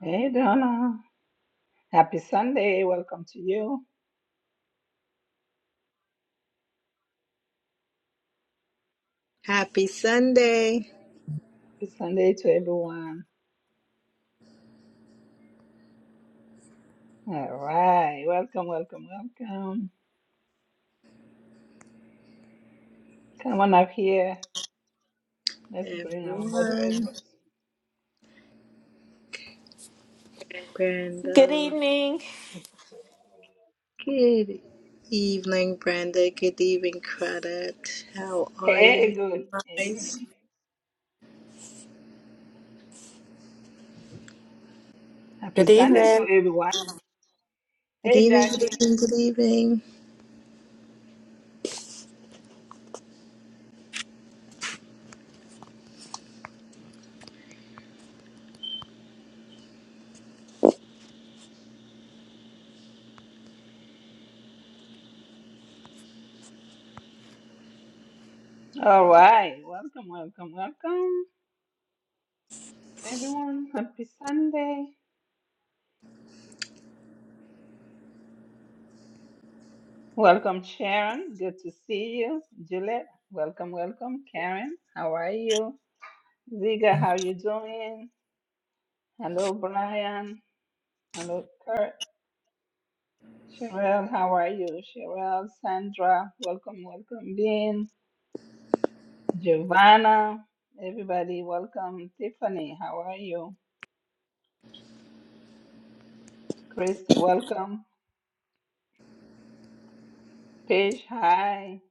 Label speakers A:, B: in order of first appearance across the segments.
A: Hey Donna, happy Sunday. Welcome to you.
B: Happy Sunday,
A: Happy Sunday to everyone. All right, welcome, welcome, welcome. Come on up here. Let's bring our
B: everyone.
A: moderators.
C: Good
B: Brenda.
C: evening.
B: Good evening, Brenda. Good evening, Credit. How are you
A: Hey, good
B: guys?
A: evening. Happy
D: Good
A: Sunday to
D: evening.
A: everyone.
B: Good
A: Hey
B: evening, good
A: Jackie.
B: evening, good evening.
A: All right, welcome, welcome, welcome, everyone. Happy Sunday. Welcome, Sharon. Good to see you. Juliet, welcome, welcome. Karen, how are you? Ziga, how you doing? Hello, Brian. Hello, Kurt. Sherelle, how are you? Sherelle, Sandra, welcome, welcome, Dean, Giovanna, everybody, welcome. Tiffany, how are you? Christy, welcome. Paige, hi.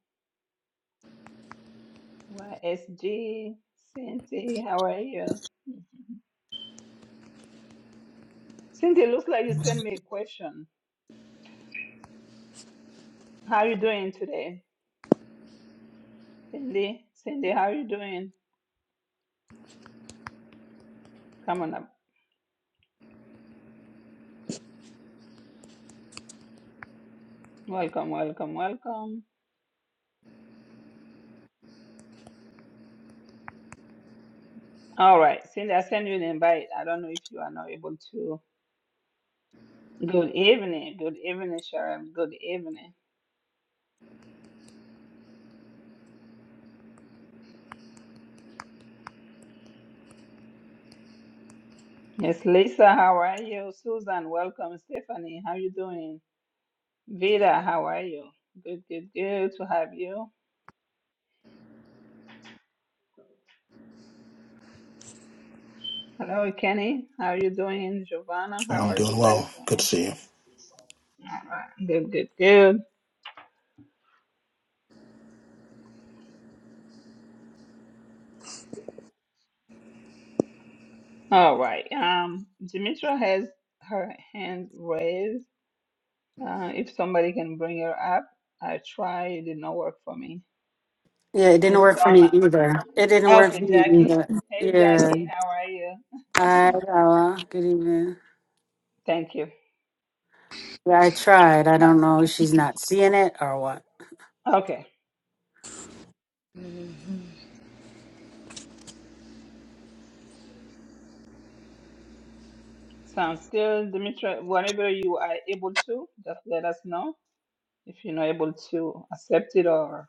A: YSG, Cindy, how are you? Cindy, looks like you sent me a question. How are you doing today? Cindy, Cindy, how are you doing? Come on up. Welcome, welcome, welcome. All right. Since I sent you an invite, I don't know if you are not able to. Good evening. Good evening, Sharon. Good evening. Yes, Lisa, how are you? Susan, welcome. Stephanie, how you doing? Vida, how are you? Good, good, good to have you. Hello, Kenny. How are you doing? Giovanna, how
E: I'm
A: are
E: doing
A: you
E: well.
A: guys
E: Good to
A: doing?
E: see you.
A: All right. Good, good, good. All right. Um, Dimitra has her hand raised. Uh, if somebody can bring her up, I try. It did not work for me.
D: Yeah, it didn't
A: Miss
D: work for me
A: Donna.
D: either. It didn't work
A: Okay,
D: for me
A: Jackie.
D: either.
A: Hey,
D: Yeah.
A: Jackie, how are you?
D: Hi, Awa. good evening.
A: Thank you.
D: Yeah, I tried. I don't know if she's not seeing it or what.
A: Okay,
B: Mhm.
A: sounds good. Dimitra, whenever you are able to, just let us know if you're not able to accept it or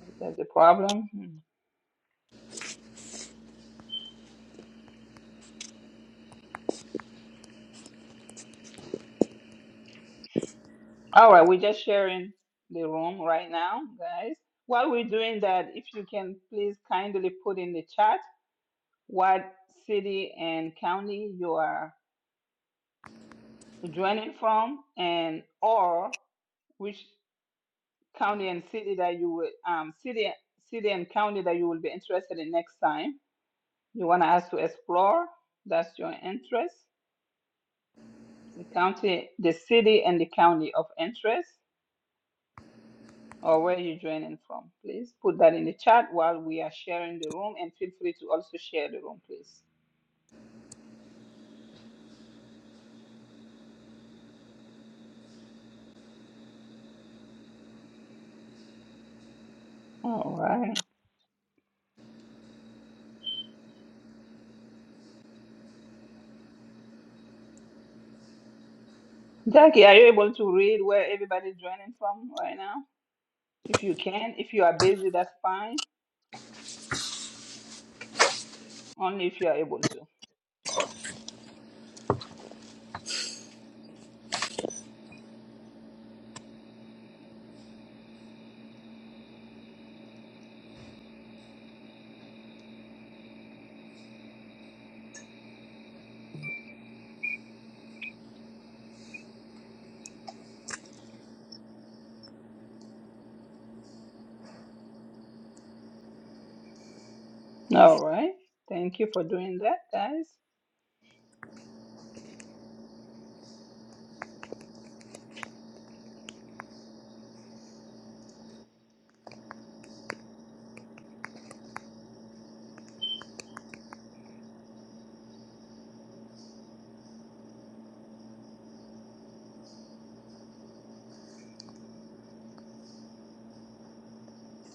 A: if there's a problem. Mm. All right, we're just sharing the room right now, guys. While we're doing that, if you can please kindly put in the chat what city and county you are joining from and or which county and city that you will um, city city and county that you will be interested in next time you want us to explore that's your interest the county the city and the county of interest or where you're joining from please put that in the chat while we are sharing the room and feel free to also share the room please all right jackie are you able to read where everybody's joining from right now if you can if you are busy that's fine Only if you are able to. All right. Thank you for doing that, guys.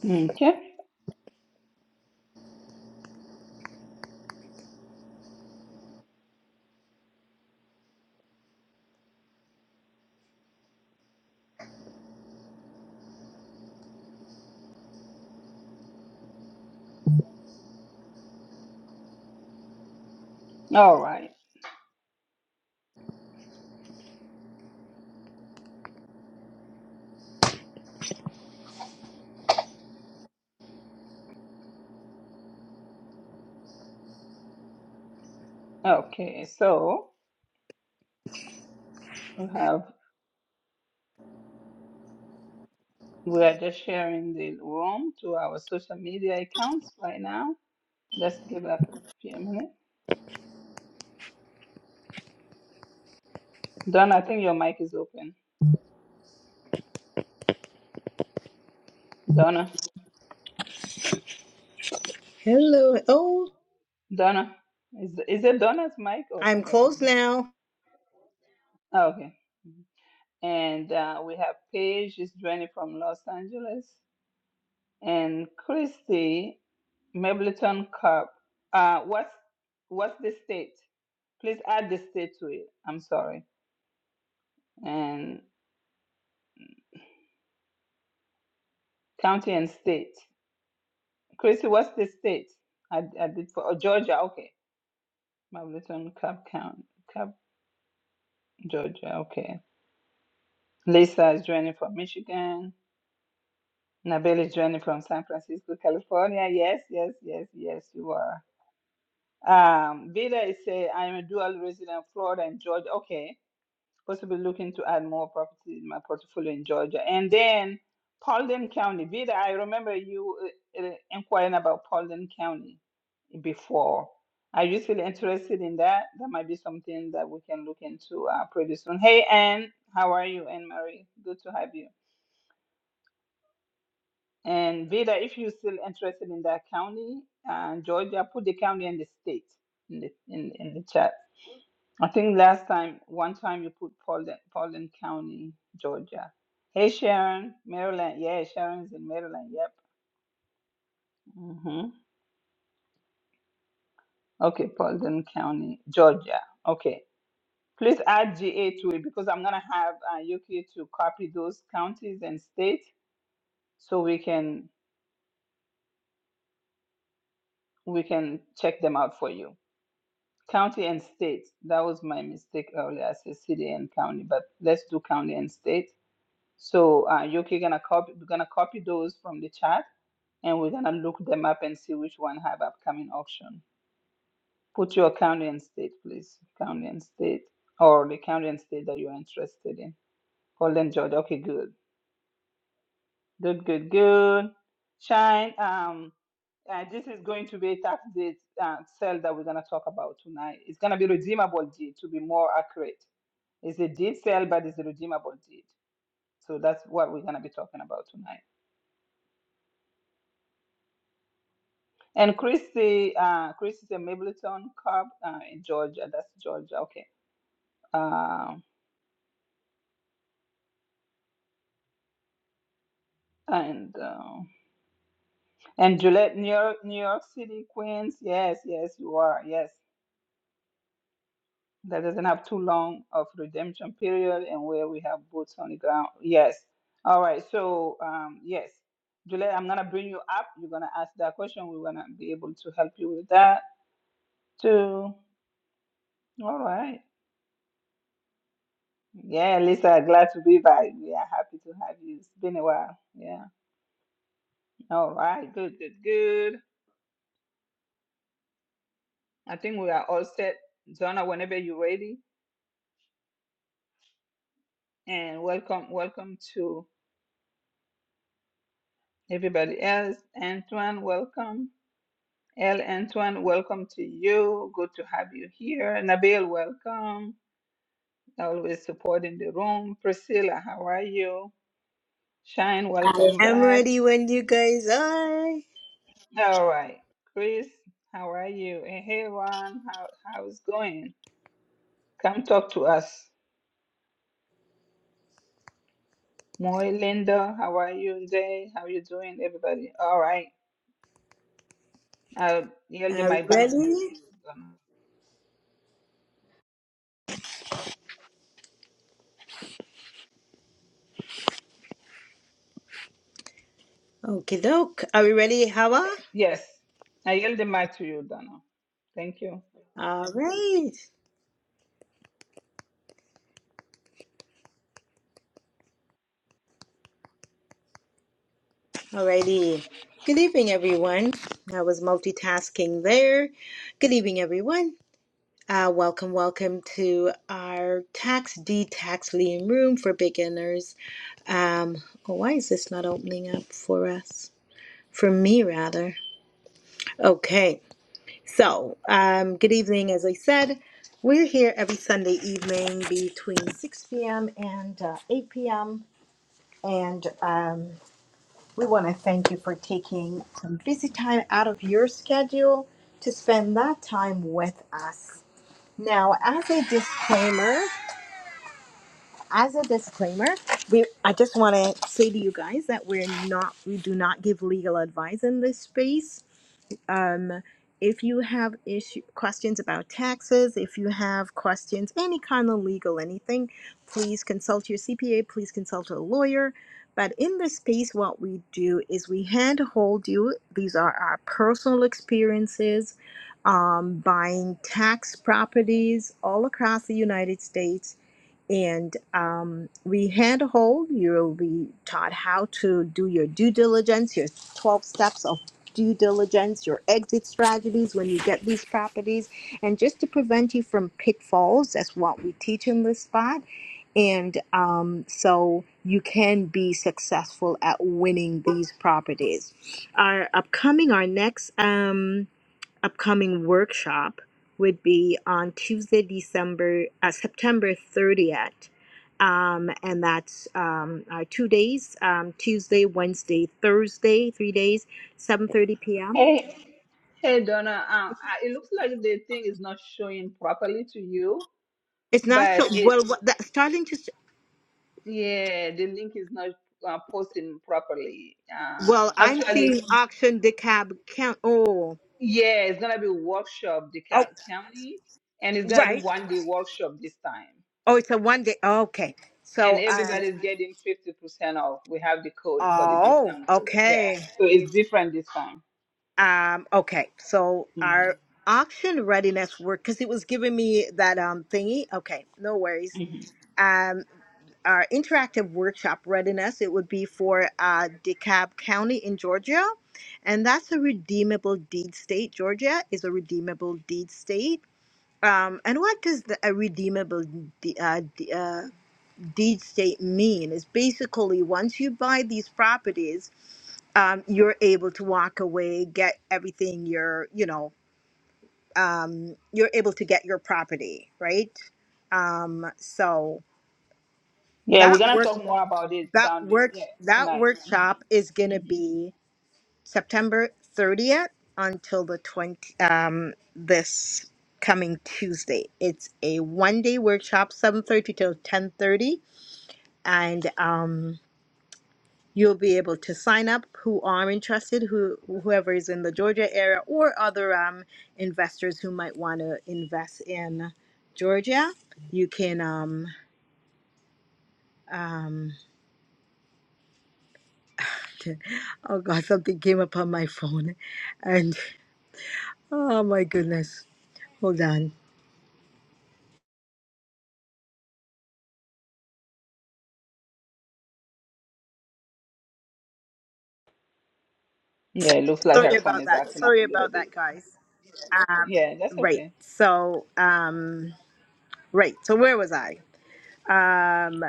A: Okay. All right. Okay. So we have we are just sharing the room to our social media accounts right now. Let's give that a few minutes. Donna, I think your mic is open. Donna.
B: Hello. Oh,
A: Donna. Is is it Donna's mic or
B: I'm
A: somebody's
B: closed
A: mic?
B: now.
A: Oh, okay. And uh, we have Paige is joining from Los Angeles, and Christy Mableton Cup. Uh, what's what's the state? Please add the state to it. I'm sorry. And county and state. Chrissy, what's the state? I, I did for oh, Georgia. Okay, Mableton Cup count. Cup Georgia. Okay. Lisa is joining from Michigan. Nabil is joining from San Francisco, California. Yes, yes, yes, yes. You are. Um, Vida is say I am a dual resident of Florida and Georgia. Okay. Possibly looking to add more properties in my portfolio in Georgia. And then Paulding County. Vida, I remember you uh, uh, inquiring about Paulding County before. Are you still interested in that? That might be something that we can look into uh, pretty soon. Hey, Anne, how are you, Anne Marie? Good to have you. And Vida, if you're still interested in that county, uh, Georgia, put the county and the state in the in, in the chat. I think last time, one time you put Paulding, Paulding County, Georgia. Hey, Sharon, Maryland. Yeah, Sharon's in Maryland. Yep. hmm Okay, Paulding County, Georgia. Okay. Please add GA to it because I'm going to have uh, Yuki to copy those counties and states so we can we can check them out for you. County and state. That was my mistake earlier. I said city and county, but let's do county and state. So uh, Yuki gonna copy. We're gonna copy those from the chat and we're gonna look them up and see which one have upcoming auction. Put your county and state, please. County and state, or the county and state that you're interested in. Golden Georgia. Okay, good, good, good, good. Shine. Um, uh, this is going to be a tax deed uh, sale that we're gonna talk about tonight. It's gonna be redeemable deed to be more accurate. It's a deed sale, but it's a redeemable deed. So that's what we're gonna be talking about tonight. And Christy, uh, Christy is a Mableton Cobb uh, in Georgia. That's Georgia. Okay. uh, and uh, and Gillette, New York, New York City, Queens. Yes, yes, you are. Yes, that doesn't have too long of redemption period, and where we have boots on the ground. Yes. All right. So um, yes, Gillette, I'm gonna bring you up. You're gonna ask that question. We're gonna be able to help you with that too. All right. Yeah, Lisa, glad to be back. We are happy to have you. It's been a while. Yeah. All right. Good, good, good. I think we are all set. Zona, whenever you're ready. And welcome, welcome to everybody else. Antoine, welcome. El Antoine, welcome to you. Good to have you here. Nabil, welcome. Always supporting the room. Priscilla, how are you? Shine,
B: I
A: welcome
B: am
A: back.
B: ready when you guys are.
A: All right. Chris, how are you? And hey, Ron, how, how's going? Come talk to us. Moy, Linda, how are you? today? how you doing? Everybody, all right. I'll yield the
B: Are we
A: mic back to you.
B: ready? Okay, doke. Are we ready, Hawa?
A: Yes, I yield the mic to you, Donna. Thank you.
B: All right. Alrighty. Good evening, everyone. I was multitasking there. Good evening, everyone. Uh, welcome, welcome to our tax D tax lien room for beginners. Um, oh, why is this not opening up for us? For me, rather. Okay. So, um, good evening. As I said, we're here every Sunday evening between 6 p.m. and uh, 8 p.m. And um, We want to thank you for taking some busy time out of your schedule to spend that time with us. Now, as a disclaimer, as a disclaimer, we I just want to say to you guys that we're not we do not give legal advice in this space. Um, if you have issue questions about taxes, if you have questions, any kind of legal anything, please consult your CPA, please consult a lawyer. But in this space, what we do is we handhold you. These are our personal experiences um, buying tax properties all across the United States and um, we handhold. You'll be taught how to do your due diligence, your 12 steps of due diligence, your exit strategies when you get these properties, and just to prevent you from pitfalls. That's what we teach in this spot. And um, so you can be successful at winning these properties. Our upcoming, our next. Um, upcoming workshop would be on Tuesday, December, uh, September 30th. Um, and that's um, our two days, um, Tuesday, Wednesday, Thursday, three days, 7.30 p.m.
A: Hey, Hey, Donna, uh, uh, it looks like the thing is not showing properly to you,
B: It's not
A: but
B: sure,
A: it,
B: well, what, that, starting to,
A: yeah, the link is not uh, posting properly. Uh,
B: well, I'm
A: actually,
B: seeing auction decab count, oh,
A: yeah, it's gonna be workshop, the
B: oh,
A: co- county, and it's gonna be
B: right.
A: one day workshop this time.
B: Oh, it's a one day, okay.
A: And
B: So, um,
A: everybody's getting 50% off. We have the code for the
B: oh,
A: discount code. Yeah,
B: okay.
A: so it's different this time.
B: Um, okay, so our auction readiness work because it was giving me that um thingy. Okay, no worries.
A: Mhm,
B: Um, our interactive workshop readiness it would be for uh DeKalb County in Georgia, and that's a redeemable deed state. Georgia is a redeemable deed state. Um, and what does the, a redeemable de- uh, de- uh, deed state mean? Is basically once you buy these properties, um, you're able to walk away, get everything you're, you know, um, you're able to get your property, right? Um, so
A: Yeah, we're
B: that
A: gonna
B: work
A: talk more about it
B: that
A: down the,
B: work
A: yeah
B: that
A: tonight.
B: workshop
A: hmm
B: is gonna
A: hmm
B: be September 30th until the 20 um, this coming Tuesday. It's a one day workshop, 7:30 till 10:30, and um, You'll be able to sign up who are interested, who whoever is in the Georgia area or other um, investors who might want to invest in Georgia. You can um, um, oh god, something came up on my phone, and oh my goodness, hold on.
A: Yeah, it looks like
B: Sorry
A: her phone
B: about
A: is
B: that.
A: acting up
B: Sorry
A: a little
B: about
A: bit.
B: that, guys.
A: Yeah, that's
B: Right.
A: okay.
B: So um, right. So where was I? Um,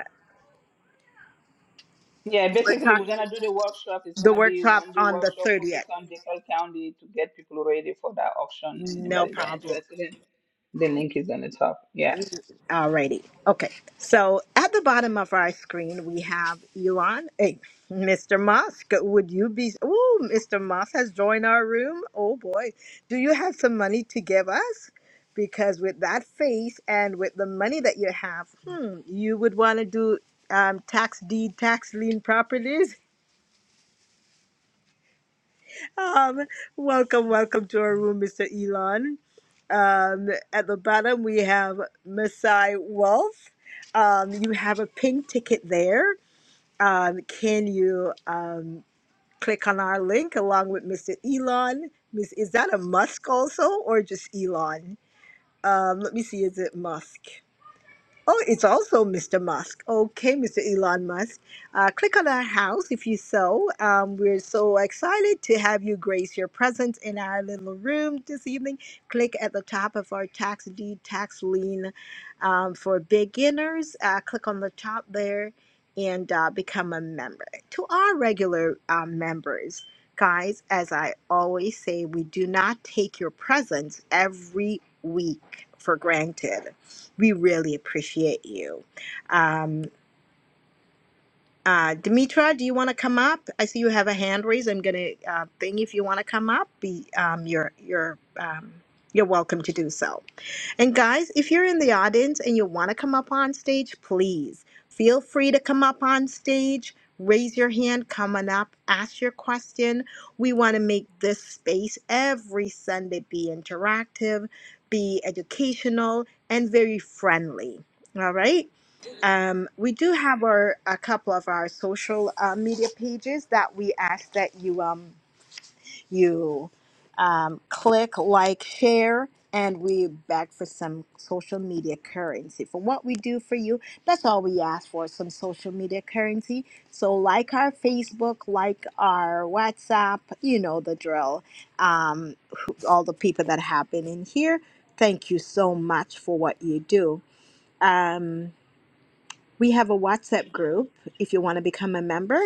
A: Yeah,
B: we're
A: basically we're
B: talking
A: gonna do the workshop. It's
B: the
A: gonna be
B: workshop
A: one day
B: on the
A: workshop
B: thirtieth.
A: focused on DeKalb County to get people ready for that auction.
B: No
A: Anybody that
B: problem.
A: interested in the link is on the top. Yes.
B: Alrighty. Okay. So at the bottom of our screen, we have Elon. Hey, Mr. Musk, would you be? Oh, Mr. Musk has joined our room. Oh boy. Do you have some money to give us? Because with that face and with the money that you have, hmm, you would want to do um, tax deed, tax lien properties. Um, welcome, welcome to our room, Mr. Elon. Um, at the bottom, we have Masai Wealth. Um, you have a pink ticket there. Um, can you um, click on our link along with Mr. Elon? Miss, is that a Musk also, or just Elon? Um, let me see. Is it Musk? Oh, it's also Mr. Musk. Okay, Mr. Elon Musk. Uh, click on our house if you so. Um, we're so excited to have you grace your presence in our little room this evening. Click at the top of our tax deed tax lien um, for beginners. Uh, click on the top there and uh, become a member. To our regular uh, members, guys, as I always say, we do not take your presence every week for granted we really appreciate you. Um, uh, Demetra, do you want to come up? I see you have a hand raised. I'm gonna uh, thing if you want to come up. Be um, you're you're um, you're welcome to do so. And guys, if you're in the audience and you want to come up on stage, please feel free to come up on stage. Raise your hand, come on up, ask your question. We want to make this space every Sunday be interactive, be educational, and very friendly. All right. Um, we do have our a couple of our social uh, media pages that we ask that you um you um, click, like, share, and we beg for some social media currency. For what we do for you, that's all we ask for some social media currency. So like our Facebook, like our WhatsApp, you know the drill. Um, all the people that have been in here, thank you so much for what you do. Um, we have a WhatsApp group if you want to become a member.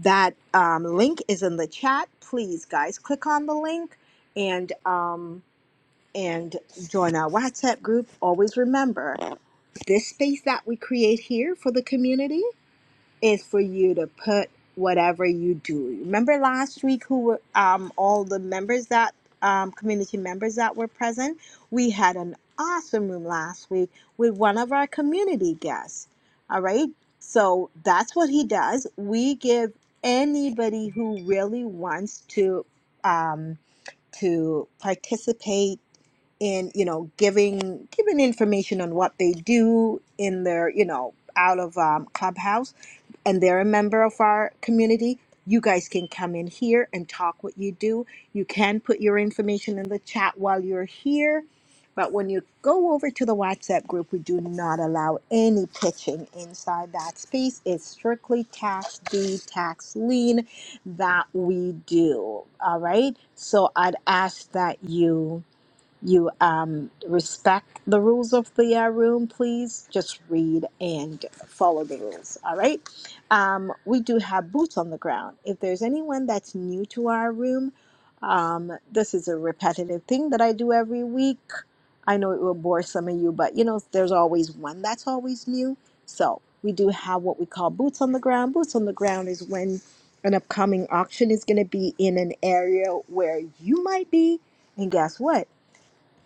B: That um, link is in the chat. Please, guys, click on the link and um, and join our WhatsApp group. Always remember this space that we create here for the community is for you to put whatever you do. Remember last week who were um, all the members that um, community members that were present? We had an awesome room last week with one of our community guests. All right. So that's what he does. We give anybody who really wants to um, to participate in you know giving giving information on what they do in their you know out of um, clubhouse and they're a member of our community, you guys can come in here and talk what you do. You can put your information in the chat while you're here. But when you go over to the WhatsApp group, we do not allow any pitching inside that space. It's strictly tax deed, tax lien that we do. All right. So I'd ask that you you um, respect the rules of the uh, room, please just read and follow the rules. All right. Um, we do have boots on the ground. If there's anyone that's new to our room, um, this is a repetitive thing that I do every week. I know it will bore some of you, but you know, there's always one that's always new. So we do have what we call boots on the ground. Boots on the ground is when an upcoming auction is going to be in an area where you might be. And guess what?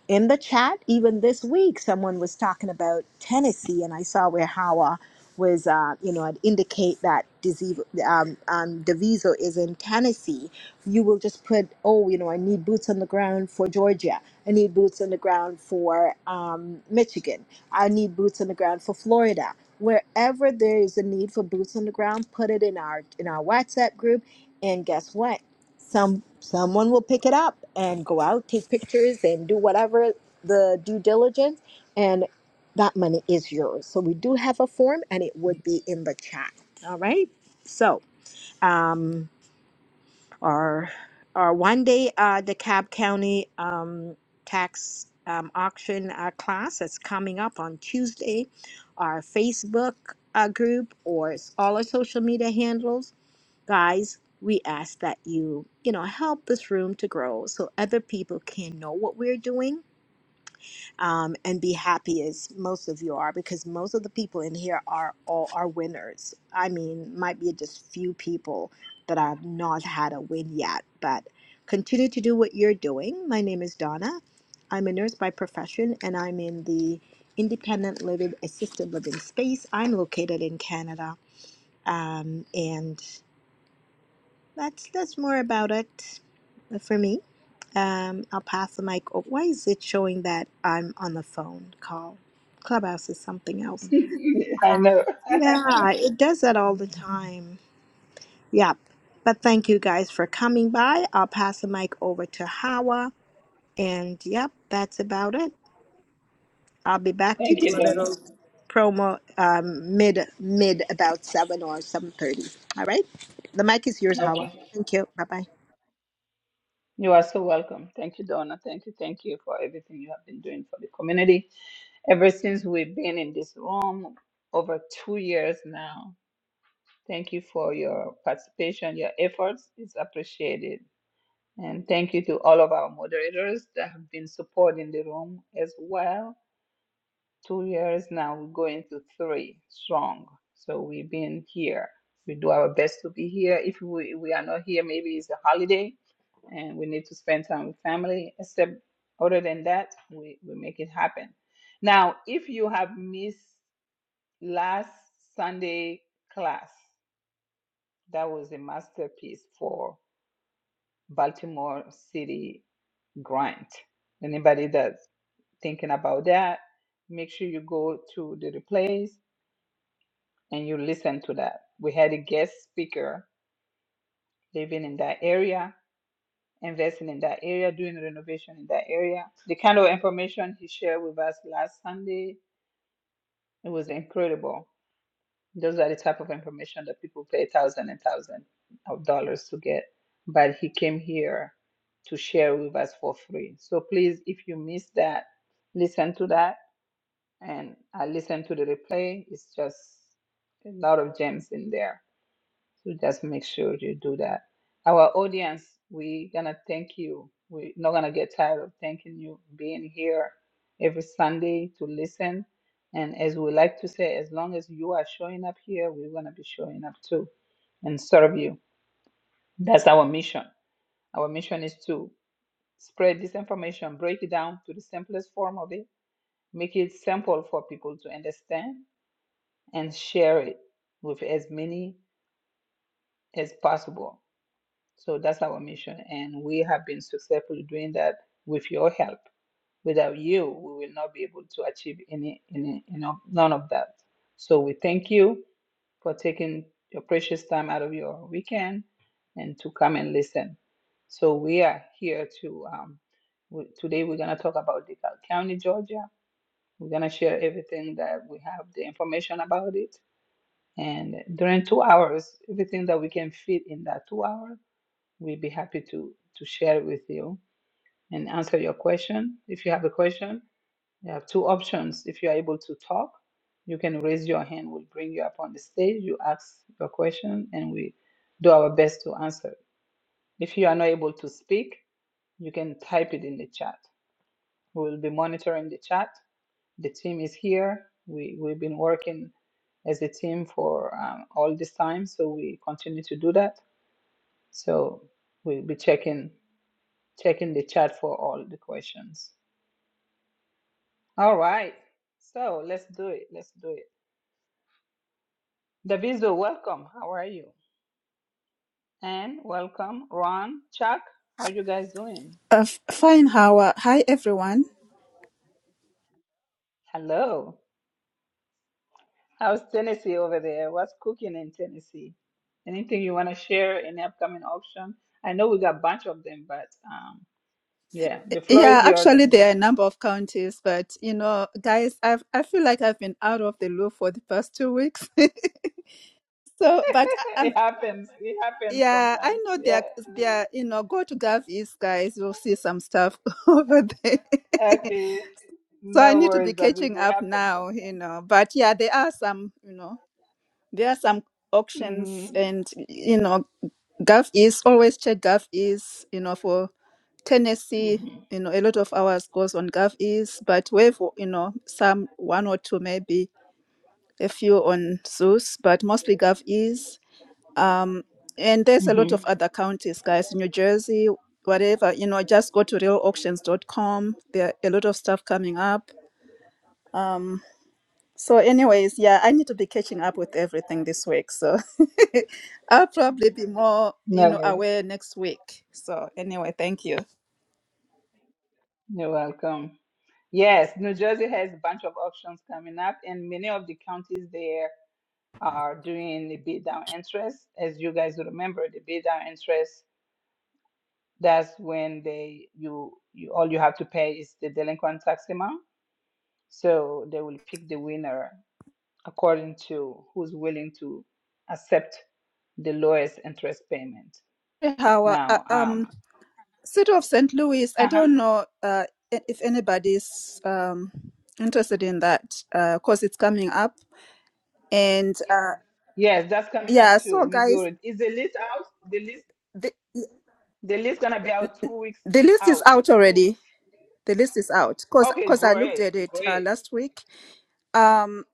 B: in the chat even this week someone was talking about tennessee and i saw where hawa was uh, you know i'd indicate that disease um, um, Daviso is in tennessee you will just put oh you know i need boots on the ground for georgia i need boots on the ground for um, michigan i need boots on the ground for florida wherever there is a need for boots on the ground put it in our in our whatsapp group and guess what some someone will pick it up and go out take pictures and do whatever the due diligence and that money is yours so we do have a form and it would be in the chat all right so um our our one day uh DeKalb County um tax um, auction uh, class that's coming up on Tuesday our Facebook uh, group or s- all our social media handles Guys, we ask that you, you know, help this room to grow so other people can know what we're doing um, and be happy as most of you are because most of the people in here are all are winners. I mean, might be just few people that i have not had a win yet, but continue to do what you're doing. My name is Donna. I'm a nurse by profession and I'm in the independent living assisted living space. I'm located in Canada. Um, and that's that's more about it uh, for me. Um, I'll pass the mic. Oh, why is it showing that I'm on the phone call? Clubhouse is something else.
A: I know.
B: Yeah, it does that all the time. Yep. But thank you guys for coming by. I'll pass the mic over to Hawa. And yep, that's about it. I'll be back to
A: Thank
B: do
A: you,
B: a
A: Donna.
B: little promo um, mid mid about seven or seven thirty. All right. The mic is yours, Hawa.
A: Okay.
B: Thank you. Bye bye.
A: You are so welcome. Thank you, Donna. Thank you, thank you for everything you have been doing for the community ever since we've been in this room over two years now. Thank you for your participation, your efforts. It's appreciated. And thank you to all of our moderators that have been supporting the room as well two years now, we're going to three strong. So we've been here. We do our best to be here. If we, we are not here, maybe it's a holiday and we need to spend time with family. Except other than that, we, we make it happen. Now, if you have missed last Sunday class, that was a masterpiece for Baltimore City grind. Anybody that's thinking about that, make sure you go to the replays and you listen to that. We had a guest speaker living in that area, investing in that area, doing renovation in that area. The kind of information he shared with us last Sunday, it was incredible. Those are the type of information that people pay thousands and thousands of dollars to get. But he came here to share with us for free. So please, if you missed that, listen to that. And I listened to the replay. It's just a lot of gems in there. So just make sure you do that. Our audience, we gonna thank you. We're not gonna get tired of thanking you being here every Sunday to listen. And as we like to say, as long as you are showing up here, we're gonna be showing up too and serve you. That's our mission. Our mission is to spread this information, break it down to the simplest form of it, make it simple for people to understand and share it with as many as possible So that's our mission, and we have been successfully doing that with your help. Without you, we will not be able to achieve any, any, you know, none of that. So we thank you for taking your precious time out of your weekend and to come and listen. So we are here to um, we, today. We're gonna talk about DeKalb County, Georgia. We're gonna share everything that we have, the information about it, and during two hours, everything that we can fit in that two hours We'd be happy to, to share it with you and answer your question. If you have a question, you have two options. If you are able to talk, you can raise your hand. We'll bring you up on the stage. You ask your question and we do our best to answer. it. If you are not able to speak, you can type it in the chat. We will be monitoring the chat. The team is here. We, we've been working as a team for um, all this time, so we continue to do that. So we'll be checking Check in the chat for all the questions. All right. So let's do it. Let's do it. Daviso, welcome. How are you? And welcome, Ron, Chuck. How you guys doing?
F: Uh, f- fine, Howard. Hi, everyone.
A: Hello. How's Tennessee over there? What's cooking in Tennessee? Anything you want to share in the upcoming auction? I know we got a bunch of them, but um, yeah, the floor
F: Yeah,
A: is yours,
F: actually, there are a
A: Daviso.
F: number of counties, but you know, guys, I've I feel like I've been out of the loop for the past two weeks. so, but I, I'm
A: It happens. It happens
F: yeah, I
A: sometimes.
F: know there
A: Yeah.
F: are- there are, you know go to Gavis, guys. You'll see some stuff over there.
A: Okay.
F: so I
A: No
F: need to be
A: worries,
F: catching
A: Daviso. It
F: up
A: happens
F: now,
A: sometimes.
F: you know. But yeah, there are some you know there are some
A: hmm
F: auctions, and you know, Gov is always check Gov is you know for Tennessee,
A: hmm
F: you know, a lot of hours goes on GovEase, but we have, you know, some one or two, maybe a few on Zeus, but mostly GovEase. Um, and there's a lot
A: hmm
F: of other counties, guys, New Jersey, whatever, you know, just go to real auctions dot com. There are a lot of stuff coming up. Um, so, anyways, yeah, I need to be catching up with everything this week. So, I'll probably be more, you
A: No
F: know,
A: worries.
F: aware next week. So, anyway, thank you.
A: You're welcome. Yes, New Jersey has a bunch of auctions coming up, and many of the counties there are doing the bid down interest. As you guys remember, the bid down interest, that's when they you you all you have to pay is the delinquent tax amount. So they will pick the winner according to who's willing to accept the lowest interest payment.
F: How? uh,
A: Now,
F: um.
A: um,
F: City of St. Louis, I
A: Uh huh.
F: don't know uh, i- if anybody's um, interested in that because it's coming up. And uh,
A: Yes, that's coming up
F: yeah,
A: too,
F: so guys,
A: Missouri. Is the list out? The list,
F: the,
A: the list gonna be out two weeks
F: the list is
A: out.
F: out
A: Two
F: already.
A: weeks.
F: The list is out because
A: Okay,
F: I looked
A: great,
F: at it uh,
A: great.
F: last week. Um,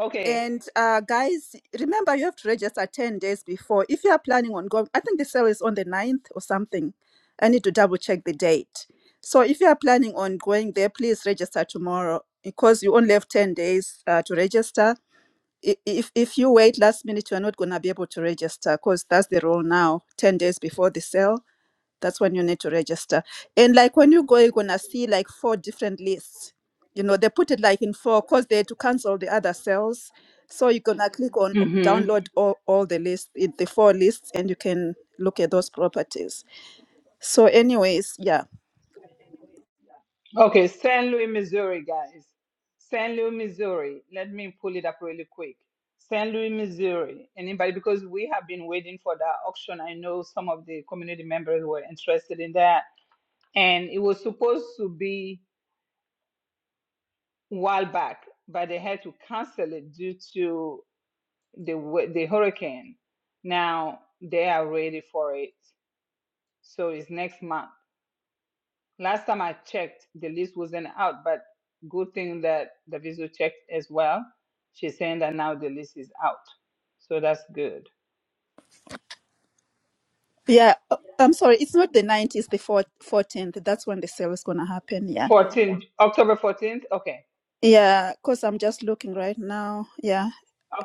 A: Okay.
F: And uh, guys, remember you have to register 10 days before. If you are planning on going, I think the sale is on the ninth or something. I need to double check the date. So if you are planning on going there, please register tomorrow because you only have 10 days uh, to register. I- If, if you wait last minute, you are not going to be able to register because that's the rule now 10 days before the sale that's when you need to register. And like when you go, you're gonna see like four different lists. You know, they put it like in four because they had to cancel the other cells. So you're gonna click on
A: hmm
F: download all, all the lists, it- the four lists, and you can look at those properties. So, anyways, yeah.
A: Okay, St. Louis, Missouri, guys. St. Louis, Missouri. Let me pull it up really quick. St. Louis, Missouri. Anybody? Because we have been waiting for that auction. I know some of the community members were interested in that, and it was supposed to be a while back, but they had to cancel it due to the wa- the hurricane. Now they are ready for it. So it's next month. Last time I checked, the list wasn't out, but good thing that the visa checked as well. She's saying that now the list is out. So that's good.
F: Yeah, uh, I'm sorry. It's not the 9th, it's the four- 14th. That's when the sale is going to happen. Yeah.
A: Fourteenth October 14th. Okay.
F: Yeah, because I'm just looking right now. Yeah,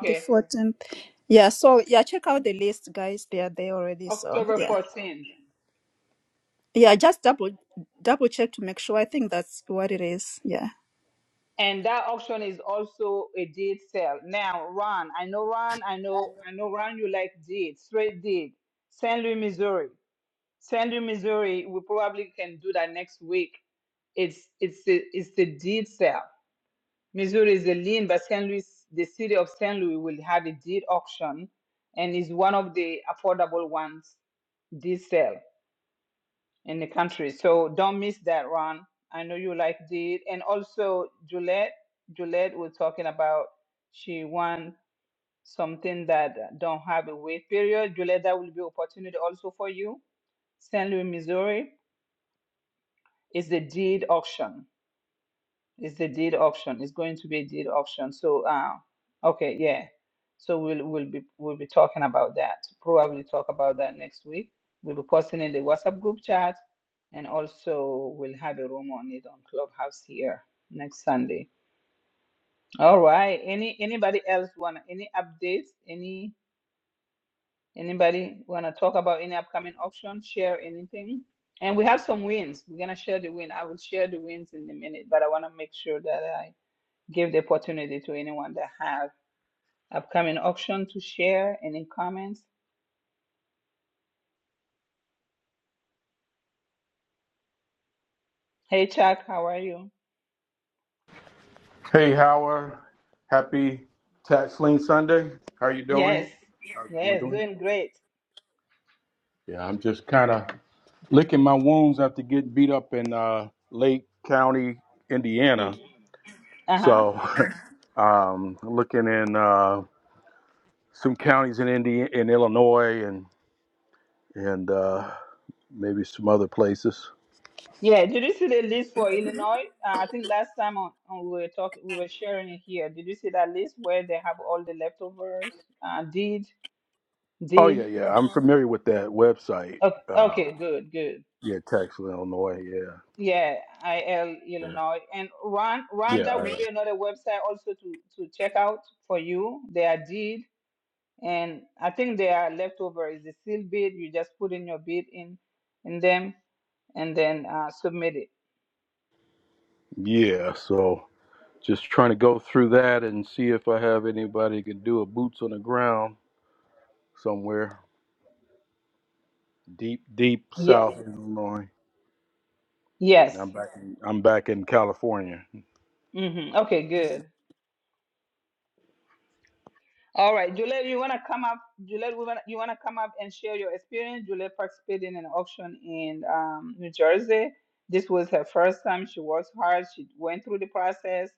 F: the 14th. Yeah, so yeah, check out the list, guys. They are there already. So,
A: October
F: yeah.
A: 14th.
F: Yeah, just double double check to make sure. I think that's what it is. Yeah.
A: And that auction is also a deed sale. Now, Ron, I know Ron, I know I know Ron you like deeds, straight deed. St. Louis, Missouri. Sandy, Missouri, we probably can do that next week. It's it's the it's the deed sale. Missouri is the lien, but St. Louis, the city of St. Louis, will have a deed auction, and is one of the affordable ones deed sale in the country. So don't miss that, Ron. I know you like deed, and also Juliet. Juliet was talking about she won something that don't have a wait period. Juliet, that will be opportunity also for you, St. Louis, Missouri It's the deed auction. It's the deed auction. It's going to be a deed auction. So, uh, okay, yeah. So we'll we'll be we'll be talking about that. Probably talk about that next week. We'll be posting in the WhatsApp group chat, and also we'll have a room on it on Clubhouse here next Sunday. All right. Any anybody else want any updates? Any? Anybody want to talk about any upcoming auction? Share anything? And we have some wins. We're gonna share the win. I will share the wins in a minute, but I want to make sure that I give the opportunity to anyone that have upcoming auction to share any comments. Hey Chuck, how are you?
G: Hey Howard, happy Tax Lien Sunday. How you
A: Yes,
G: doing? How's everyone
A: yes,
G: doing?
A: doing great.
G: Yeah, I'm just kind of licking my wounds after getting beat up in uh, Lake County, Indiana.
A: Mm. Uh-huh.
G: So, um, looking in uh, some counties in Indiana, in Illinois, and and uh, maybe some other places.
A: Yeah, did you see the list for Illinois? Uh, I think last time on, on we were talking, we were sharing it here. Did you see that list where they have all the leftovers? Uh, deed,
G: Oh yeah,
A: deed.
G: yeah, I'm familiar with that website.
A: Okay,
G: Um,
A: okay, good, good.
G: yeah, Tax Lien Illinois. Yeah,
A: Yeah, IL Illinois. And Ron,
G: yeah,
A: Ron,
G: yeah.
A: that
G: I
A: will
G: know.
A: be another website also to, to check out for you. They are deed, and I think they are leftover is the seal bid. You just put in your bid in in them and then uh, submit it.
G: Yeah, so just trying to go through that and see if I have anybody who can do a boots on the ground somewhere deep, deep
A: Yeah.
G: South Illinois.
A: Yes.
G: I'm back. In, I'm back in California.
A: Mm-hmm. Okay, good. All right, Juliet, you wanna come up? Juliet, we wanna, you wanna come up and share your experience? Juliet participated in an auction in um, New Jersey. This was her first time. She worked hard. She went through the process,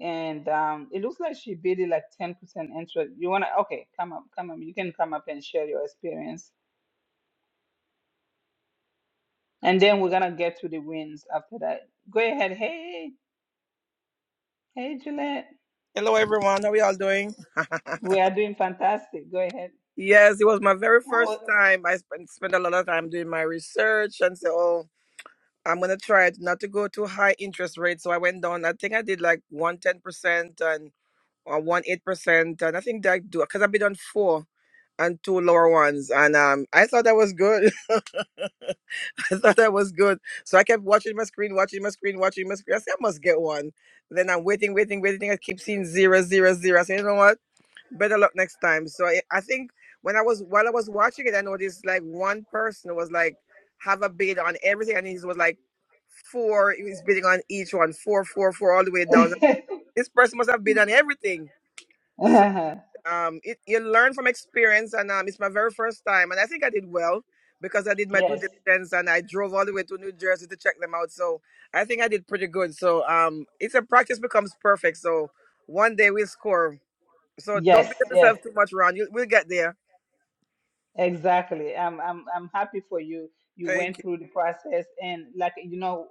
A: and um, it looks like she bid it like ten percent interest. You wanna? Okay, come up, come up. You can come up and share your experience, and then we're gonna get to the wins after that. Go ahead. Hey, hey, Juliet,
H: Hello, everyone. How are we all doing?
A: we are doing fantastic. Go ahead.
H: yes, it was my very first
A: How-
H: time. I spent, spent a lot of time doing my research and say, oh, I'm going to try it not to go too high interest rate. So I went down, I think I did like 110% and or one eight percent And I think that I do because I've been on four and two lower ones. And um, I thought that was good. I thought that was good. So I kept watching my screen, watching my screen, watching my screen. I said, I must get one. Then I'm waiting, waiting, waiting. I keep seeing zero, zero, zero. I said, you know what? better luck next time. So I, I think when I was while I was watching it, I noticed like one person was like have a bid on everything, and he was like four. He was bidding on each one, four, four, four, all the way down. This person must have bid on everything. So
A: yes,
H: um, it, you learn from experience, and um, it's my very first time, and I think I did well because I did my due diligence and I drove all the way to New Jersey to check them out. So I think I did pretty good. So um, it's a practice becomes perfect. So one day we'll score so
A: yes,
H: don't beat up
A: yes.
H: yourself too much, Ron. You, we'll get there.
A: Exactly. I'm I'm I'm happy for you. You
H: Thank
A: went
H: you.
A: through the process and like you know,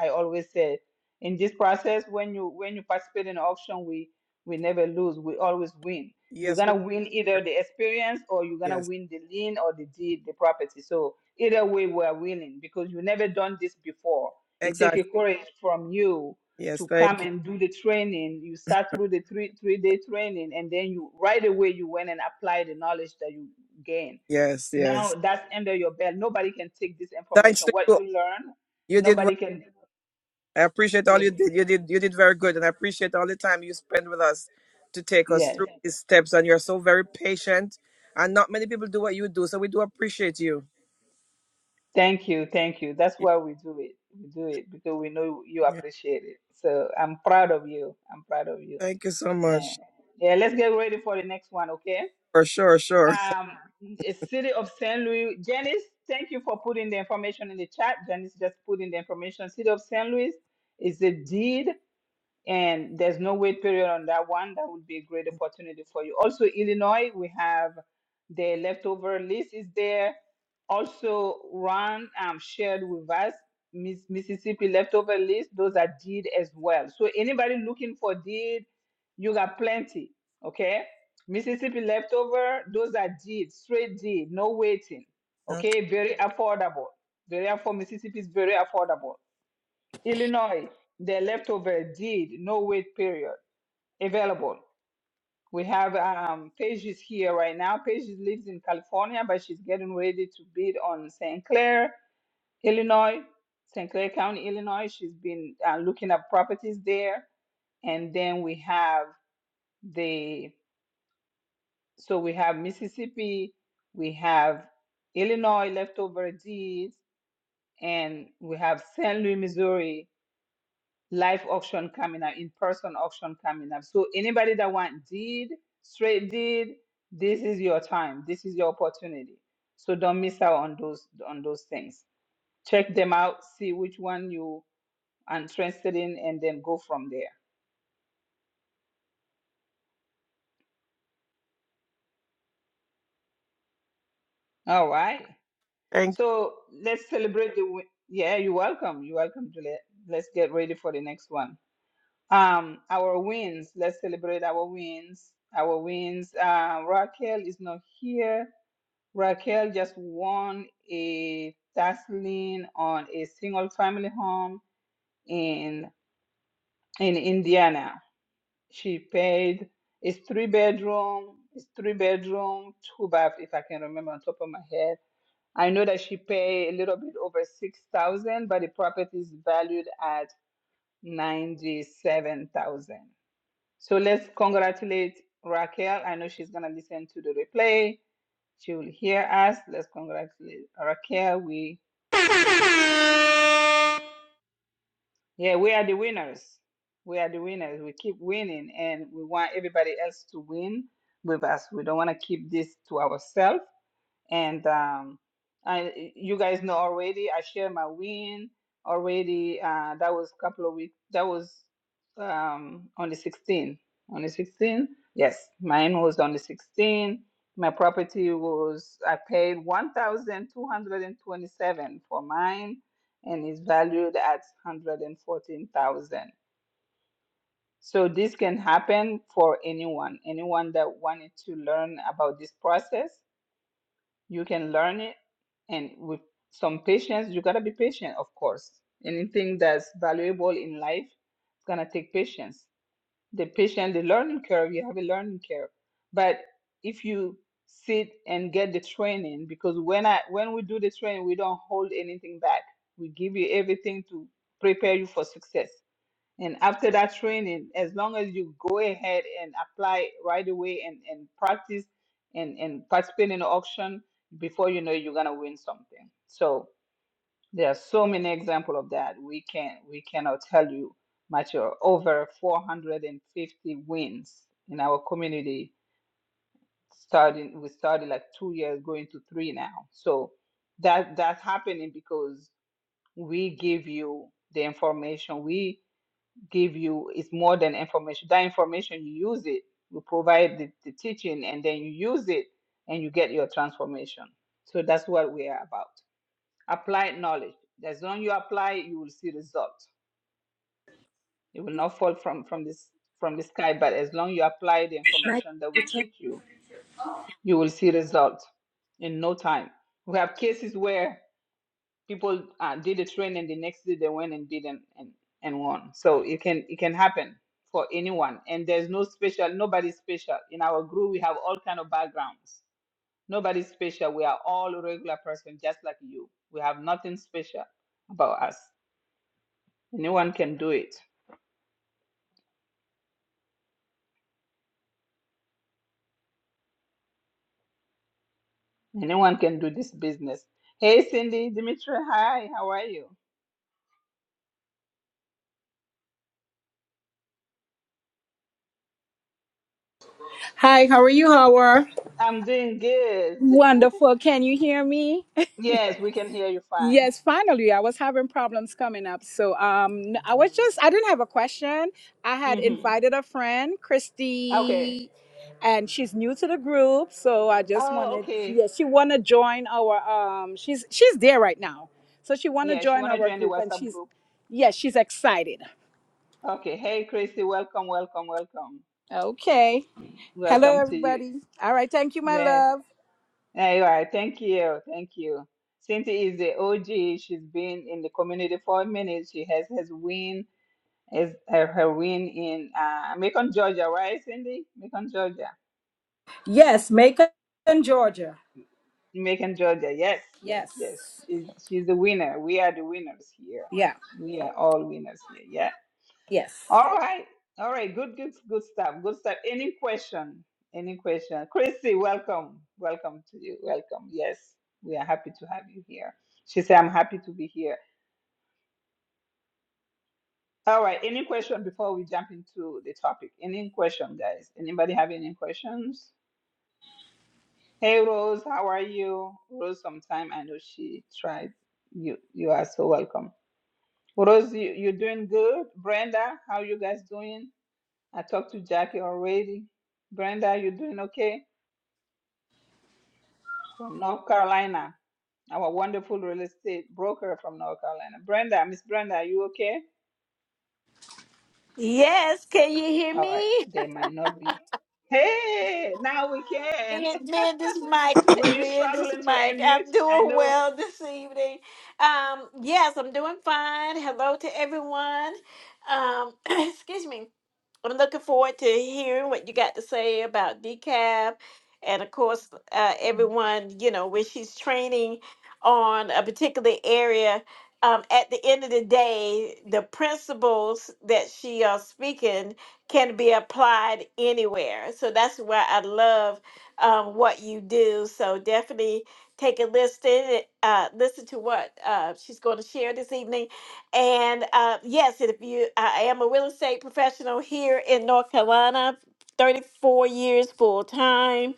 A: I, I always say in this process when you when you participate in auction we we never lose, we always win. You're
H: Yes, we,
A: gonna win either the experience or you're gonna
H: yes,
A: win the lien or the deed, the property. So either way we are winning because you never done this before. It takes a
H: exactly.
A: courage from you
H: Yes,
A: to come
H: thank you.
A: and do the training. You start through the three three day training and then you right away you went and apply the knowledge that you gain
H: Yes,
A: now
H: yes.
A: that's under your belt. Nobody can take this
H: Thanks
A: information.
H: to
A: What
H: you.
A: you learn,
H: You did well.
A: nobody can.
H: I appreciate
A: Yeah.
H: all you did. You did you did very good, and I appreciate all the time you spend with us to take us
A: Yes.
H: through these steps. And you're so very patient, and not many people do what you do, so we do appreciate you.
A: Thank you. Thank you. That's why we do it. We do it because we know you
H: Yeah,
A: appreciate it. So I'm proud of you. I'm proud of you.
H: thank you so
A: Yeah.
H: much.
A: Yeah. Let's get ready for the next one. Okay.
H: For sure, sure.
A: Um, the city of St. Louis. Janice, thank you for putting the information in the chat. Janice just put in the information. City of St. Louis is a deed. and there's no wait period on that one. That would be a great opportunity for you. Also, Illinois, we have the leftover list is there. Also, Ron um, shared with us Miss Mississippi leftover list. Those are deed as well. So anybody looking for deed, you got plenty. Okay, Mississippi leftover. Those are deed, straight deed, no waiting. Okay, very affordable. Very affordable. Mississippi is very affordable. Illinois, the leftover deed, no wait period, available. We have um, Paige is here right now. Paige lives in California, but she's getting ready to bid on St. Clair, Illinois, St. Clair County, Illinois. She's been uh, looking at properties there. And then we have the, so we have Mississippi, we have Illinois leftover deeds, and we have St. Louis, Missouri live auction coming up, in-person auction coming up. So anybody that want deed, straight deed, this is your time. This is your opportunity. So don't miss out on those on those things. Check them out, see which one you are interested in, and then go from there. All right.
H: Thank
A: So let's celebrate the. win- Yeah, you're welcome. You're welcome, Juliet. Let's get ready for the next one. Um, our wins. Let's celebrate our wins. Our wins. Uh, Raquel is not here. Raquel just won a tax lien on a single family home in in Indiana. She paid it's three bedroom, it's three bedroom, two bath if I can remember on top of my head. I know that she paid a little bit over six thousand, but the property is valued at ninety seven thousand. So let's congratulate Raquel. I know she's gonna listen to the replay. She will hear us. Let's congratulate Raquel. We Yeah, we are the winners. We are the winners. We keep winning and we want everybody else to win with us. We don't want to keep this to ourselves and um, I you guys know already. I shared my win already. Uh, that was a couple of weeks. That was um, on the 16th. On the 16th, yes, mine was on the 16th. My property was I paid 1,227 for mine, and it's valued at 114,000. So this can happen for anyone, anyone that wanted to learn about this process you can learn it, and with some patience, you gotta be patient, of course. Anything that's valuable in life is gonna take patience. The patient, the learning curve, you have a learning curve. But if you sit and get the training, because when I when we do the training, we don't hold anything back. We give you everything to prepare you for success. And after that training, as long as you go ahead and apply right away and, and practice and, and participate in the auction, before you know it, you're gonna win something. So there are so many examples of that. We can we cannot tell you much or over four hundred and fifty wins in our community starting we started like two years going to three now. So that that's happening because we give you the information. We give you is more than information. That information you use it, you provide the, the teaching, and then you use it and you get your transformation. So that's what we are about. Applied knowledge. As long you apply, you will see results. It will not fall from, from this from the sky, but as long you apply the information that we
I: Maggie,
A: teach you, you will see results in no time. We have cases where people uh, did a train and the next day they went and did and, and and won so it can it can happen for anyone and there's no special nobody's special in our group we have all kind of backgrounds nobody's special we are all regular person just like you we have nothing special about us anyone can do it anyone can do this business hey cindy dimitri hi how are you
J: Hi, how are you, Howard?
A: i'm doing good
J: Wonderful. Can you hear me?
A: yes we can hear you fine
J: Yes, finally. I was having problems coming up. So um I was just I didn't have a question. I had
A: hmm
J: invited a friend,
A: okay
J: Christy, and she's new to the group, so I just
A: oh
J: wanted
A: okay
J: yeah, she want to join our um she's she's there right now. So she want to
A: Yeah, she
J: join
A: want to
J: our
A: join the
J: group and
A: WhatsApp
J: she's
A: group.
J: yeah, she's excited.
A: Okay. Hey, Chrissy, welcome, welcome, welcome.
J: Okay. Hello
A: Welcome to you.
J: everybody. All right, thank you, my
A: Yeah.
J: love.
A: alright, Thank you. Thank you. Cynthia is the OG. She's been in the community for minutes. She has has win as her, her win in uh, Macon, Georgia, right, Cindy? Macon, Georgia.
J: Yes, Macon, Georgia.
A: Macon, Georgia. Yes, yes,
J: Yes.
A: yes. She's she's the winner. We are the winners here.
J: Yeah.
A: We are all winners here. Yeah.
J: Yes.
A: All right. All right. Good, good, good stuff. Good stuff. Any question? Any question? Chrissy, welcome. Welcome to you. Welcome. Yes. We are happy to have you here. She said, I'm happy to be here. All right. Any question before we jump into the topic? Any question, guys? Anybody have any questions? Hey Rose, how are you? Rose, sometime I know she tried. You you are so welcome. Rose, you, you doing good? Brenda, how you guys doing? I talked to Jackie already. Brenda, you doing okay? from North Carolina, our wonderful real estate broker from North Carolina. Brenda, Miss Brenda, are you okay?
C: Yes, can you hear
A: All right,
C: me?
A: they might not be. Hey, now we can.
C: Me and, me and this mic,
A: Were you
C: me and this
A: struggling to
C: mic.
A: unmute?
C: I'm
A: I
C: doing
A: know.
C: well this evening. Um, yes, I'm doing fine. Hello to everyone. Um, excuse me. I'm looking forward to hearing what you got to say about decaf. And of course, uh, everyone, you know, when she's training on a particular area, um, at the end of the day, the principles that she are speaking can be applied anywhere. So that's why I love um, what you do. So definitely take a listen, uh, listen to what uh, she's going to share this evening and uh, yes, if you, I am a real estate professional here in North Carolina, 34 years full time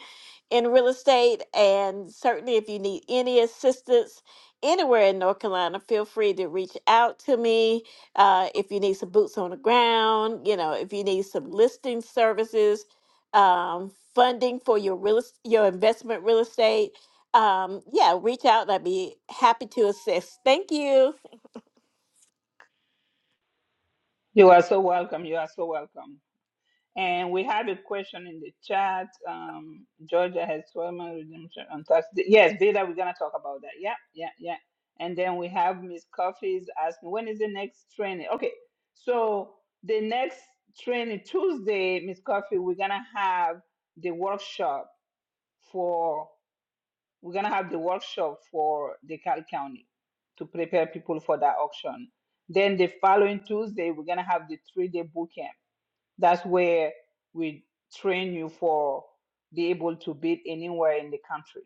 C: in real estate. And certainly, if you need any assistance anywhere in North Carolina, feel free to reach out to me. Uh, if you need some boots on the ground, you know, if you need some listing services, um, funding for your real, es- your investment real estate, um, yeah, reach out. and I'd be happy to assist. Thank you.
A: You are so welcome. You are so welcome. And we had a question in the chat. Um, Georgia has 12 month redemption on Thursday. Yes, Vida, we're going to talk about that. Yeah, yeah, yeah. And then we have Miss Coffee's asking, when is the next training? Okay, so the next training Tuesday, Miss Coffee, we're going to have the workshop for, we're going to have the workshop for the Cal County to prepare people for that auction. Then the following Tuesday, we're going to have the three day boot camp that's where we train you for be able to bid anywhere in the country.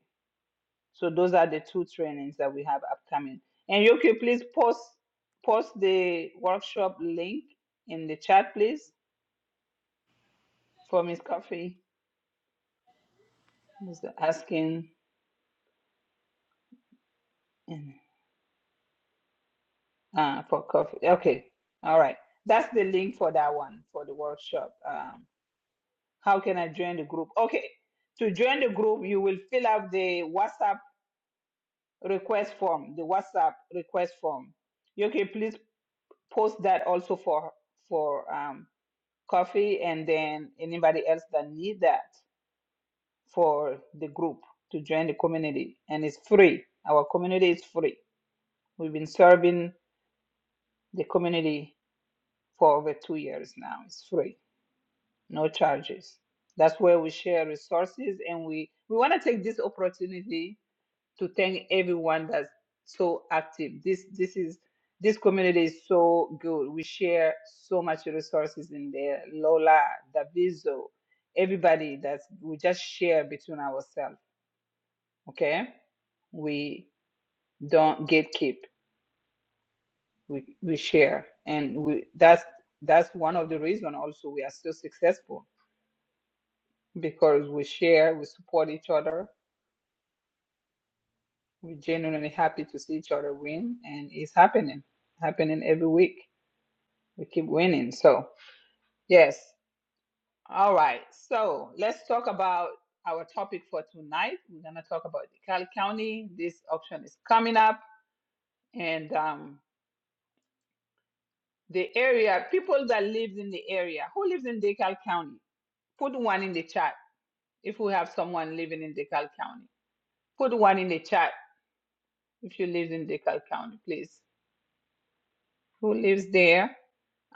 A: So those are the two trainings that we have upcoming. And Yoki, please post post the workshop link in the chat, please, for Miss Coffee. Miss asking and, uh, for coffee. Okay, all right. That's the link for that one for the workshop. Um, how can I join the group? Okay, to join the group, you will fill out the WhatsApp request form, the WhatsApp request form. You can please post that also for for um, coffee and then anybody else that need that for the group to join the community. And it's free. Our community is free. We've been serving the community for over two years now. It's free, no charges. That's where we share resources and we, we want to take this opportunity to thank everyone that's so active. This this is this community is so good. We share so much resources in there. Lola, Daviso, everybody that we just share between ourselves. Okay, we don't gatekeep. We we share, and we that's that's one of the reason also we are so successful because we share, we support each other. We're genuinely happy to see each other win, and it's happening, happening every week. We keep winning. So, yes. All right. So, let's talk about our topic for tonight. We're going to talk about DeKalb County. This auction is coming up. And um, the area, people that lives in the area, who lives in DeKalb County? Put one in the chat if we have someone living in DeKalb County. Put one in the chat if you live in DeKalb County, please. Who lives there?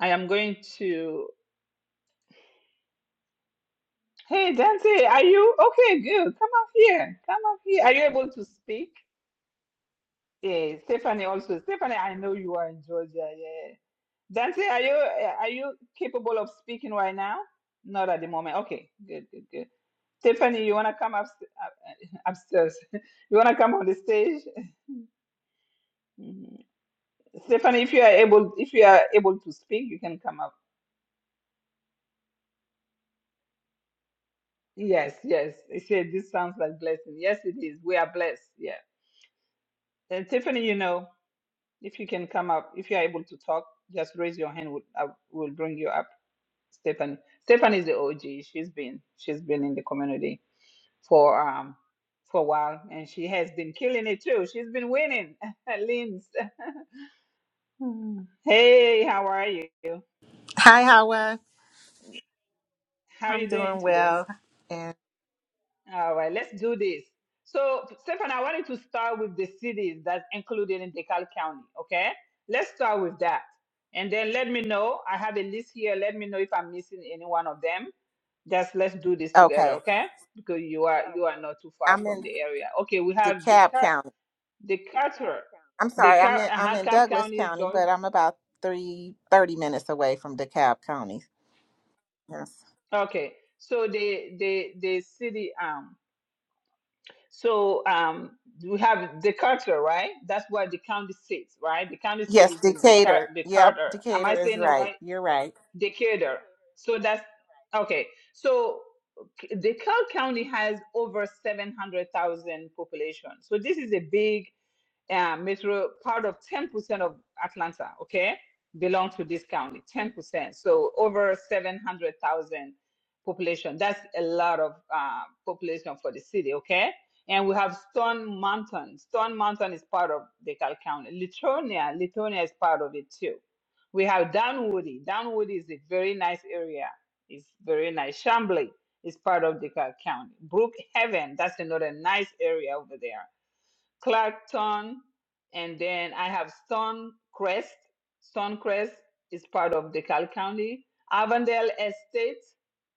A: I am going to. Hey, Dante, are you okay? Good. Come up here. Come up here. Are you able to speak? Yeah, Stephanie also. Stephanie, I know you are in Georgia. Yeah. Dante, are you uh, are you capable of speaking right now? Not at the moment. Okay, good, good, good. Stephanie, you wanna come up upstairs? You wanna come on the stage? Mhm. Stephanie, if you are able, if you are able to speak, you can come up. Yes, yes. It said this sounds like blessing. Yes, it is. We are blessed. Yeah. And Tiffany, you know, if you can come up, if you are able to talk, just raise your hand. We'll, I will bring you up. Stephanie. Stephanie is the OG. She's been she's been in the community for um for a while, and she has been killing it too. She's been winning. Lynn's. Mm. Hey, how are you?
K: Hi, Howard.
A: How are
K: I'm
A: you doing
K: doing
A: today?
K: well. And
A: All right, let's do this. So, Stephanie, I wanted to start with the cities that's included in DeKalb County. Okay, let's start with that, and then let me know. I have a list here. Let me know if I'm missing any one of them Just let's do this together,
K: okay,
A: okay? Because you are you are not too far
K: I'm
A: from
K: in
A: the area. Okay, we have the
K: DeKalb
A: car
K: County.
A: the Carter,
K: I'm
A: the
K: sorry, I'm
A: Cap
K: in I'm
A: uh
K: in
A: Cap
K: Douglas
A: County,
K: County,
A: George.
K: but I'm about three thirty minutes away from DeKalb County. Yes,
A: Okay, so the the the city um so um we have the Carter, right? That's where the county sits, right? The county seat
K: yes,
A: is in the
K: Decatur.
A: the
K: Yep,
A: Carter. Am I
K: Decatur is
A: saying it
K: right.
A: right?
K: You're right.
A: Decatur. So that's okay. So K- DeKalb County has over 700,000 population. So this is a big uh, metro part of 10% of Atlanta, okay, belong to this county, 10%. So over 700,000 population. That's a lot of uh, population for the city, okay? And we have Stone Mountain. Stone Mountain is part of DeKalb County. Lithonia, Lithonia is part of it too. We have Dunwoody. Dunwoody is a very nice area. It's very nice. Chambly is part of DeKalb County. Brookhaven, that's another nice area over there Clarkton, and then I have Stonecrest. Stonecrest is part of DeKalb County. Avondale Estate,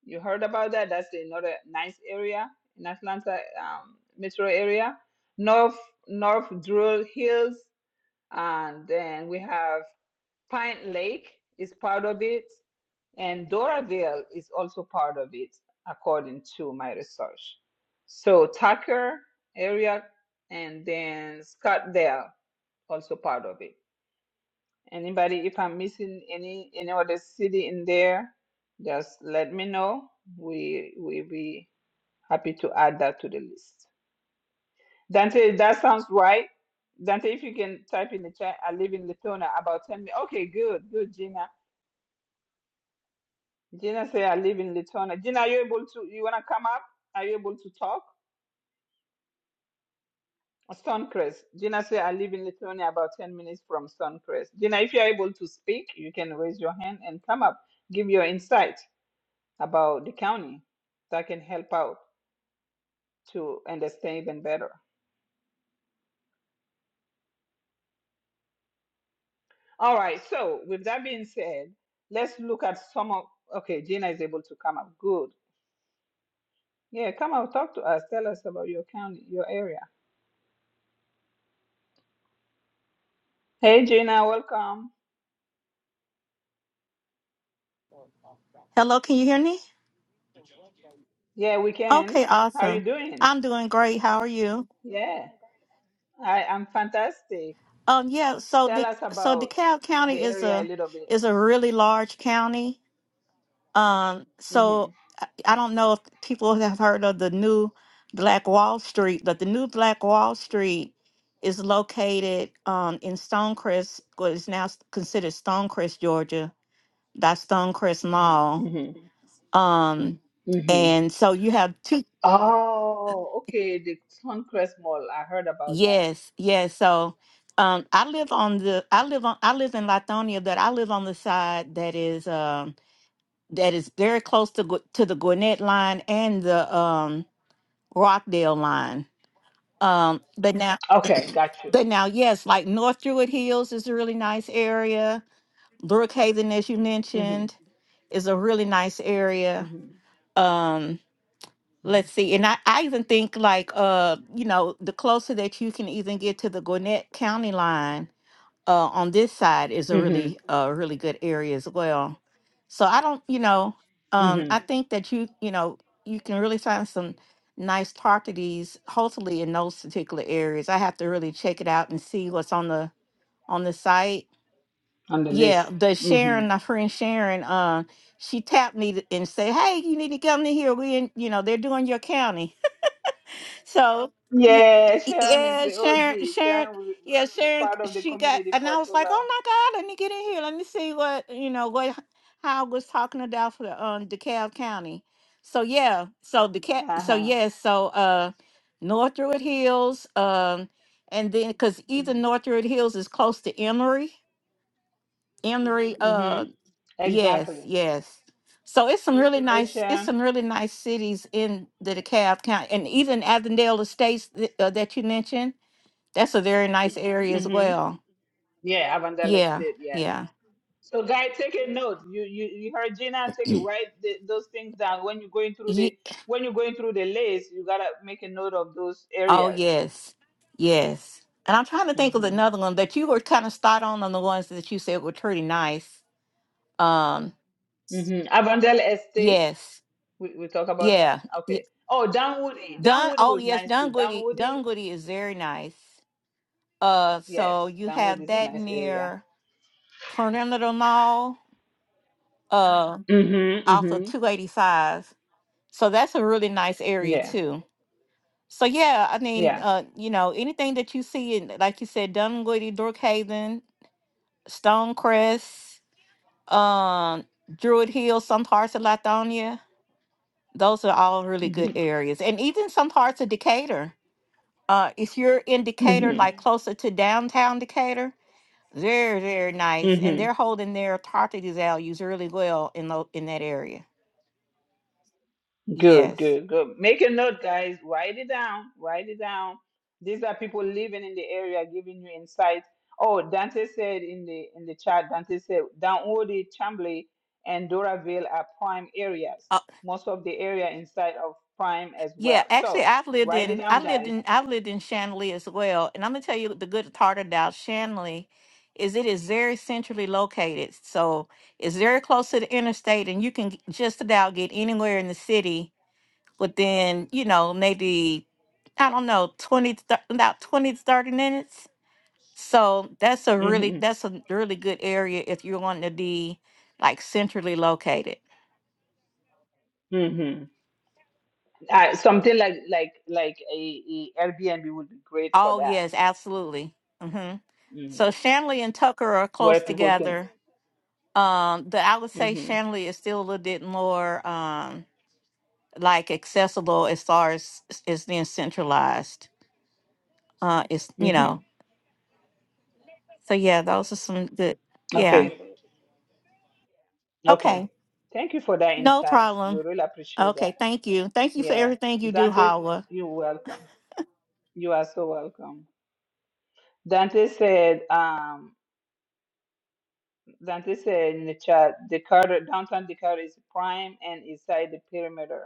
A: you heard about that. That's another nice area in Atlanta um, metro area. North North Druid Hills, and then we have Pine Lake is part of it. And Doraville is also part of it, according to my research. So Tucker area and then Scottsdale also part of it. Anybody, if I'm missing any any other city in there, just let me know. We we be happy to add that to the list. Dante, that sounds right. Dante, if you can type in the chat, I live in Latona. About ten minutes. Okay, good, good, Gina. Gina say I live in Litona. Gina, are you able to? You wanna come up? Are you able to talk? Stonecrest. Gina say I live in Lithuania, about ten minutes from Stonecrest. Gina, if you are able to speak, you can raise your hand and come up, give your insight about the county, so I can help out to understand even better. All right. So with that being said, let's look at some of. Okay, Gina is able to come up. Good. Yeah, come up, talk to us. Tell us about your county, your area. Hey, Gina, welcome.
L: Hello, can you hear me?
A: Yeah, we can.
L: Okay,
A: How are you
L: awesome.
A: doing?
L: I'm doing great. How are you?
A: Yeah, I am fantastic.
L: Um, yeah. So,
A: Tell
L: the,
A: us
L: so
A: about
L: DeKalb County
A: the
L: is
A: area a
L: a
A: little bit.
L: is a really large county. Um, so
A: Mm-hmm.
L: I don't know if people have heard of the new Black Wall Street, but the new Black Wall Street is located um in Stonecrest, what is now considered Stonecrest, Georgia. That's Stonecrest Mall.
A: Mm-hmm.
L: Um,
A: Mm-hmm.
L: and so you have two.
A: Oh, okay. The Suncrest Mall. I heard about that.
L: Yes, yes. So um I live on the I live on I live in Lithonia, but I live on the side that is um that is very close to Gw- to the Gwinnett line and the um Rockdale line. Um but now
A: Okay, got you.
L: but now yes, like North Druid Hills is a really nice area. Brookhaven, as you mentioned,
A: Mm-hmm.
L: is a really nice area.
A: Mm-hmm.
L: Um let's see and I, I even think like uh you know the closer that you can even get to the gwinnett county line uh, on this side is a
A: Mm-hmm.
L: really uh, really good area as well. So I don't, you know, um, I
A: Mm-hmm.
L: think that you you know you can really find some nice properties hopefully in those particular areas. I have to really check it out and see what's on the on the site.
A: On the list.
L: Yeah, the
A: Mm-hmm.
L: Sharon, my friend Sharon, uh, she tapped me to- and said, "Hey, you need to come to here. We in, you know, they're doing your county." So y-
A: Yeah,
L: y-
A: Sharon is
L: yeah,
A: the
L: Sharon,
A: OG.
L: Sharon,
A: Sharon w-
L: yeah,
A: is
L: Sharon,
A: part of the
L: she got,
A: community
L: and
A: for
L: I was
A: so
L: like, oh
A: long.
L: my God, let me get in here. Let me see what, you know, what Howard was talking about for the, um, DeKalb County. So yeah, so DeKalb, so
A: Uh-huh.
L: yes, so, uh, Northwood Hills, um, and then, cause either
A: Mm-hmm.
L: Northwood Hills is close to Emory, Emory,
A: Mm-hmm.
L: Mhm. Yes,
A: Exactly.
L: yes. So it's some really
A: Hey,
L: nice. It's
A: Sharon.
L: some really nice cities in the DeKalb County, and even Avondale Estates th- uh, that you mentioned. That's a very nice area as well.
A: Yeah, Avangelis
L: Yeah,
A: did. Yes.
L: yeah.
A: So, guy, take a note. You you you heard Gina. Take it. Write the, those things down when you're going through the
L: Ye-
A: when you're going through the list. You gotta make a note of those
L: oh
A: areas.
L: yes, yes. And I'm trying to think of
A: Mm-hmm.
L: another one that you were kind of spot on on the ones that you said were pretty nice. Um,
A: Mm-hmm. Avondale Estate.
L: yes,
A: We we talk about that.
L: yeah. y-
A: Okay. Oh, Downwoody.
L: Dun.
A: Downwoody
L: Oh
A: was
L: yes,
A: nice too.
L: Dunwoody.
A: Downwoody.
L: Dunwoody is very nice. Uh,
A: Yes,
L: so you
A: Downwoody
L: have
A: is a
L: that
A: nice area.
L: near. Tornado uh
A: Mm-hmm.
L: off of
A: Mm-hmm.
L: 285. So that's a really nice area
A: Yeah.
L: too. So yeah, I mean,
A: Yes.
L: uh, you know, anything that you see in like you said, Dunwoody, Brookhaven, Stonecrest, um, Druid Hill, some parts of Latonia, those are all really good
A: Mm-hmm.
L: areas. And even some parts of Decatur. Uh, if you're in Decatur, like closer to downtown Decatur, they're very nice.
A: Mm-hmm.
L: And they're holding their property values really well in tho- in that area.
A: Good,
L: Yes.
A: good, good. Make a note, guys. Write it down. Write it down. These are people living in the area giving you insight. Oh, Dante said in the in the chat, Dante said Downwoody, Chambly, and Doraville are prime areas.
L: Uh,
A: Most of the area inside of prime as
L: yeah,
A: well.
L: actually,
A: So
L: I've lived
A: write it
L: in
A: down,
L: I lived
A: guys.
L: in I've lived in Shanley as well, and I'm gonna tell you the good part about Shanley is it is very centrally located, so it's very close to the interstate, and you can g- just about get anywhere in the city within you know maybe I don't know twenty to thir- about twenty to thirty minutes. So that's a really
A: hmm
L: that's a really good area if you're wanting to be like centrally located.
A: hmm Uh, something like like like a, a Airbnb would be great for
L: Oh
A: that.
L: yes, absolutely. Mm-hmm.
A: hmm
L: So Shanley and Tucker are
A: Where
L: close
A: people can.
L: together. Um, the I would say
A: hmm
L: Shanley is still a little bit more um like accessible as far as is being centralized. Uh, it's you
A: hmm
L: know. So yeah, those are some good. Yeah.
A: Okay. Okay.
L: Okay.
A: Thank you for that
L: No
A: insights. We
L: problem.
A: really appreciate that.
L: Okay. Thank you. Thank you for
A: Yeah.
L: everything you do,
A: Dante,
L: Hawa.
A: you're welcome. You are so welcome. Dante said, um, Dante said in the chat, Dakota, downtown Dakota is prime and inside the perimeter.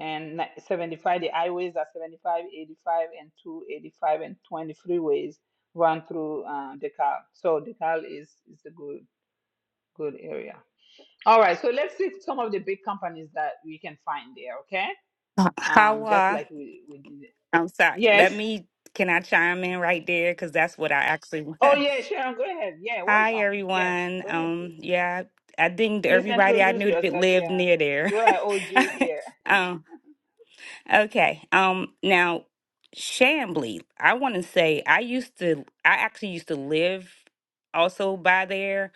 A: And ni- 75, the highways are 75, 85, and 285 and 20 freeways run through uh, Decal. So Decal is, is a good, good area. All right. So let's see some of the big companies that we can find there. okay?
M: Uh,
A: Um, just
M: Hawa,
A: like we, we did. it.
M: I'm sorry.
A: Yes.
M: Let me, can I chime in right there? Because that's what I actually
A: Oh,
M: was.
A: yeah, Sharon, go ahead. Yeah,
M: Hi,
A: welcome. Yeah,
M: everyone.
A: go ahead, please.
M: Um, yeah, I think
A: Please
M: everybody I
A: introduce
M: knew that
A: yourself,
M: lived
A: Sharon.
M: near there.
A: You are OG here.
M: um, okay. Um, now, Shambly, I want to say I used to, I actually used to live also by there,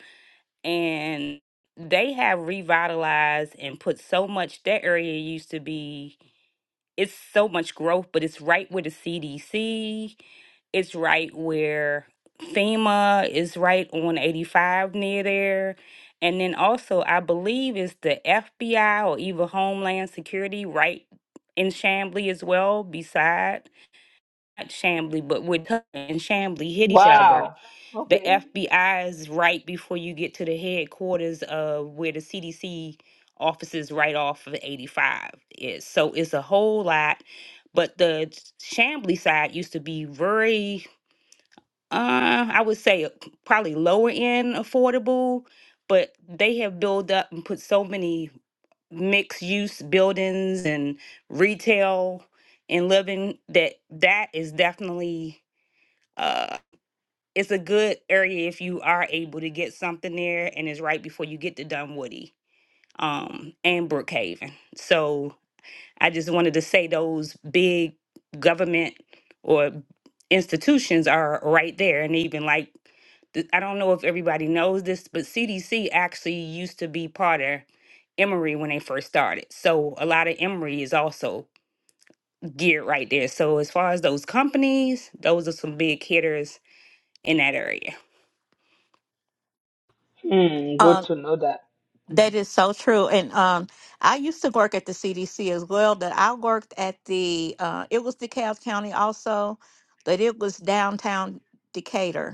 M: and they have revitalized and put so much. That area used to be it's so much growth, but it's right where the CDC, it's right where FEMA is right on 85 near there. And then also, I believe it's the FBI or even Homeland Security right in Chamblee as well, beside not Chamblee, but where Tubman and Chamblee hit each other
A: Wow.
M: the
A: Okay.
M: FBI is right before you get to the headquarters of where the CDC offices right off of 85 is. So it's a whole lot. But the Shambly side used to be very, uh, I would say, probably lower end affordable, but they have built up and put so many mixed use buildings and retail and living that that is definitely. Uh, it's a good area if you are able to get something there, and it's right before you get to Dunwoody um, and Brookhaven. So I just wanted to say those big government or institutions are right there, and even like th- I don't know if everybody knows this, but CDC actually used to be part of Emory when they first started. So a lot of Emory is also geared right there. So as far as those companies, those are some big hitters in that area.
A: Hmm, good
L: Um,
A: to know that.
L: that
A: Mhm.
L: is so true. And um, I used to work at the CDC as well. That I worked at the uh, it was DeKalb County also, but it was downtown Decatur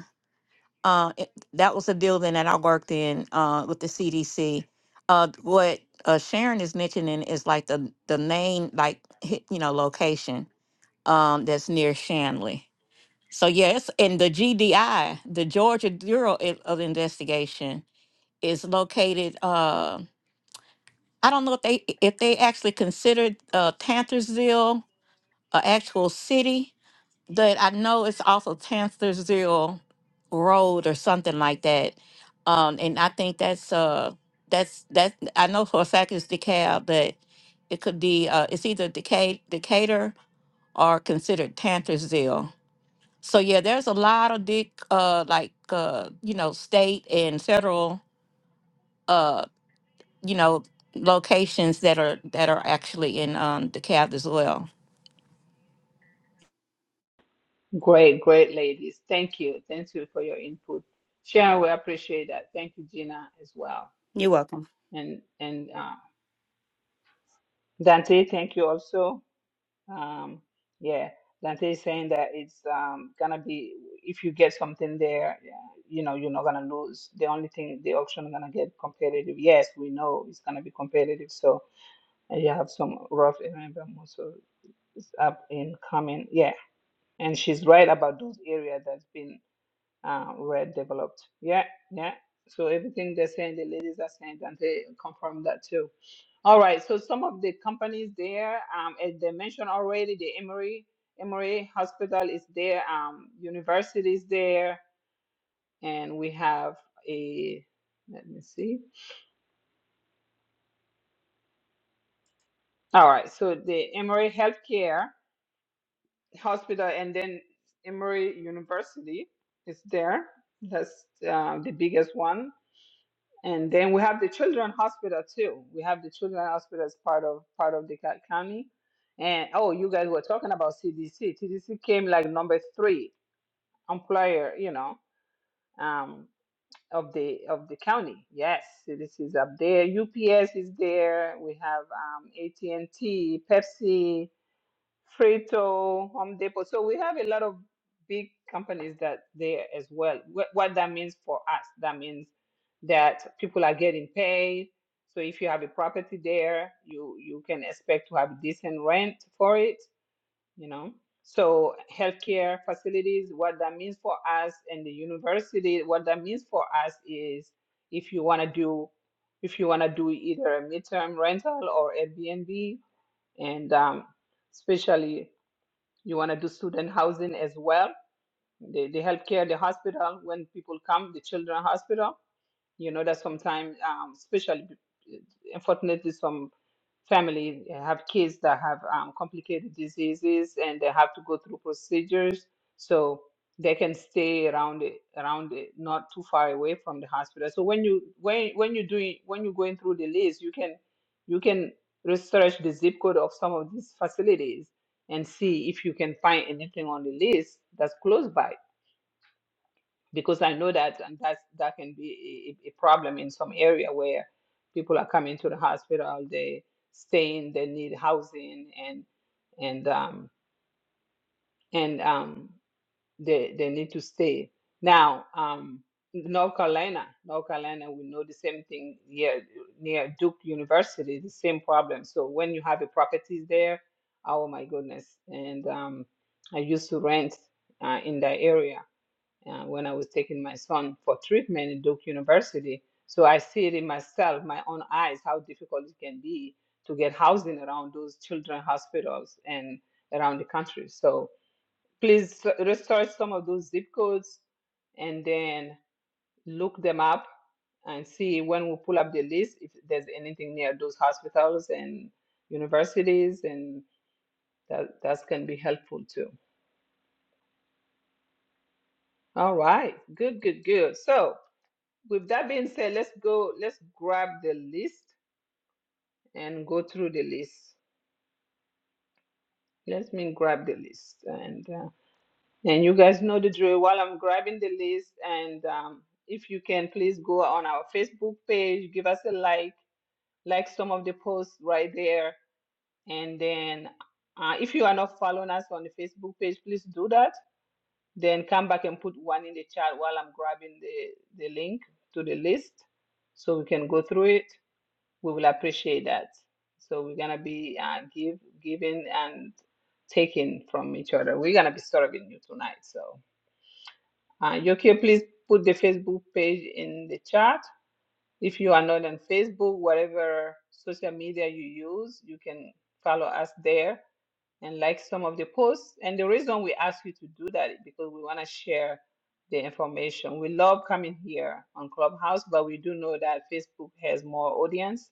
L: uh, it- that was a building that I worked in uh, with the CDC. Uh, what uh, Sharon is mentioning is like the the main like hit- you know location um, that's near Shanley. So yes, and the GDI, the Georgia Bureau i- of Investigation, is located. Uh, I don't know if they if they actually considered uh, Panthersville an actual city but I know it's also Tanstersville Road or something like that. Um, and I think that's uh that's that's I know for a fact it's DeKalb, but it could be uh it's either Deca- Decatur or considered Tanstersville. So yeah, there's a lot of big uh like uh you know state and federal uh you know locations that are that are actually in um DeKalb as well.
A: Great, great ladies. Thank you. Thank you for your input. Sharon, we appreciate that. Thank you, Gina, as well.
M: You're welcome.
A: And and uh, Dante, thank you also. Um, yeah, Dante is saying that it's um, gonna be if you get something there, yeah, you know, you're not gonna lose. The only thing the auction gonna get competitive. Yes, we know it's gonna be competitive. So and you have some rough remember also is up and coming. Yeah, and she's right about those areas that's been uh, were developed. Yeah, yeah. So everything they're saying, the ladies are saying, and they confirm that too. All right. So some of the companies there, um, as they mentioned already, the Emory Emory Hospital is there. Um, university is there, and we have a. Let me see. All right. So the Emory Healthcare Hospital, and then Emory University is there. That's uh, the biggest one And then we have the children hospital too. We have the children hospital as part of part of the co- county. And oh, you guys were talking about CDC. CDC came like number three employer, you know, um, of the of the county. Yes, CDC is up there. UPS is there. We have um, AT&T, Pepsi. Frito, Home Depot. So we have a lot of big companies that there as well. What, what that means for us, that means that people are getting paid. So if you have a property there, you you can expect to have decent rent for it, you know. So healthcare facilities, what that means for us and the university, what that means for us is if you want to do if you want to do either a midterm rental or Airbnb and um, especially you want to do student housing as well. The, the healthcare, the hospital, when people come, the children hospital, you know that sometimes, um, especially, uh, unfortunately, some family have kids that have um, complicated diseases and they have to go through procedures so they can stay around it around it not too far away from the hospital so when you when when you doing when you're going through the list you can you can research the zip code of some of these facilities and see if you can find anything on the list that's close by because I know that and that's, that can be a, a problem in some area where people are coming to the hospital, they staying, they need housing and and um and um they they need to stay. Now um North Carolina, North Carolina, we know the same thing here near Duke University, the same problem. So when you have a properties there, oh my goodness. And um I used to rent uh, in that area uh, when I was taking my son for treatment in Duke University. So I see it in myself, my own eyes, how difficult it can be to get housing around those children hospitals and around the country. So please re- research some of those zip codes and then look them up and see when we pull up the list if there's anything near those hospitals and universities and that that can be helpful too. All right, good, good, good. So With that being said, let's go, let's grab the list and go through the list. Let me grab the list. And uh, and you guys know the drill while I'm grabbing the list. And um, if you can, please go on our Facebook page, give us a like, like some of the posts right there. And then uh, if you are not following us on the Facebook page, please do that. Then come back and put one in the chat while I'm grabbing the, the link to the list so we can go through it. we will appreciate that. So we're gonna be uh, give giving and taking from each other. We're gonna be serving you tonight. So uh, Yokio, please put the Facebook page in the chat. If you are not on Facebook, whatever social media you use, you can follow us there and like some of the posts. And the reason we ask you to do that is because we want to share the information. We love coming here on Clubhouse, but we do know that Facebook has more audience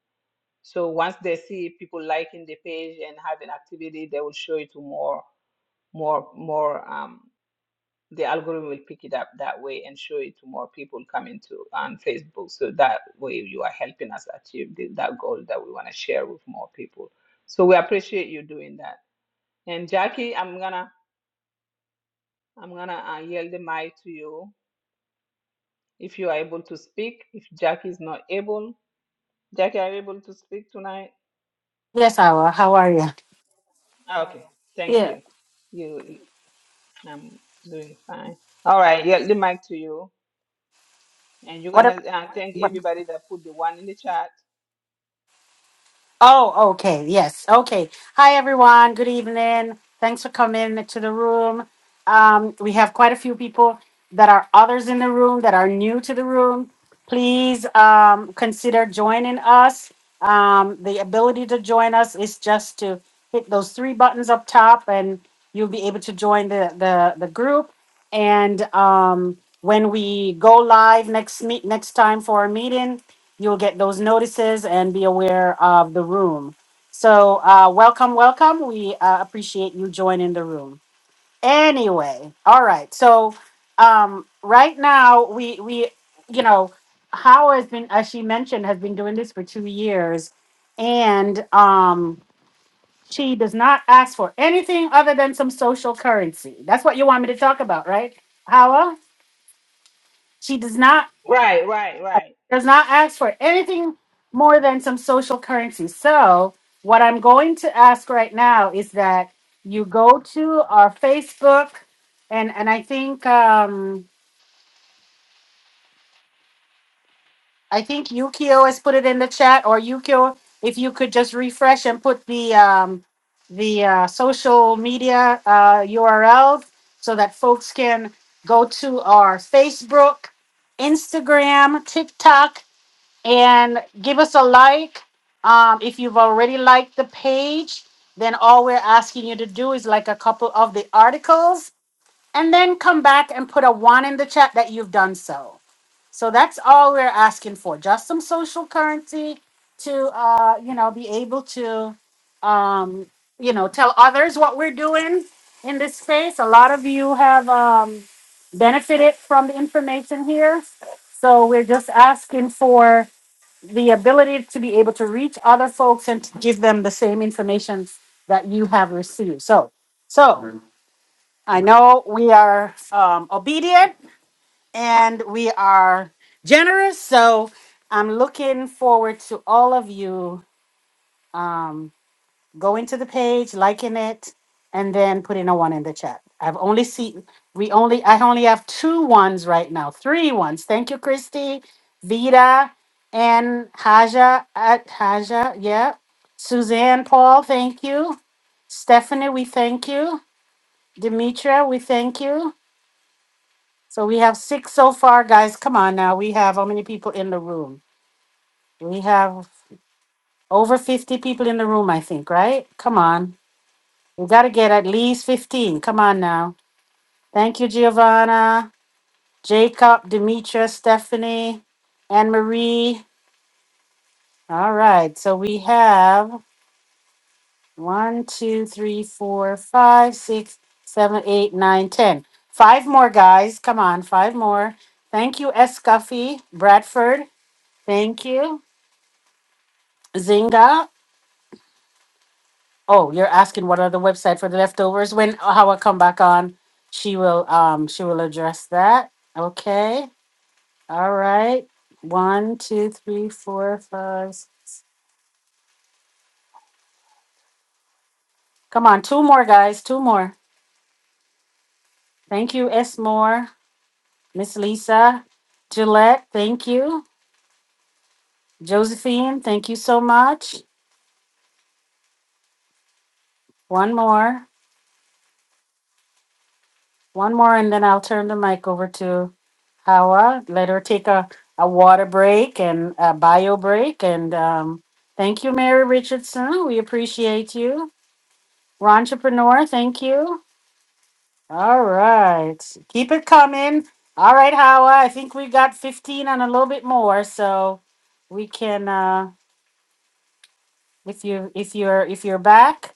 A: so once they see people liking the page and having activity, they will show it to more, more, more. Um, the algorithm will pick it up that way and show it to more people coming to on Facebook. So that way, you are helping us achieve the, that goal that we want to share with more people. So we appreciate you doing that. And Jackie, I'm gonna, I'm gonna uh, yield the mic to you if you are able to speak. If Jackie is not able, Jackie, are you able to speak tonight?
D: Yes, Awa. How are you?
A: Okay, thank
D: Yeah.
A: you. You. I'm doing fine. All right, yeah, the mic to you. And you're gonna
D: What?
A: uh, thank everybody that put the one in the chat.
D: Oh, okay. Yes. Okay. Hi, everyone. Good evening. Thanks for coming to the room. Um, we have quite a few people that are others in the room that are new to the room. Please um, consider joining us. Um, the ability to join us is just to hit those three buttons up top, and you'll be able to join the the, the group. And um, when we go live next meet next time for our meeting, You'll get those notices and be aware of the room. So, uh, welcome, welcome. We uh, appreciate you joining the room. Anyway, all right. So, um, right now we we you know Howard has been, as she mentioned, has been doing this for two years, and um, she does not ask for anything other than some social currency. That's what you want me to talk about, right, Howard? She does not.
A: Right, right, right.
D: does not ask for anything more than some social currency. So, what I'm going to ask right now is that you go to our Facebook, and and I think um, I think Yukio has put it in the chat, or Yukio, if you could just refresh and put the um, the uh, social media uh, URLs so that folks can go to our Facebook, Instagram, TikTok. and give us a like. Um, if you've already liked the page, then all we're asking you to do is like a couple of the articles and then come back and put a one in the chat that you've done so. So that's all we're asking for, just some social currency to, uh, you know, be able to, um, you know, tell others what we're doing in this space. A lot of you have um, benefited from the information here. So we're just asking for the ability to be able to reach other folks and to give them the same information that you have received. So, so I know we are um, obedient and we are generous. So I'm looking forward to all of you. Um, Go into the page, liking it, and then putting a one in the chat. I've only seen we only I only have two ones right now, three ones. Thank you, Christy, Vida, and Haja at Haja. Yeah, Suzanne, Paul. Thank you, Stephanie. We thank you, Demetra. We thank you. So we have six so far, guys. Come on now. We have how many people in the room? We have over 50 people in the room, I think, right? Come on. We got to get at least 15. Come on now. Thank you, Giovanna, Jacob, Demetra, Stephanie, Anne Marie. All right. So we have one, two, three, four, five, six, seven, eight, nine, ten. Five more, guys. Come on. Five more. Thank you, S. Scuffy, Bradford. Thank you. Zinga. Oh, you're asking what are the website for the leftovers? When how I come back on, she will um she will address that. Okay. All right. One, two, three, four, five. six. Come on, two more guys, two more. Thank you, S. Moore, Miss Lisa, Gillette, thank you. Josephine, thank you so much. One more, one more, and then I'll turn the mic over to Hawa. Let her take a, a water break and a bio break. And um, thank you, Mary Richardson. We appreciate you. Entrepreneur, thank you. All right. Keep it coming. All right, Hawa. I think we got 15 and a little bit more, so we can uh if you if you're if you're back,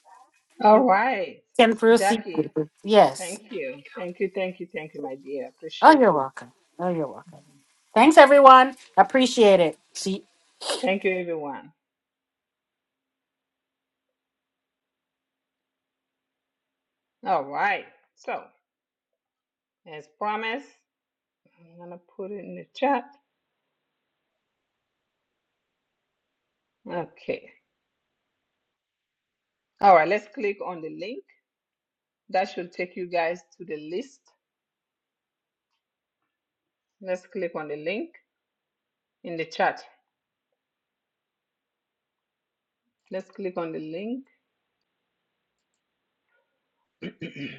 A: All right,
D: can proceed.
A: Jackie,
D: Yes.
A: thank you. Thank you, thank you, thank you, my dear.
D: Oh,
A: Appreciate
D: you're
A: you.
D: welcome. Oh, you're welcome.
A: Mhm.
D: Thanks everyone. Appreciate it. See
A: Thank you, everyone. All right, so as promised, I'm gonna put it in the chat. Okay. All right, let's click on the link. That should take you guys to the list. Let's click on the link in the chat. Let's click on the link.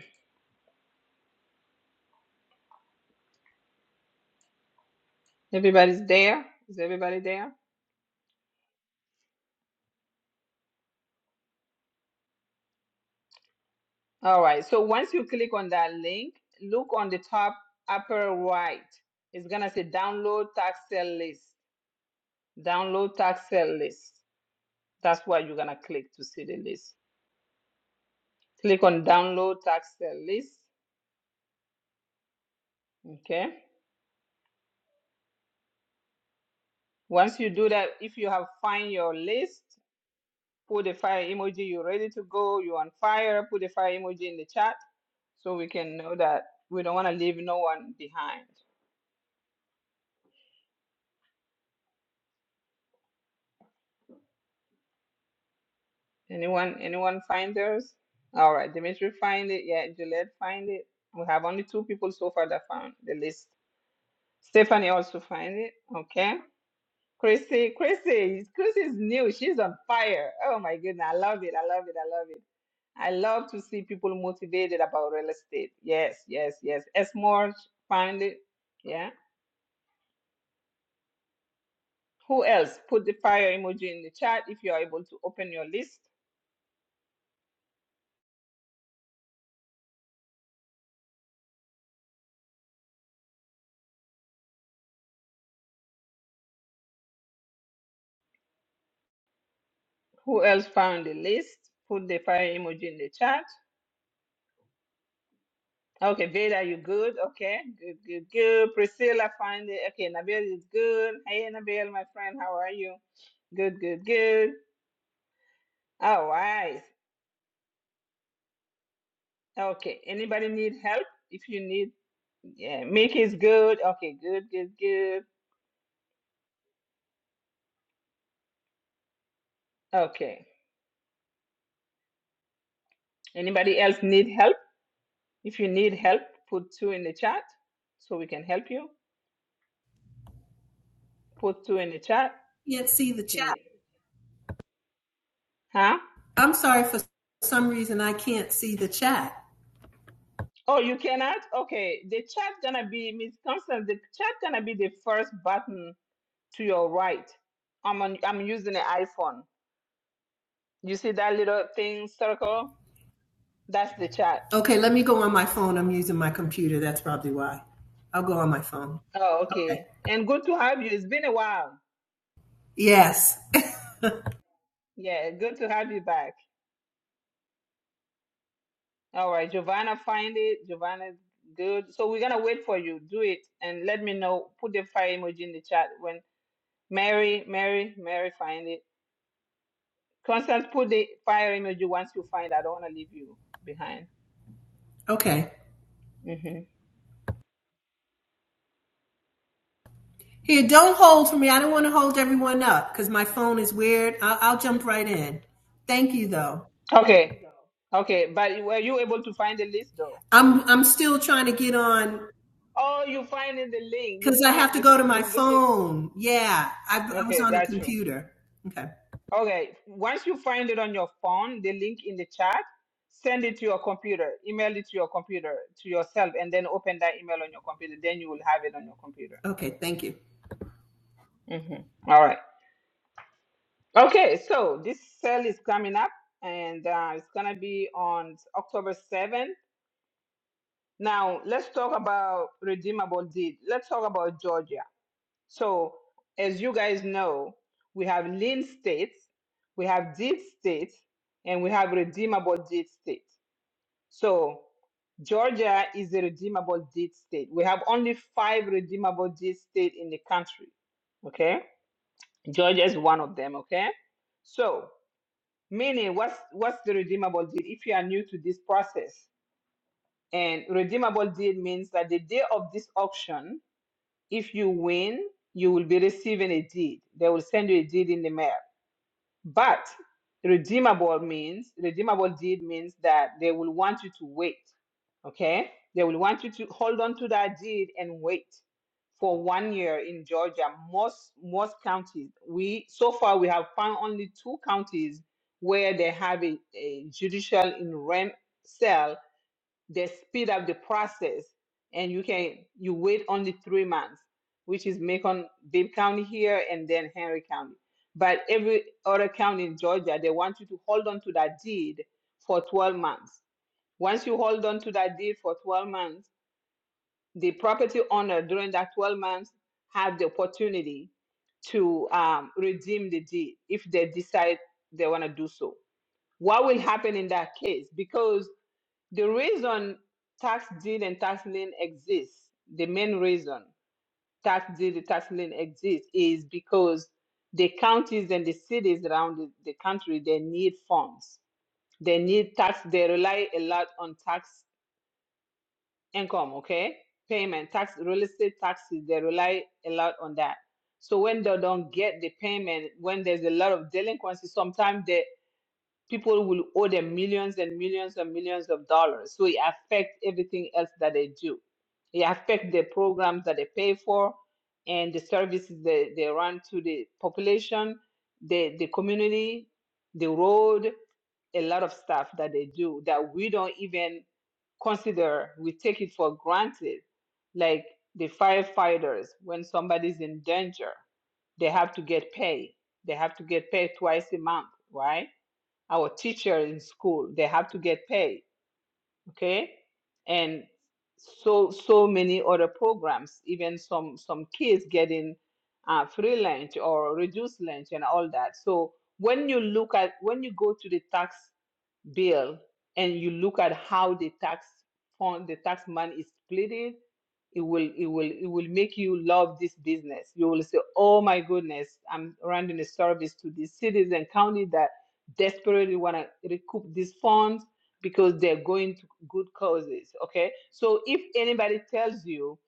A: Everybody's there? Is everybody there? All right. So once you click on that link, look on the top upper right. It's going to say download tax sale list. Download tax sale list. That's why you're going to click to see the list. Click on download tax sale list. Okay. Once you do that, if you have find your list, put the fire emoji. You're ready to go. You're on fire. Put the fire emoji in the chat so we can know that we don't want to leave no one behind. Anyone anyone find theirs? All right, Dimitri find it. Yeah, Juliet find it. We have only two people so far that found the list. Stephanie also find it. Okay. Chrissy, Chrissy, Chrissy's new. She's on fire. Oh my goodness. I love it. I love it. I love it. I love to see people motivated about real estate. Yes, yes, yes. Esmore find it. Yeah. Who else? Put the fire emoji in the chat if you are able to open your list. Who else found the list? Put the fire emoji in the chat. Okay, Veda, you good? Okay, good, good, good. Priscilla, find it. Okay, Nabil is good. Hey, Nabil, my friend, how are you? Good, good, good. All right. Okay, anybody need help? If you need, yeah, Mickey is good. Okay, good, good, good. Okay, anybody else need help? If you need help, put two in the chat so we can help you. Put two in the chat
N: Can't see the
A: if you
N: chat.
A: need, huh?
N: I'm sorry for some reason I can't see the chat.
A: Oh, you cannot? Okay, the chat gonna be Miss Constance. The chat gonna be the first button to your right. I'm on, I'm using an iPhone. You see that little thing circle? That's the chat.
N: Okay, let me go on my phone. I'm using my computer. That's probably why. I'll go on my phone.
A: Oh,
N: Okay.
A: okay. And good to have you. It's been a while.
N: Yes.
A: Yeah, good to have you back. All right, Giovanna, find it. Giovanna, good. So we're gonna wait for you. Do it and let me know. Put the fire emoji in the chat when Mary, Mary, Mary, find it. Constance, put the fire emoji once you find. I don't wanna leave you behind.
N: Okay.
A: hmm
N: Here, don't hold for me. I don't want to hold everyone up because my phone is weird. I'll, I'll jump right in. Thank you, though.
A: Okay. Okay, but were you able to find the list though?
N: I'm I'm still trying to get on
A: Oh, you find in the link. You
N: because I
A: find
N: have to
A: you
N: go to my
A: you look at
N: phone. Yeah, I, I was
A: okay,
N: on the
A: got you.
N: computer. Okay.
A: Okay. Once you find it on your phone, the link in the chat, send it to your computer, email it to your computer, to yourself, and then open that email on your computer. Then you will have it on your computer.
N: Okay. Thank you.
A: Mhm. All right. Okay, so this sale is coming up and uh, it's gonna be on October 7th. Now let's talk about redeemable deed. Let's talk about Georgia. So, as you guys know, we have lean states, we have deep states, and we have redeemable deep states. So, Georgia is a redeemable deed state. We have only five redeemable deed states in the country. Okay, Georgia is one of them. Okay, so meaning what's what's the redeemable deed? If you are new to this process, and redeemable deed means that the day of this auction if you win, you will be receiving a deed. They will send you a deed in the mail. But redeemable means, redeemable deed means that they will want you to wait. Okay? They will want you to hold on to that deed and wait for one year in Georgia. Most most counties, we so far we have found only two counties where they have a, a judicial in rent they speed up the process and you can you wait only three months which is macon dade county here and then henry county but every other county in georgia they want you to hold on to that deed for 12 months once you hold on to that deed for 12 months the property owner during that 12 months have the opportunity to um, redeem the deed if they decide they want to do so what will happen in that case because the reason tax deed and tax lien exists, the main reason tax deed, tax lien exists is because the counties and the cities around the, the country, they need funds. They need tax, they rely a lot on tax income, okay? Payment, tax, real estate taxes, they rely a lot on that. So when they don't get the payment, when there's a lot of delinquency, sometimes the people will owe them millions and millions and millions of dollars. So it affects everything else that they do. It affects the programs that they pay for and the services they, they run to the population, the, the community, the road, a lot of stuff that they do that we don't even consider. We take it for granted. Like the firefighters, when somebody's in danger, they have to get paid. They have to get paid twice a month, right? our teacher in school they have to get paid okay and so so many other programs even some some kids getting uh, free lunch or reduced lunch and all that so when you look at when you go to the tax bill and you look at how the tax fund, the tax money is split, it it will it will it will make you love this business. You will say, "Oh my goodness, I'm rendering a service to these cities and counties that desperately want to recoup these funds because they're going to good causes." Okay, so if anybody tells you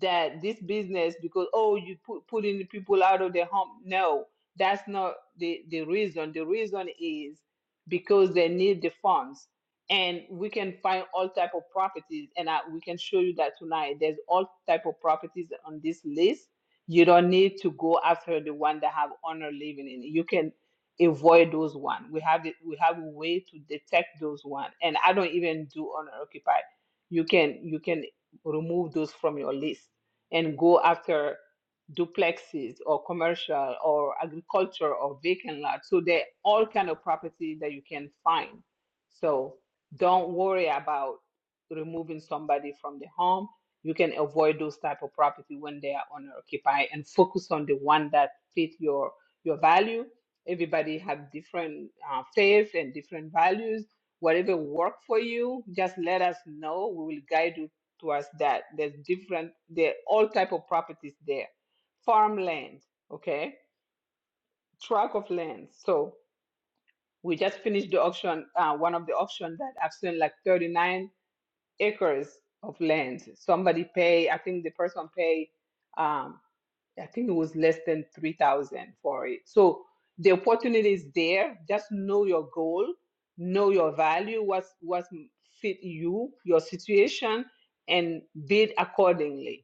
A: that this business because oh you put putting people out of their home, no, that's not the the reason. The reason is because they need the funds and we can find all type of properties and I, we can show you that tonight there's all type of properties on this list you don't need to go after the one that have owner living in it. you can avoid those one we have the, we have a way to detect those one and i don't even do owner occupied you can you can remove those from your list and go after duplexes or commercial or agriculture or vacant lots. So they're all kind of property that you can find. So don't worry about removing somebody from the home. You can avoid those type of property when they are owner occupied and focus on the one that fit your your value. Everybody have different uh, faith and different values. Whatever work for you, just let us know. We will guide you towards that. There's different. There are all type of properties there farmland, okay, tract of land. So we just finished the auction, uh, one of the auction that I've seen like 39 acres of land. Somebody pay, I think the person pay, um, I think it was less than 3,000 for it. So the opportunity is there. Just know your goal, know your value, what's, what's fit you, your situation, and bid accordingly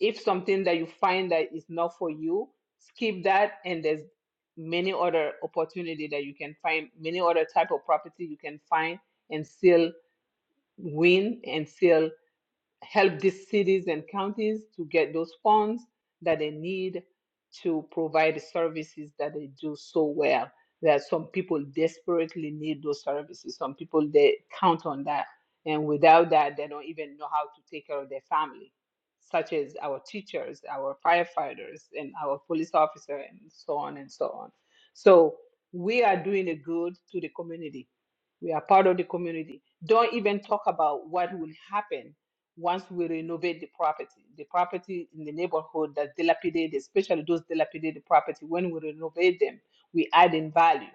A: if something that you find that is not for you skip that and there's many other opportunity that you can find many other type of property you can find and still win and still help these cities and counties to get those funds that they need to provide the services that they do so well. There are some people desperately need those services. Some people they count on that, and without that, they don't even know how to take care of their family, such as our teachers, our firefighters, and our police officer, and so on and so on. So we are doing a good to the community we are part of the community. Don't even talk about what will happen once we renovate the property. The property in the neighborhood that's dilapidated, especially those dilapidated property, when we renovate them, we add in value.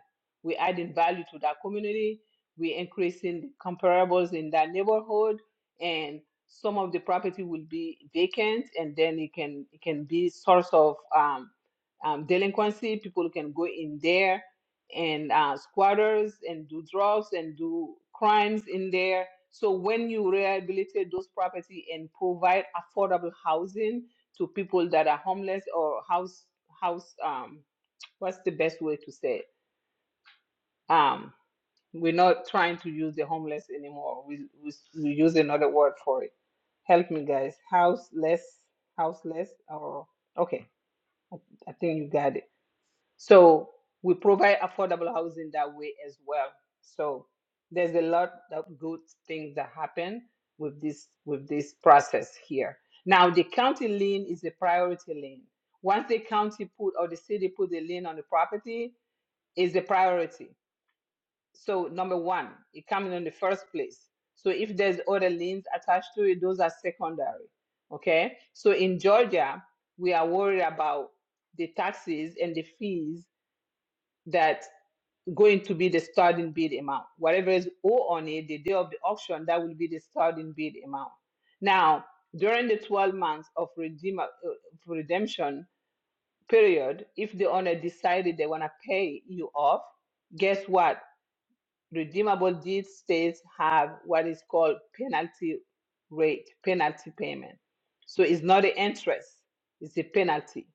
A: We add in value to that community. We increasing the comparables in that neighborhood, and some of the property will be vacant, and then it can it can be source of um, um, delinquency. People can go in there and uh, squatters and do drugs and do crimes in there. So when you rehabilitate those property and provide affordable housing to people that are homeless or house house um what's the best way to say it? Um, we're not trying to use the homeless anymore. We, we we use another word for it. Help me, guys. Houseless, houseless, or okay. I think you got it so we provide affordable housing that way as well. So there's a lot of good things that happen with this with this process here. Now the county lien is the priority lien. Once the county put or the city put the lien on the property, is the priority. So number one, it comes in the first place. So if there's other liens attached to it, those are secondary. Okay. So in Georgia, we are worried about the taxes and the fees that going to be the starting bid amount. Whatever is owed on it, the day of the auction, that will be the starting bid amount. Now, during the 12 months of redeem, uh, redemption period, if the owner decided they want to pay you off, guess what? Redeemable deed states have what is called penalty rate, penalty payment. So it's not the interest, it's the penalty.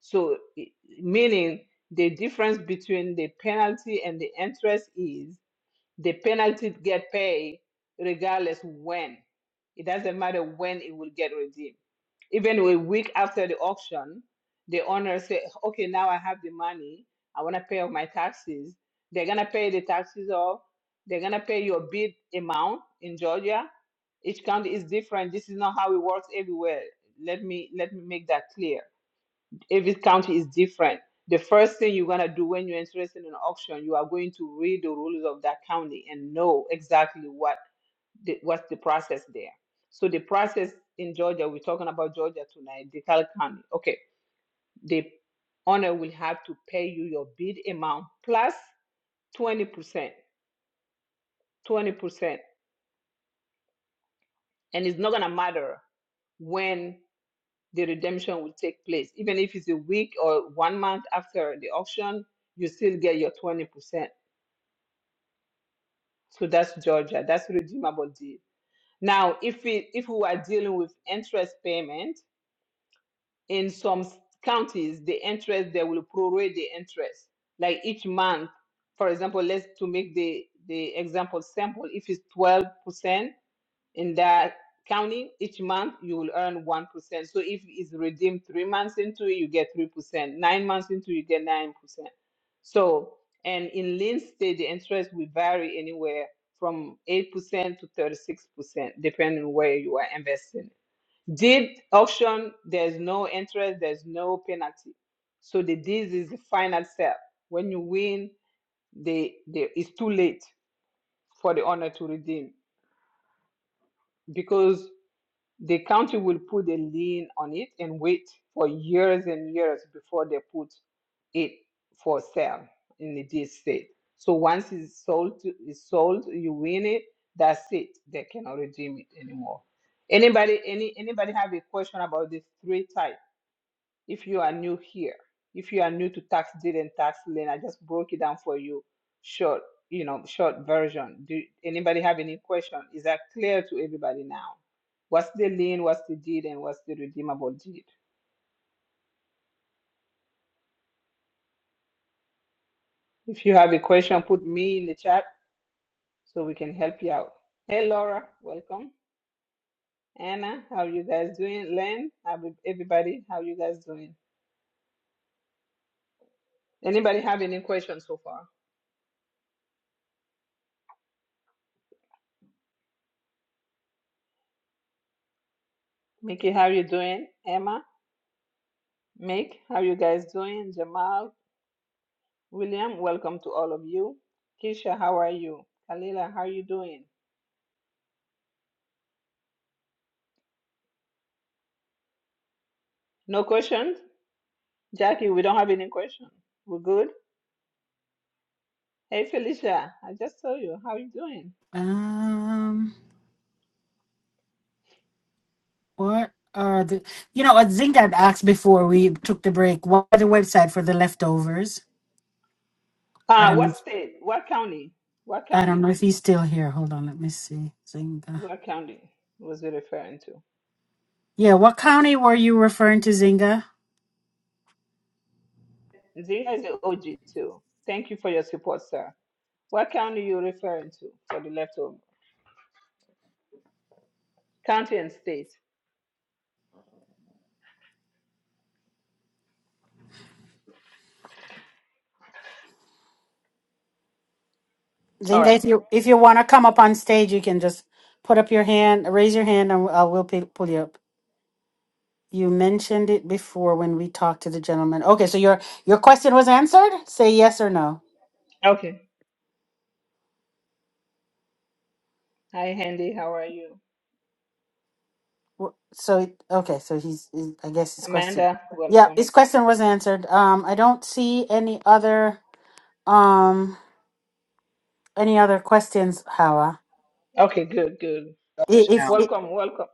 A: So i- meaning the difference between the penalty and the interest is the penalty get paid regardless when. It doesn't matter when it will get redeemed even a week after the auction, the owner say, okay, now I have the money. I want to pay off my taxes. They're going to pay the taxes off. They're going to pay your bid amount in Georgia. Each county is different. This is not how it works everywhere. Let me let me make that clear. Every county is different. The first thing you're gonna do when you're interested in an auction, you are going to read the rules of that county and know exactly what the, what's the process there. So the process in Georgia, we're talking about Georgia tonight, DeKalb County. Okay, the owner will have to pay you your bid amount 20%, 20%. And it's not going to matter when the redemption will take place. Even if it's a week or one month after the auction, you still get your 20%. So that's Georgia. That's redeemable deed. Now, if we if we are dealing with interest payment, in some s- counties the interest they will prorate the interest like each month for example let's to make the the example simple if it's 12% in that county each month you will earn 1% so if it's redeemed three months into it you get 3% nine months into it, you get 9% so and in Lynn state the interest will vary anywhere from 8% to 36% depending where you are investing Deed auction, there's no interest, there's no penalty. So the deed is the final sale. When you win, they, they, it's too late for the owner to redeem because the county will put a lien on it and wait for years and years before they put it for sale in the deed state. So once it's sold, to- it's sold, you win it. That's it. They cannot redeem it anymore. Anybody, any anybody have a question about these three types? if you are new here, if you are new to tax deed and tax lien, I just broke it down for you short, you know, short version. Do anybody have any question? Is that clear to everybody now? What's the lien, what's the deed, and what's the redeemable deed? If you have a question, put me in the chat so we can help you out. Hey Laura, welcome. Anna, how you guys doing? Len, how we- everybody, how you guys doing? Anybody have any questions so far? Mickey, how you doing? Emma, Mick, how you guys doing? Jamal, William, welcome to all of you. Keisha, how are you? Kalila, how are you doing? No questions? Jackie, we don't have any questions. We're good? Hey, Felicia, I just saw you. How are you doing?
D: um what are the you know what Zink had asked before we took the break, what are the website for the leftovers? I
A: Uh,
D: don't know.
A: what
D: if-
A: state? What county? What
D: I don't
A: county?
D: know if he's still here. Hold on, let me see. Zynga.
A: What county was you referring to?
D: Yeah, what county were you referring to, Zinga?
A: Zina is the OG too. Thank you for your support, sir. What county you referring to for the leftover? County and state. All
D: Zinga,
A: right.
D: if you if you want to come up on stage, you can just put up your hand, raise your hand, and I will pu- pull you up. You mentioned it before when we talked to the gentleman. Okay, so your your question was answered. Say yes or no.
A: Okay. Hi, Handy. How are you?
D: Wh- So it- okay, so he's he- I guess his question.
A: Amanda,
D: Yeah,
A: welcome.
D: his question was answered. Um, I don't see any other um any other questions, Hawa.
A: Okay, good, good.
D: I-
O: Douglas
D: If,
O: County.
D: if
A: Welcome, welcome.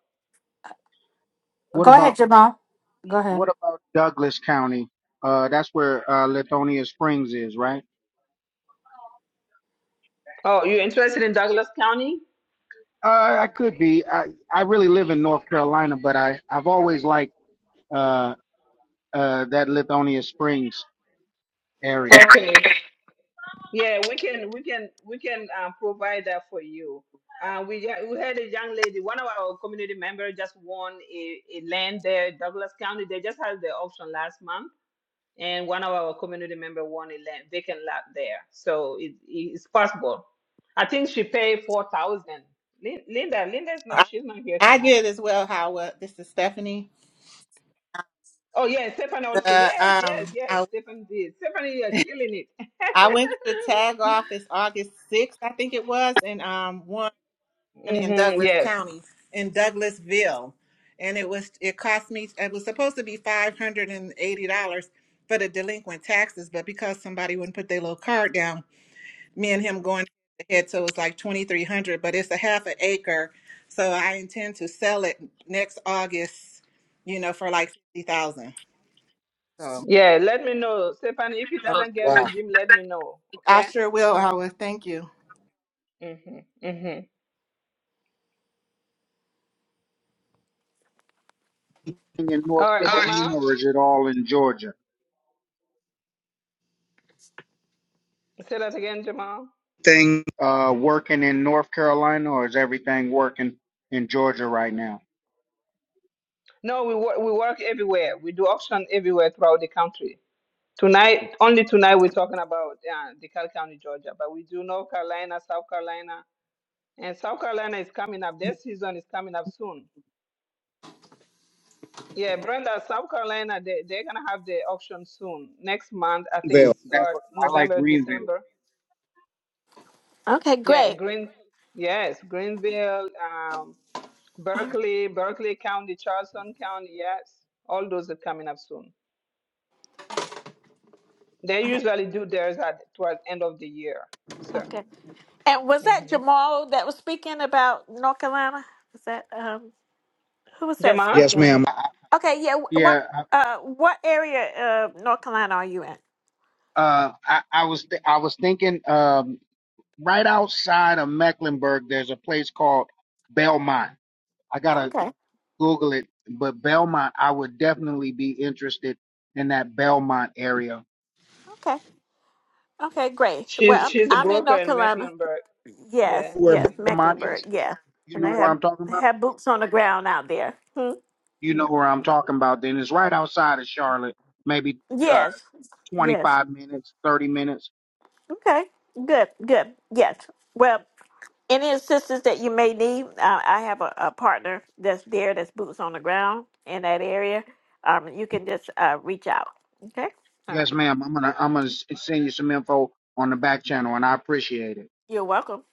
O: What
D: go ahead,
O: about
D: Jamal. Go ahead.
O: what about Douglas County? Uh, that's where uh, Lithonia Springs is, right?
A: Oh, you're interested in Douglas County?
O: Uh, I could be. I, I really live in North Carolina, but I I've always liked uh, uh, that Lithonia Springs area.
A: Okay. Yeah, we can we can we can uh, provide that for you. Uh, we ha- we had a young lady, one of our community members just won a, a land there, Douglas County. They just had the auction last month, and one of our community member won a land vacant lot there. So it, it's possible. I think she paid four thousand. Lin- Linda, Linda's not
K: I,
A: she's not here
K: I
A: tonight.
K: did as well, Howard. This is Stephanie.
A: Oh yeah, Stefan also.
K: The
A: Yes, yes,
K: um,
A: yes.
K: I
A: Stephanie did. Stephanie, you're killing it.
K: I went to the tag office August sixth, I think it was, and um, won. in
A: hmm
K: Douglas
A: Yes.
K: County in Douglasville, and it was it cost me it was supposed to be five hundred and eighty dollars for the delinquent taxes, but because somebody wouldn't put their little card down, me and him going ahead, so it was like twenty three hundred, but it's a half an acre, so I intend to sell it next August, you know, for like fifty thousand. So
A: Yeah. Let me know, Stephanie. If it
K: uh,
A: doesn't get
O: Wow.
A: redeemed, let me know.
K: I
A: Okay.
K: sure will. Howard. Thank you.
A: hmm hmm
O: In North
A: All right,
O: Carolina,
A: Jamal.
O: or is it all in Georgia?
A: Say that again, Jamal.
O: Thing uh, working in North Carolina, or is everything working in Georgia right now?
A: No, we work. We work everywhere. We do auction everywhere throughout the country. Tonight, only tonight, we're talking about uh, DeKalb County, Georgia, but we do North Carolina, South Carolina, and South Carolina is coming up. Their season is coming up soon. Yeah, Brenda, South Carolina, they, they're gonna have the auction soon. Next month, I think
O: Well,
A: it's
O: That's
A: start
O: what I like
A: November,
O: Greenville.
A: December.
C: Okay,
A: Yeah,
C: great.
A: Green, yes, Greenville, um, Berkeley, Berkeley County, Charleston County, yes, all those are coming up soon. They
C: Okay.
A: usually do theirs at towards end of the year. So,
C: Okay. And was that
A: hmm
C: Jamal that was speaking about North Carolina? Was that um who was that
A: Jamal,
O: yes,
C: speaking?
O: ma'am. I, I-
C: Okay, yeah. wh- What
O: yeah, I-
C: uh what area of North Carolina are you in?
O: uh, I, I was th- I was thinking. Um. right outside of Mecklenburg, there's a place called Belmont. I gotta
C: Okay.
O: Google it, but Belmont, I would definitely be interested in that Belmont area.
C: Okay. Okay, great. Well,
A: she's
C: I'm
A: she's a
C: I'm in
A: broker
C: North
A: in
C: Carolina.
A: Mecklenburg. Yeah,
C: Yes,
O: Where
C: yes,
O: Belmont
C: Mecklenburg.
O: is,
C: Yeah.
O: you
C: And
O: know
C: I
O: where
C: have
O: I'm talking about?
C: have boots on the ground out there. Hmm?
O: You know
C: Yeah.
O: where I'm talking about. Then it's right outside of Charlotte, maybe uh,
C: Yes. Yes.
O: 25 minutes, 30 minutes.
C: Okay. Good. Good. Yes. Well, Any assistance that you may need, uh, I have a, a partner that's there, that's boots on the ground in that area. Um, you can just uh, reach out. Okay. All
O: Yes,
C: right.
O: ma'am. I'm gonna I'm gonna s- send you some info on the back channel, and I appreciate it.
C: You're welcome.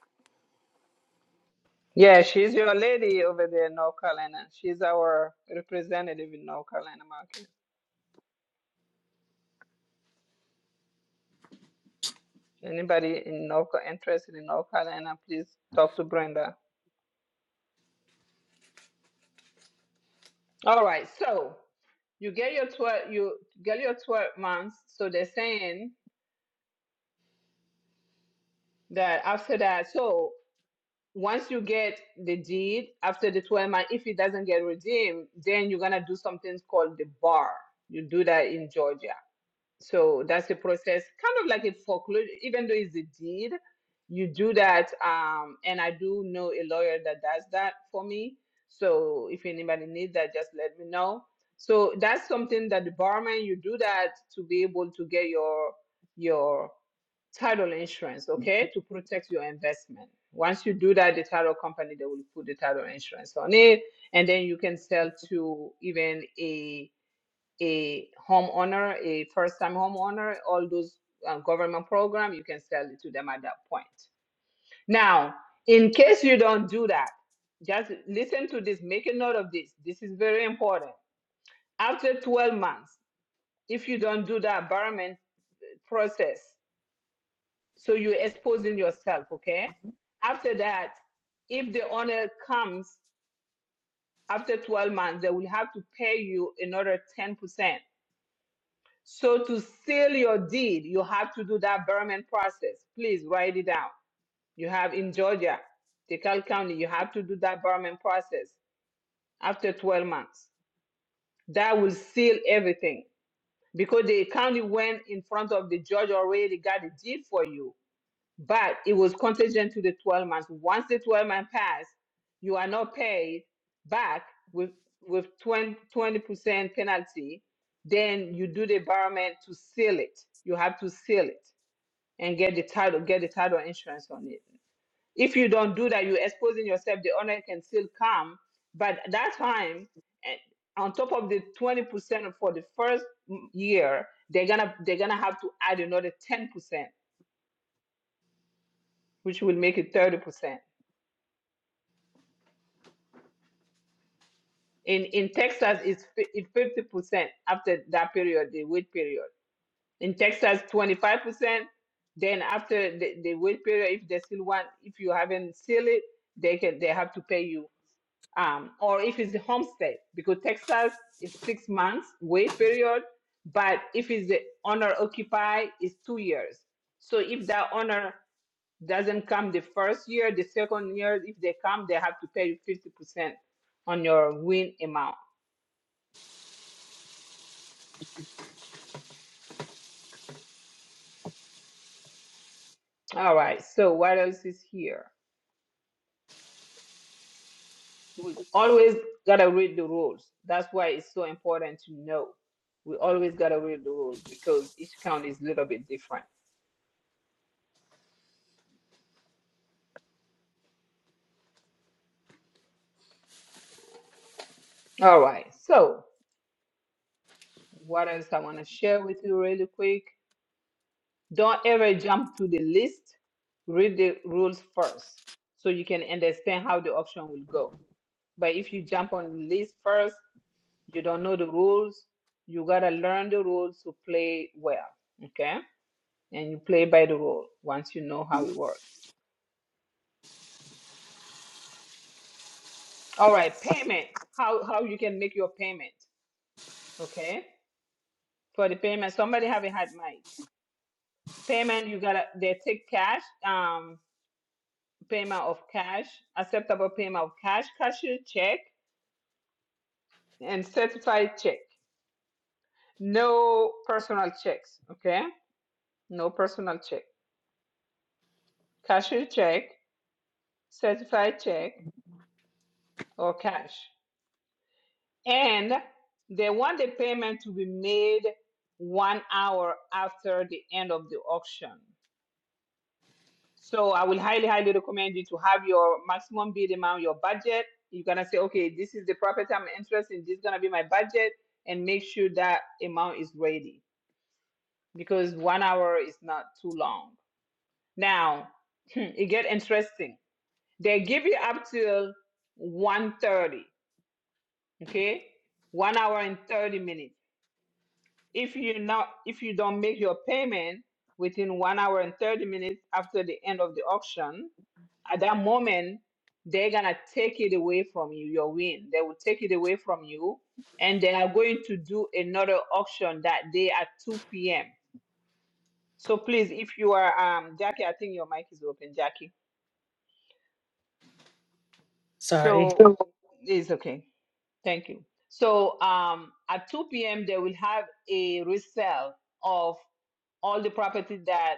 A: yeah, she's your lady over there in North Carolina. She's our representative in North Carolina market. Anybody in North Ca- interested in North Carolina, please talk to Brenda. All right. So you get your 12 you get your 12 months so they're saying that after that so once you get the deed after the 12 months if it doesn't get redeemed then you're going to do something called the bar you do that in georgia So that's the process, kind of like a foreclosure, even though it's a deed, you do that. Um, and I do know a lawyer that does that for me. So if anybody needs that, just let me know. So that's something that the barman, you do that to be able to get your your title insurance, okay, to protect your investment. Once you do that, the title company they will put the title insurance on it, and then you can sell to even a a homeowner, a first-time homeowner, all those uh, government program, you can sell it to them at that point. Now, in case you don't do that, just listen to this, make a note of this. This is very important. After 12 months, if you don't do the environment process, so you're exposing yourself, okay? After that, if the owner comes after 12 months, they will have to pay you another 10%. So to seal your deed, you have to do that Berman process. Please write it down. You have in Georgia, DeKalb County, you have to do that Berman process after 12 months. That will seal everything because the county went in front of the judge already got a deed for you but it was contingent to the 12 months. Once the 12 months pass, you are not paid back with with 20, percent penalty. Then you do the environment to seal it. You have to seal it and get the title, get the title insurance on it. If you don't do that, you're exposing yourself. The owner can still come, but at that time, eh, on top of the 20% for the first mm, year, they're gonna they're gonna have to add another 10%, which will make it 30% In in Texas, it's fi- it's fifty percent after that period, the wait period. In Texas, twenty five percent. Then after the, the wait period, if they still want, if you haven't sealed it, they can they have to pay you. Um, or if it's a homestead, because Texas is six months wait period, but if it's the owner occupy, it's two years. So if that owner doesn't come the first year, the second year, if they come, they have to pay you fifty percent on your win amount. All right, so what else is here? We always gotta read the rules. That's why it's so important to know. We always gotta read the rules because each county is a little bit different. All right, so what else I wanna share with you really quick? Don't ever jump to the list. Read the rules first so you can understand how the option will go. But if you jump on the list first, you don't know the rules, you gotta learn the rules to play well. Okay? and you play by the rule once you know how it works. All right, payment. How how you can make your payment. Okay. For the payment, somebody have a hot mic. Payment, you gotta they take cash, um, payment of cash, acceptable payment of cash, cashier check, and certified check. No personal checks, okay? No personal check. Cashier check, certified check, or cash. And they want the payment to be made one hour after the end of the auction. So I will highly, highly recommend you to have your maximum bid amount, your budget. You're gonna say, okay, this is the property I'm interested in. This is gonna be my budget, and make sure that amount is ready because one hour is not too long. Now it get interesting. They give you up till one thirty. okay? One hour and 30 minutes If you not if you don't make your payment within one hour and 30 minutes after the end of the auction, at that moment they're gonna take it away from you, your win. They will take it away from you and they are going to do another auction that day at 2 p.m. So please, if you are um Jackie, I think your mic is open, Jackie.
D: Sorry.
A: So it's okay. Thank you. So um at 2 p.m. they will have a resale of all the properties that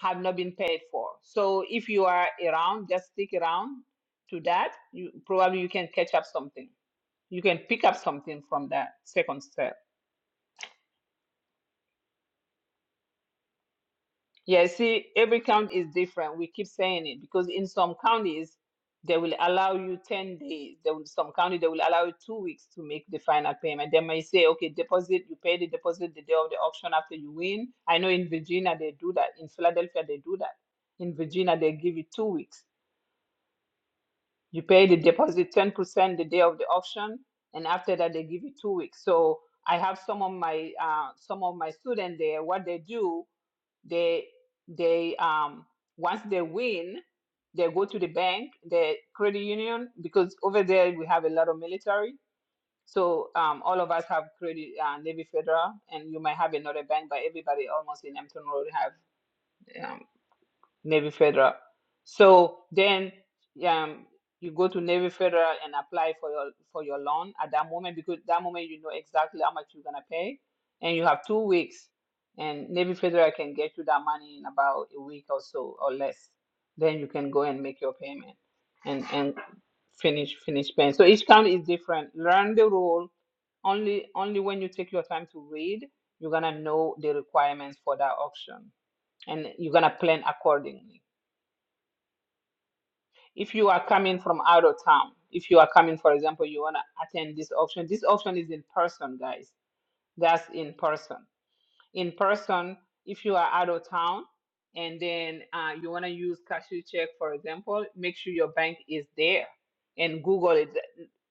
A: have not been paid for. So if you are around, just stick around to that. You probably you can catch up something. You can pick up something from that second step. Yeah, see, every county is different. We keep saying it because in some counties they will allow you 10 days. There will some county they will allow you two weeks to make the final payment. They may say, okay, deposit, you pay the deposit the day of the auction after you win. I know in Virginia they do that. In Philadelphia they do that. In Virginia they give you two weeks You pay the deposit 10% the day of the auction, and after that they give you two weeks. So I have some of my uh, some of my students there. What they do, they they um once they win, they go to the bank, the credit union, because over there we have a lot of military. So um, all of us have credit, uh, Navy Federal, and you might have another bank, but everybody almost in Hampton Road have. um, Navy Federal. So then um, you go to Navy Federal and apply for your for your loan at that moment because that moment you know exactly how much you're gonna pay, and you have two weeks, and Navy Federal can get you that money in about a week or so or less. Then you can go and make your payment and and finish finish paying. So each county is different. Learn the rule. Only only when you take your time to read, you're gonna know the requirements for that auction and you're gonna plan accordingly if you are coming from out of town, if you are coming, for example, you want to attend this auction, this auction is in person, guys. That's in person. In person, if you are out of town and then uh, you want to use cashier check, for example, make sure your bank is there and Google it.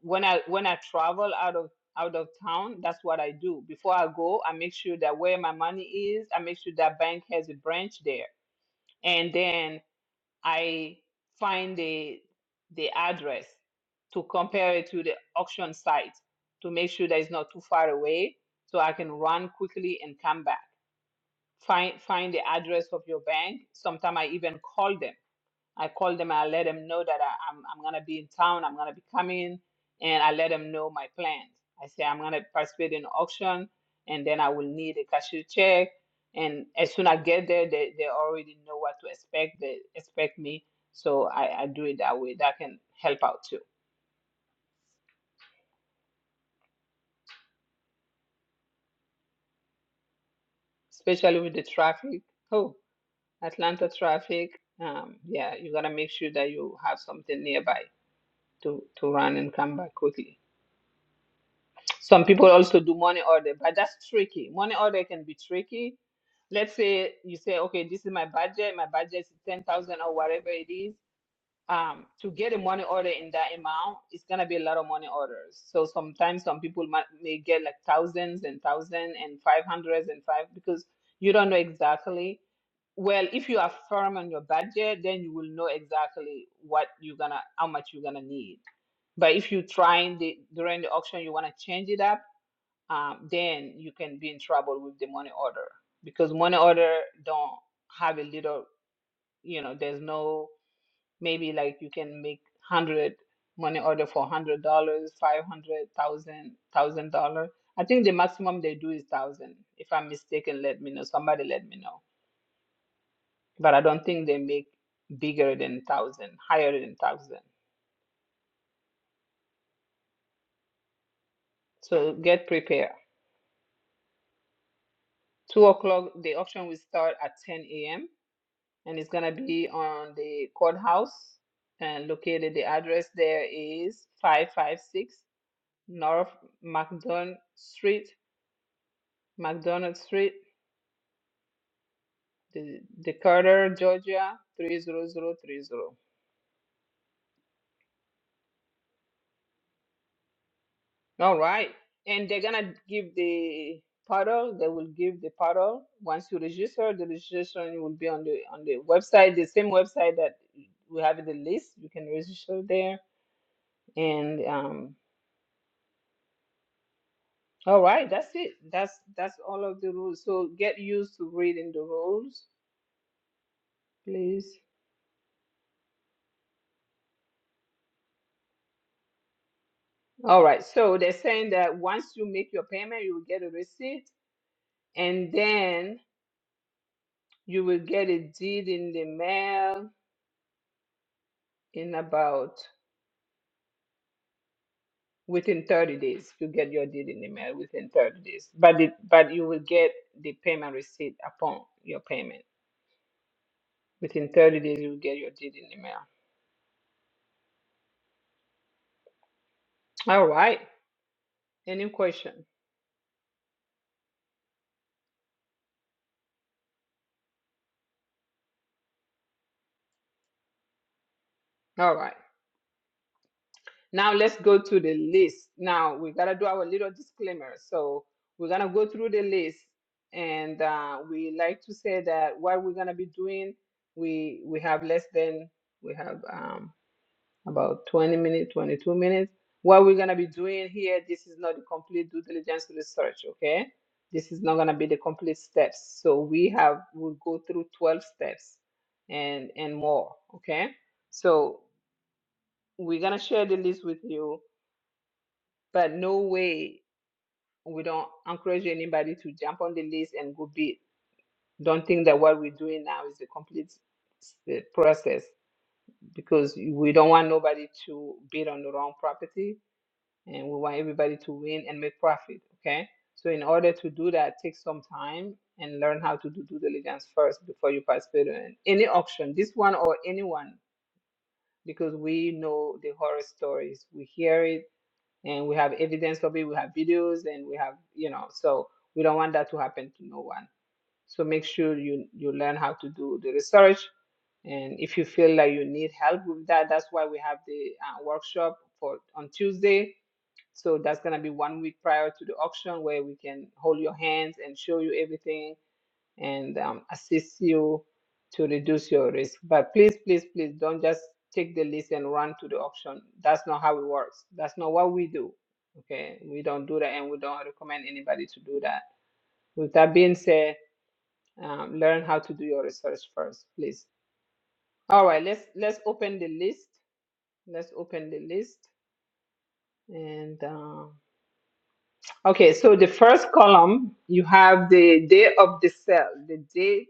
A: When I when I travel out of out of town, that's what I do. Before I go, I make sure that where my money is, I make sure that bank has a branch there. And then I find the the address to compare it to the auction site to make sure that it's not too far away so I can run quickly and come back. Find find the address of your bank. Sometimes I even call them I called them. I let them know that I, I'm I'm gonna be in town. I'm gonna be coming, and I let them know my plans. I say I'm gonna participate in auction, and then I will need a cashier check. And as soon as I get there, they, they already know what to expect. They expect me, so I, I do it that way. That can help out too, especially with the traffic. Oh, Atlanta traffic. Um, yeah, you gotta make sure that you have something nearby to to run and come back quickly. Some people also do money order, but that's tricky. Money order can be tricky. Let's say you say, okay, this is my budget. My budget is ten thousand or whatever it is. Um, to get a money order in that amount, it's gonna be a lot of money orders. So sometimes some people might, may get like thousands and thousand and five hundreds and five because you don't know exactly. Well, if you are firm on your budget, then you will know exactly what you're gonna, how much you're gonna need. But if you trying the, during the auction, you wanna change it up um, then you can be in trouble with the money order because money order don't have a little you know there's no maybe like you can make hundred money order for hundred dollars five hundred thousand thousand dollar i think the maximum they do is thousand if i'm mistaken let me know somebody let me know but i don't think they make bigger than thousand higher than thousand so get prepared two o'clock the auction will start at 10 a.m and it's gonna be on the courthouse. And located, the address there is 556 North McDonald Street, McDonald Street, the Decatur, Georgia 30030. All right, and they're gonna give the paddle. They will give the paddle once you register. The registration will be on the on the website, the same website that we have in the list. You can register there and um, All right, that's it. That's that's all of the rules. So get used to reading the rules, please. All right. So they're saying that once you make your payment, you will get a receipt, and then you will get a deed in the mail in about within 30 days. You get your deed in the mail within 30 days. But it, but you will get the payment receipt upon your payment. Within 30 days, you will get your deed in the mail. All right. Any question? All right. Now let's go to the list. Now we gotta do our little disclaimer. So we're gonna go through the list, and uh, we like to say that what we're gonna be doing, we we have less than we have um, about 20 minutes, 22 minutes. What we're gonna be doing here, this is not the complete due diligence research. Okay, this is not gonna be the complete steps. So we have we'll go through 12 steps and and more. Okay, so we're gonna share the list with you but no way we don't encourage anybody to jump on the list and go bid. Don't think that what we're doing now is a complete uh, process because we don't want nobody to bid on the wrong property and we want everybody to win and make profit. Okay. So in order to do that, take some time and learn how to do due diligence first before you participate in any auction, this one or anyone, because we know the horror stories. We hear it and we have evidence of it we have videos and we have you know so we don't want that to happen to no one so make sure you you learn how to do the research and if you feel like you need help with that that's why we have the uh, workshop for on tuesday so that's going to be one week prior to the auction where we can hold your hands and show you everything and um, assist you to reduce your risk. But please, please, please don't just take the list and run to the auction. That's not how it works. That's not what we do. Okay, we don't do that, and we don't recommend anybody to do that. With that being said, um, learn how to do your research first, please. All right, let's let's open the list. Let's open the list, and um, okay. So the first column you have the day of the sale, the day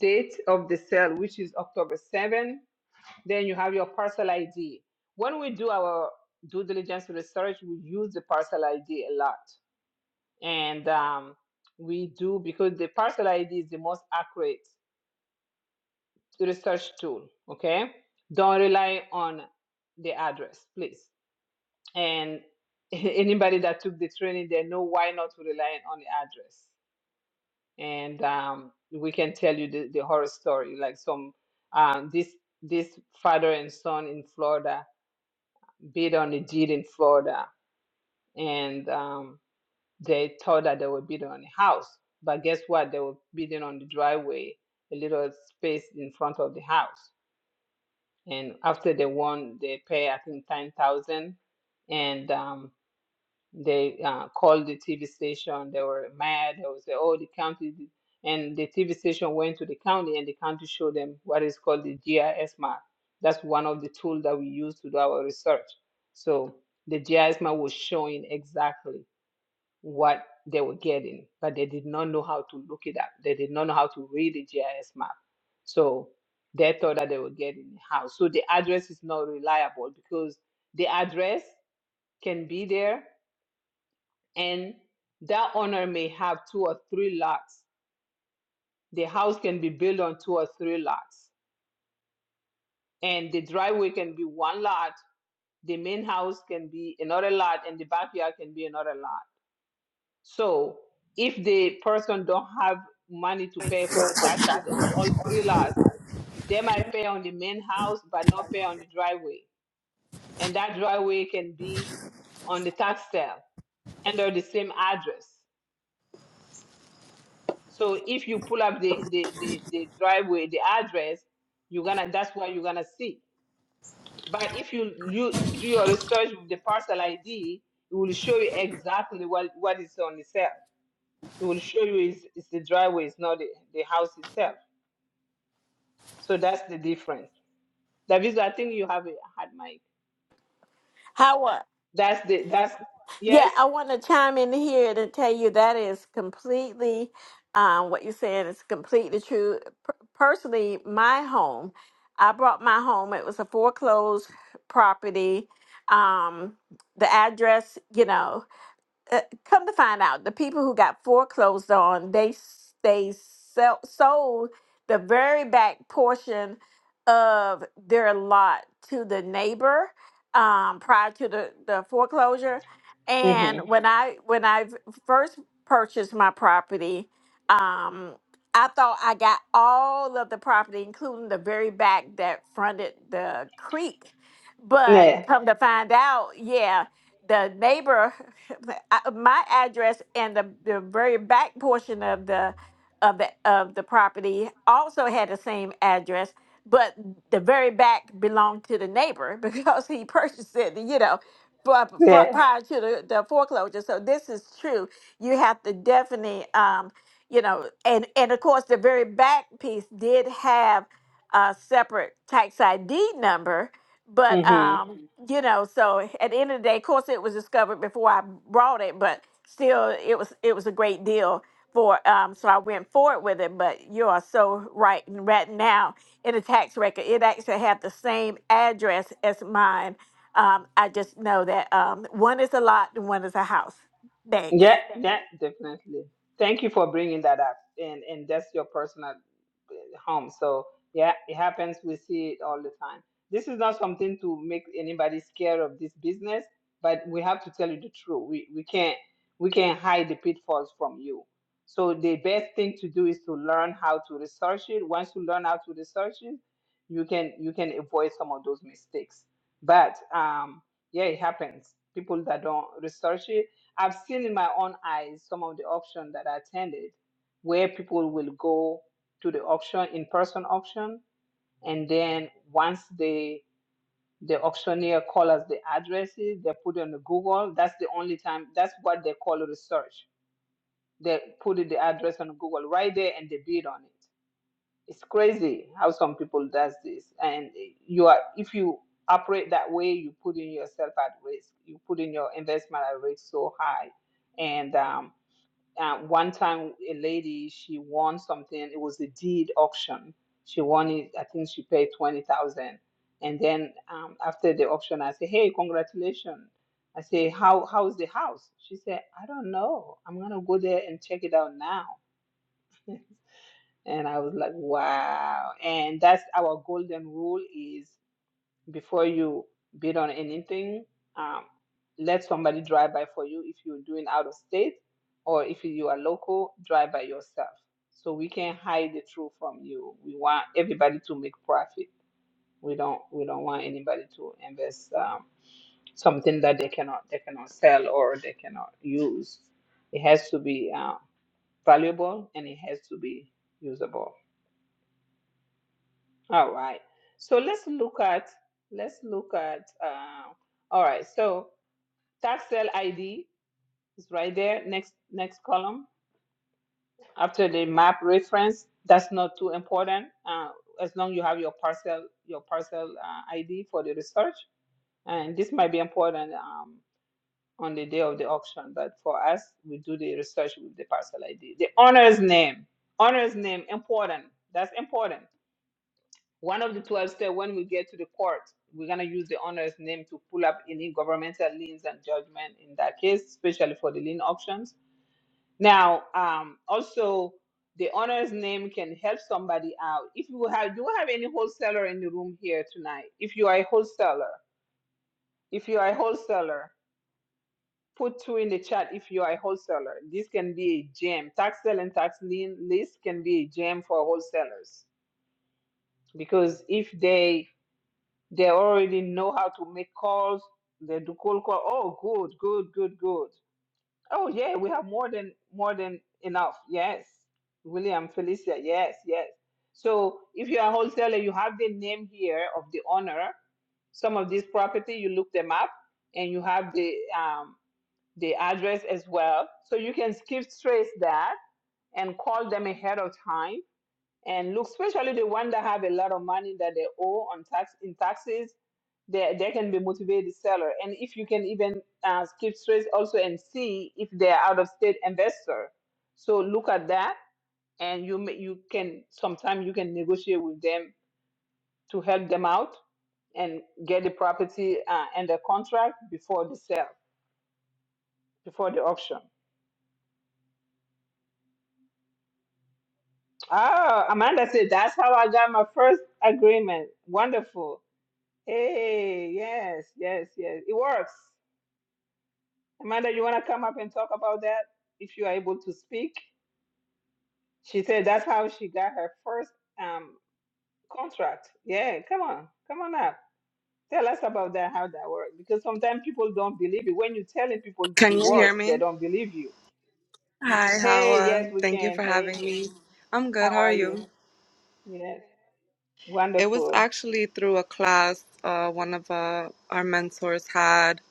A: date of the sale, which is October 7 Then you have your parcel ID. When we do our due diligence research, we use the parcel ID a lot. And um, we do because the parcel ID is the most accurate research tool. Okay. Don't rely on the address, please. And anybody that took the training, they know why not to rely on the address. And um, we can tell you the, the horror story, like some um, this this father and son in Florida bid on a deed in Florida, and um, they thought that they were bidding on a house, but guess what? They were bidding on the driveway, a little space in front of the house. And after they won, they pay I think ten thousand, and um, they uh, called the TV station. They were mad. They would say, "Oh, the county," did-" and the TV station went to the county, and the county showed them what is called the GIS map. That's one of the tools that we use to do our research. So the GIS map was showing exactly what they were getting, but they did not know how to look it up. They did not know how to read the GIS map. So they thought that they were getting a house. So the address is not reliable because the address can be there, and that owner may have two or three lots. The house can be built on two or three lots, and the driveway can be one lot, the main house can be another lot, and the backyard can be another lot. So if the person don't have money to pay for the taxes on all three lots, they might pay on the main house but not pay on the driveway. And that driveway can be on the tax sale under the same address. So if you pull up the the the, the driveway, the address, you're gonna that's what you're gonna see. But if you you do your research with the parcel ID, it will show you exactly what what is on the sale. It will show you is it's the driveway, it's not the, the house itself. So that's the difference. Davis, I think you have a hard mic.
C: How? What?
A: That's the that's
C: Yeah,
A: yes.
C: I want to chime in here to tell you that is completely um, what you're saying is completely true. Per- personally, my home, I brought my home. It was a foreclosed property. Um, the address, you know. uh, come to find out, the people who got foreclosed on, they s- they sell, sold the very back portion of their lot to the neighbor um, prior to the, the foreclosure. And
A: Mhm.
C: when I when I v- first purchased my property, um, I thought I got all of the property, including the very back that fronted the creek. But
A: Yeah.
C: come to find out, yeah, the neighbor I- uh, my address and the, the very back portion of the of the of the property also had the same address, but the very back belonged to the neighbor because he purchased it, you know, for, for-
A: Yeah.
C: prior to the, the foreclosure. So this is true. You have to definitely, um, you know, and and of course the very back piece did have a separate tax ID number, but
A: Mm-hmm.
C: um, you know so eh, at the end of the day of course it was discovered before i brought it but still it was it was a great deal for um so i went forward with it but you are so right And right now in the tax record it actually had the same address as mine um i just know that um one is a lot and one is a house
A: Yeah,
C: thanks
A: yeah, definitely. Thank you for bringing that up, and and that's your personal uh, home. So yeah, it happens. We see it all the time. This is not something to make anybody scared of this business, but we have to tell you the truth. We we can't we can't hide the pitfalls from you. So the best thing to do is to learn how to research it. Once you learn how to research it, you can you can avoid some of those mistakes. But um, yeah, it happens. People that don't research it I've seen in my own eyes some of the auction that I attended where people will go to the auction in person auction and then once they the auctioneer calls us the addresses they put it on the Google that's the only time that's what they call research they put it- the address on Google right there and they bid on it it's crazy how some people does this and you are if you operate that way you put in yourself at risk you put in your investment at risk so high and um, uh, one time a lady she won something it was a deed auction she won it i think she paid 20000 and then um, after the auction i said hey congratulations i say how how's the house she said i don't know i'm gonna go there and check it out now and i was like wow and that's our golden rule is before you bid on anything, um, let somebody drive by for you if you're doing out of state or if you are local, drive by yourself. So we can't hide the truth from you. We want everybody to make profit. We don't we don't want anybody to invest um, something that they cannot they cannot sell or they cannot use. It has to be uh, valuable and it has to be usable. All right. So let's look at let's look at uh, all right. So Tax cell ID is right there, next next column. After the map reference, that's not too important. Uh, as long as you have your parcel your parcel uh, ID for the research, and this might be important um, on the day of the auction. But for us, we do the research with the parcel ID. The owner's name, owner's name, important. That's important. One of the 12 steps when we get to the court, we're going to use the owner's name to pull up any governmental liens and judgment in that case, especially for the lien auctions Now, um, also, the owner's name can help somebody out. If you have, do you have any wholesaler in the room here tonight? If you are a wholesaler, if you are a wholesaler, put two in the chat. If you are a wholesaler, this can be a gem. Tax sale and tax lien list can be a gem for wholesalers because if they they already know how to make calls, they do cold call. Oh, good, good, good, good. Oh yeah, we have more than more than enough. Yes. William, Felicia, yes, yes. So if you're a wholesaler, you have the name here of the owner. Some of these property, you look them up and you have the um the address as well. So you can skip trace that and call them ahead of time and look, especially the one that have a lot of money that they owe on tax in taxes they, they can be motivated seller and if you can even uh, keep straight also and see if they're out of state investor so look at that and you may, you can sometimes you can negotiate with them to help them out and get the property uh, under contract before the sale before the auction oh amanda said that's how i got my first agreement wonderful hey yes yes yes it works amanda you want to come up and talk about that if you are able to speak She said that's how she got her first um contract. Yeah, come on, come on up. Tell us about that, how that works. Because sometimes people don't believe it. When you're telling people
P: Can
A: it
P: you hear
A: works, they
P: me?
A: don't believe you.
P: Hi,
A: Hey,
P: Hawa.
A: yes, we
P: Thank you
A: can.
P: for having
A: Hey,
P: me. I'm
A: how
P: good. How are
A: are you?
P: you?
A: Yes,
P: It was
A: wonderful.
P: actually through a class uh, one of uh, our mentors had,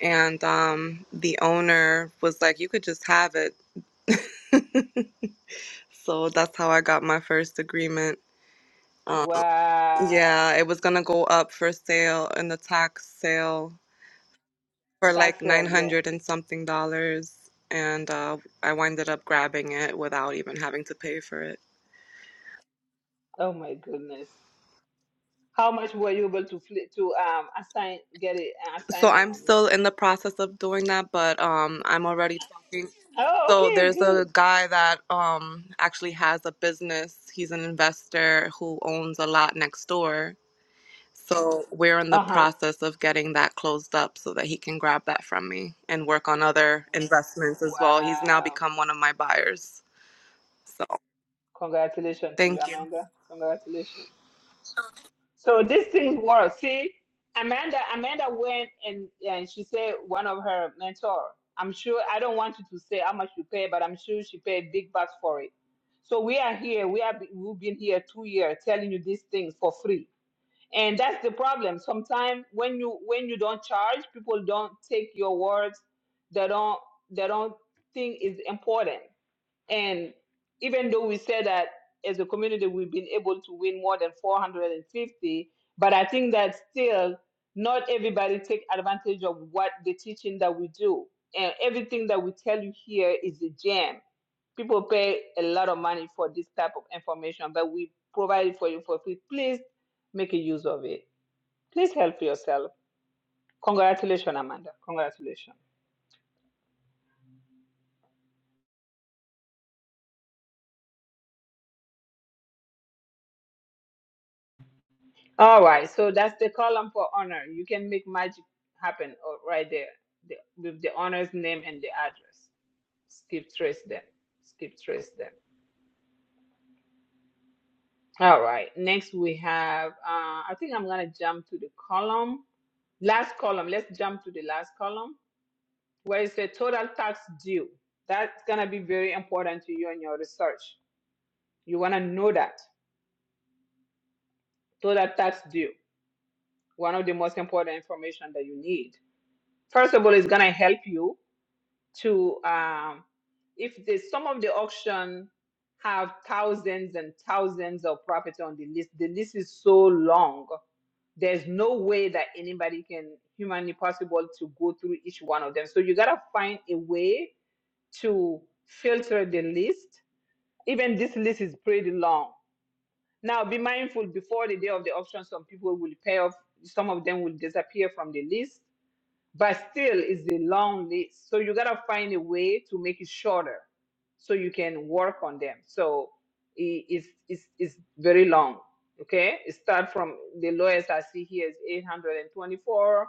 P: and um, the owner was like, "You could just have it." so that's how I got my first agreement. Um,
A: Wow.
P: yeah, it was gonna go up for sale in the tax sale for
A: Tax
P: like nine
A: sale, yeah.
P: hundred and something dollars, and uh, I winded up grabbing it without even having to pay for it.
A: Oh my goodness. How much were you able to flip to um assign get it an
P: So
A: assignment
P: I'm
A: on it?
P: still in the process of doing that, but um, I'm already talking.
A: Oh,
P: So
A: okay,
P: there's a
A: good.
P: guy that um actually has a business. He's an investor who owns a lot next door. So we're in the
A: Uh-huh.
P: process of getting that closed up so that he can grab that from me and work on other investments as well. He's now
A: Wow.
P: become one of my buyers. So
A: Congratulations to you,
P: thank you.
A: Amanda. Congratulations. So this thing works. See, Amanda, Amanda went and, and she said one of her mentor. I'm sure I don't want you to say how much you pay, but I'm sure she paid big bucks for it. So we are here. We have we've been here two years telling you these things for free, and that's the problem. Sometimes when you when you don't charge, people don't take your words. They don't they don't think it's important. And even though we said that as a community, we've been able to win more than 450, but I think that still not everybody take advantage of what the teaching that we do. And everything that we tell you here is a gem. People pay a lot of money for this type of information, but we provide it for you for free. Please make a use of it. Please help yourself. Congratulations, Amanda. Congratulations. All right, so that's the column for honor. You can make magic happen oh, right there the, with the honor's name and the address. Skip trace them. Skip trace them. All right, next we have, uh, I think I'm going to jump to the column. Last column, let's jump to the last column where it says total tax due. That's going to be very important to you in your research. You want to know that total tax due, one of the most important information that you need. First of all, it's going to help you to um, if there's some of the auction have thousands and thousands of property on the list the list is so long there's no way that anybody can humanly possible to go through each one of them so you gotta find a way to filter the list even this list is pretty long now be mindful before the day of the auction some people will pay off some of them will disappear from the list but still it's a long list so you gotta find a way to make it shorter so you can work on them so i- it's it's, it's very long okay it start from the lowest i see here is 824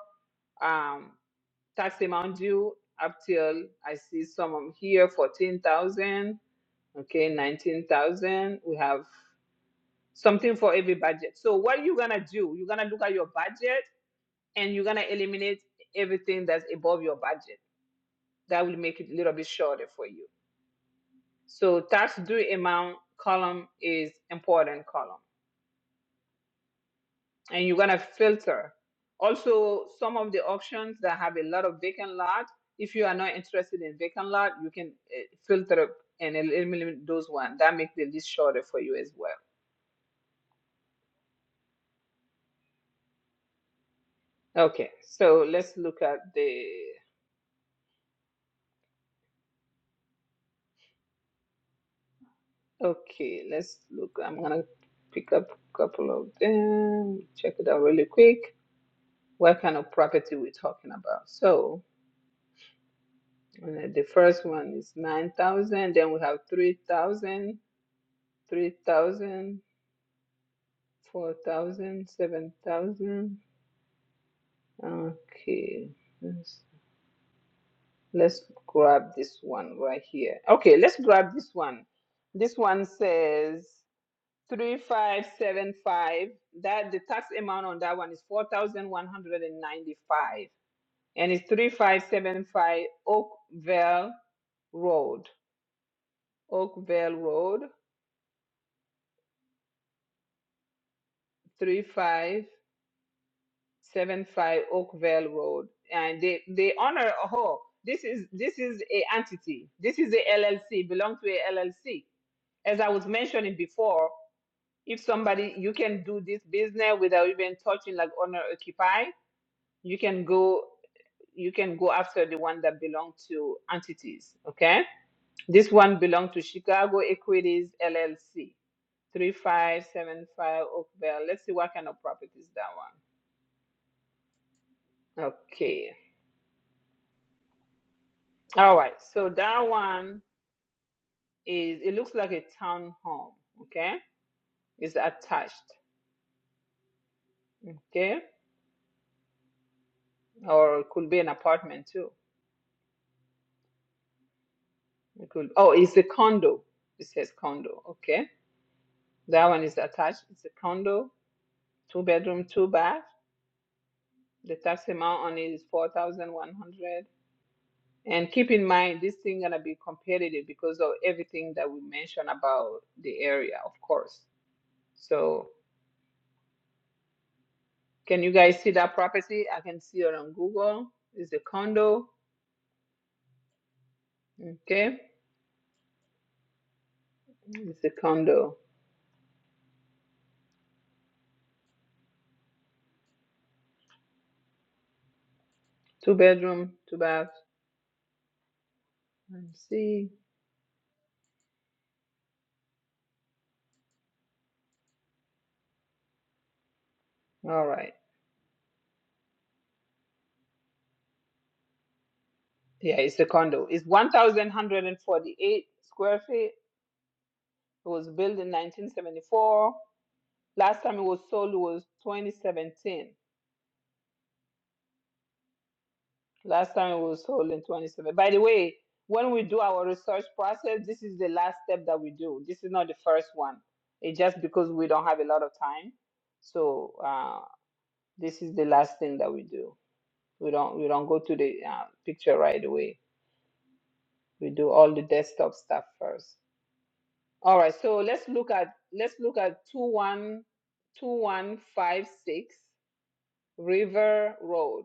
A: um tax amount due up till i see some of here 14000 okay 19000 we have something for every budget so what are you gonna do you're gonna look at your budget and you're gonna eliminate everything that's above your budget. That will make it a little bit shorter for you. So tax due amount column is important column, and you're gonna filter. Also, some of the auctions that have a lot of vacant lot. If you are not interested in vacant lot, you can eh, filter and eliminate those one. That makes the list shorter for you as well. Okay, so let's look at the Okay, let's look. I'm gonna pick up a couple of them, check it out really quick. What kind of property we're talking about? So uh, the first one is 9,000, then we have 3,000, 3,000, 4,000, 7,000. Okay, let's, let's grab this one right here. Okay, let's grab this one. This one says Three five seven five. That the tax amount on that one is four thousand one hundred and ninety-five, and it's three five seven five Oakville Road, Oakville Road, three five seven five Oakville Road, and they they honor. Oh, this is this is a entity. This is a LLC. Belong to a LLC. As I was mentioning before, if somebody you can do this business without even touching like owner occupy, you can go. you can go after the one that belong to entities. Okay. This one belong to Chicago Equities LLC, 3575 Oakville. Let's see what kind of property is that one. Okay. All right. So that one is, it looks like a town home. Okay. It's attached. Okay. Or it could be an apartment too. It could, oh, it's a condo. It says condo. Okay. That one is attached. It's a condo, two bedroom, two bath. The tax amount on it is four thousand one hundred. And keep in mind, this thing gonna be competitive because of everything that we mentioned about the area, of course. So can you guys see that property? I can see it on Google. It's a condo. Okay, it's a condo. Two bedroom, two bath. Let's see. All right. Yeah, it's a condo. It's one thousand one hundred and forty-eight square feet. It was built in nineteen seventy-four. Last time it was sold was twenty seventeen. Last time it was held in 27. By the way, when we do our research process, this is the last step that we do. This is not the first one. It's just because we don't have a lot of time. So uh, this is the last thing that we do. We don't we don't go to the uh, picture right away. We do all the desktop stuff first. All right. So let's look at let's look at two one two one five six River Road.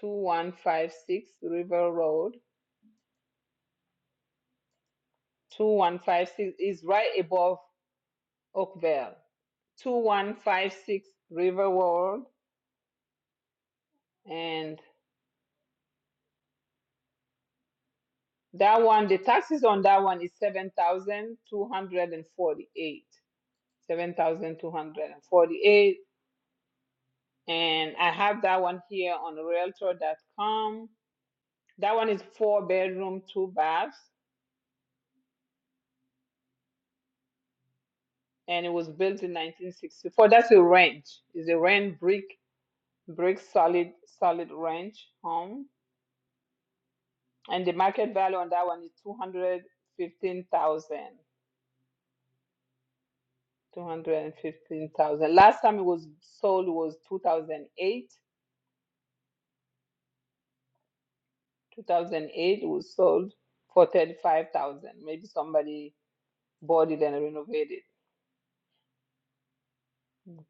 A: Two one five six River Road. 2156 is right above Oakville. 2156 River World. And that one, the taxes on that one is 7,248. 7,248. And forty-eight. Seven thousand two hundred and forty-eight, and I have that one here on realtor.com. That one is four bedroom, two baths, and it was built in 1964. That's a ranch. It's a ranch brick, brick solid, solid ranch home And the market value on that one is 215,000. 215,000. Last time it was sold was 2008. 2008 it was sold for 35,000. Maybe somebody bought it and renovated.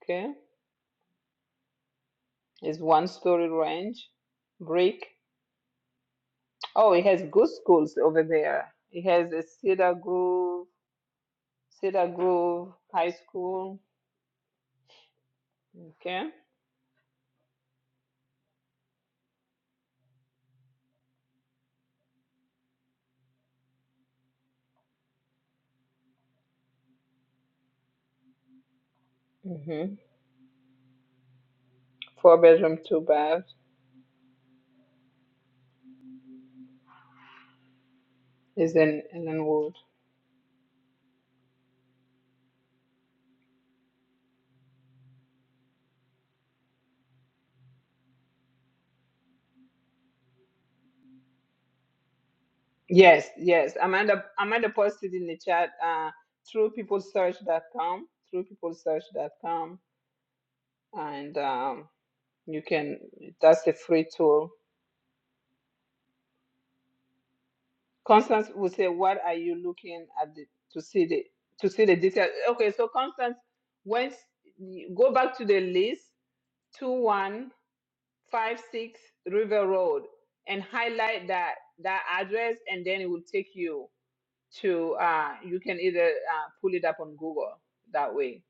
A: Okay. It's one story ranch, brick. Oh, it has good schools over there. It has a Cedar Grove, Cedar Grove High School. Okay. hmm Four bedroom, two bath is in Ellenwood. Yes, yes. Amanda Amanda posted in the chat uh throughpeoplesearch.com, throughpeoplesearch.com and um you can that's a free tool. Constance will say what are you looking at the, to see the to see the details. Okay, so Constance once you go back to the list 2156 River Road and highlight that that address and then it will take you to uh, you can either uh, pull it up on Google that way.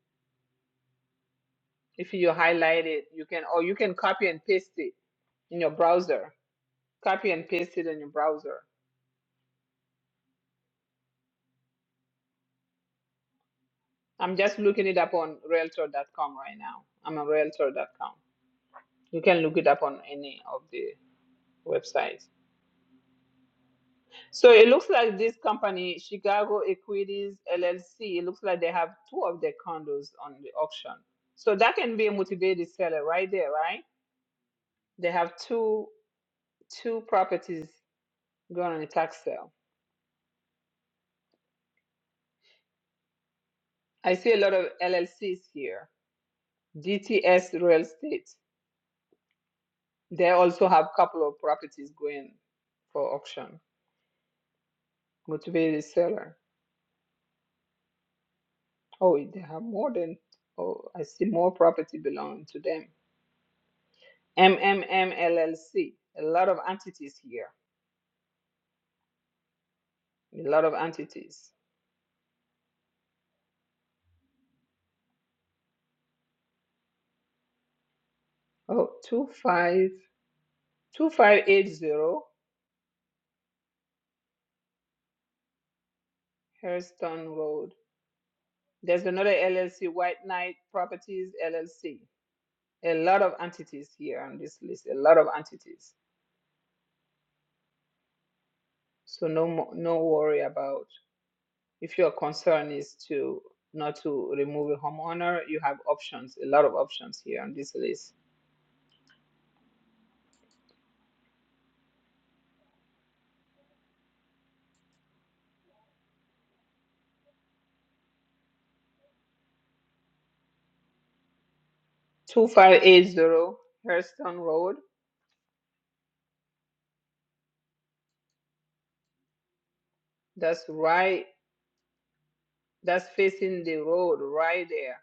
A: If you highlight it, you can or you can copy and paste it in your browser. Copy and paste it in your browser. I'm just looking it up on Realtor.com right now. I'm on Realtor.com. You can look it up on any of the websites. So it looks like this company, Chicago Equities LLC, it looks like they have two of their condos on the auction. So that can be a motivated seller right there, right? They have two. two properties gone on a tax sale. I see a lot of LLCs here. DTS Real Estate. They also have a couple of properties going for auction. Motivated seller. Oh, they have more than. Oh, I see more property belonging to them. MMM LLC. A lot of entities here. A lot of entities. Oh, two five two five eight zero Hairston Road. There's another LLC, White Knight Properties LLC. a lot of entities here on this list, a lot of entities. So no mo- no worry about if your concern is to not to remove a homeowner, you have options, a lot of options here on this list. 2580 Hurston Road, that's right, that's facing the road right there.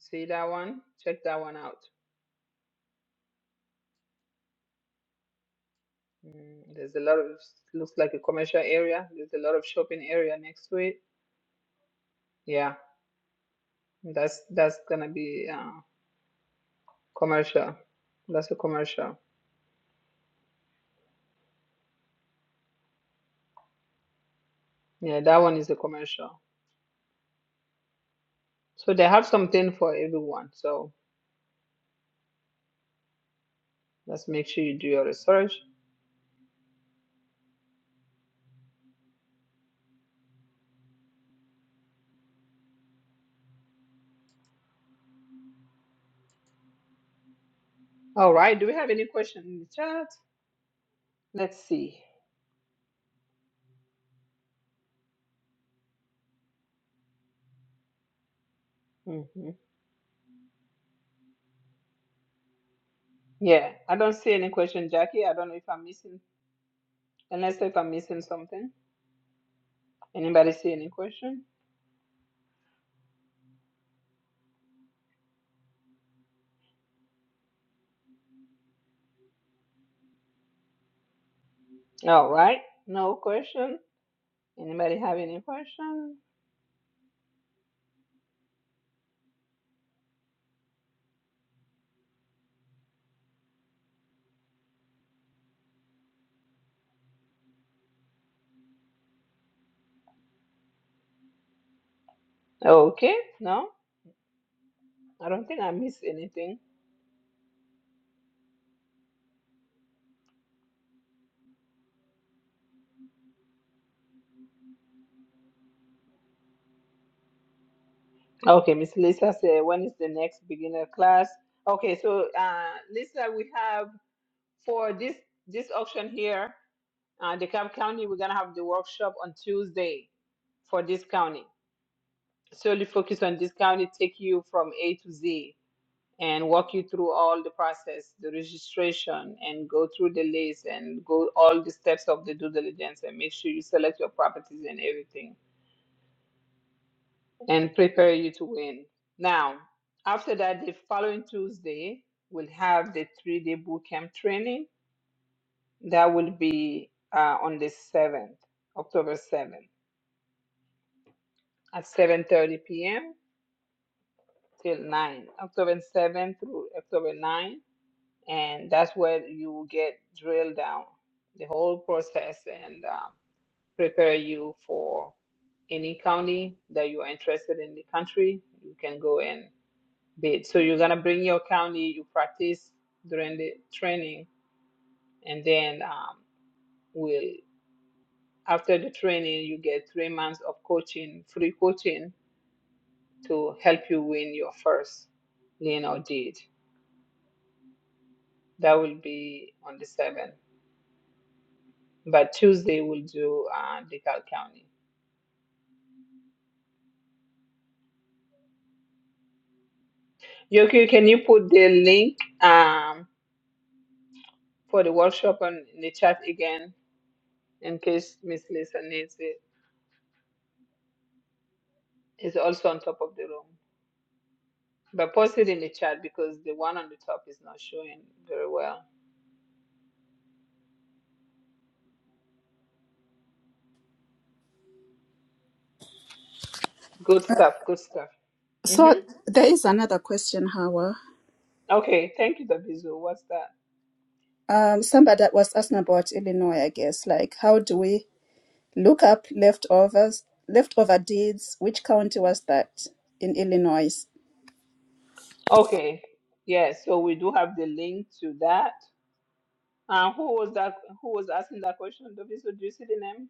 A: See that one? Check that one out. Mm, there's a lot of looks like a commercial area. There's a lot of shopping area next to it. Yeah, that's that's gonna be. uh, Commercial. That's a commercial. Yeah, that one is a commercial. So they have something for everyone. So let's make sure you do your research. All right. Do we have any question in the chat? Let's see. hmm Yeah, I don't see any question, Jackie. I don't know if I'm missing, unless if I'm missing something. Anybody see any question? All right. No question. Anybody have any question? Okay. No, I don't think I missed anything. Okay, Miss Lisa said, when is the next beginner class? Okay, so uh, Lisa, we have for this this auction here, uh, DeKalb County, we're gonna have the workshop on Tuesday for this county. Solely focus on this county, take you from A to Z and walk you through all the process, the registration, and go through the list and go all the steps of the due diligence and make sure you select your properties and everything. and prepare you to win. Now, after that, the following Tuesday, we'll have the three day boot camp training. That will be uh, on the 7th, October 7th, at 7.30 p.m. till 9, October 7th through October 9. And that's where you will get drilled down the whole process and uh, prepare you for any county that you are interested in the country. You can go in bit. So you're gonna bring your county, you practice during the training, and then um, we'll after the training you get three months of coaching, free coaching to help you win your first lien or deed. That will be on the seventh. But Tuesday we'll do uh, DeKalb County. Yoki, can you put the link um, for the workshop on in the chat again in case Miss Lisa needs it? It's also on top of the room. But post it in the chat because the one on the top is not showing very well. Good stuff, good stuff.
F: So
A: Mm-hmm.
F: there is another question, Hawa.
A: Okay, thank you, Davizu. What's that?
F: Um, somebody that was asking about Illinois, I guess. Like, how do we look up leftovers, leftover deeds? Which county was that in Illinois?
A: Okay, yes. so we do have the link to that. Uh, who was that? Who was asking that question, Davizu? Do you see the name?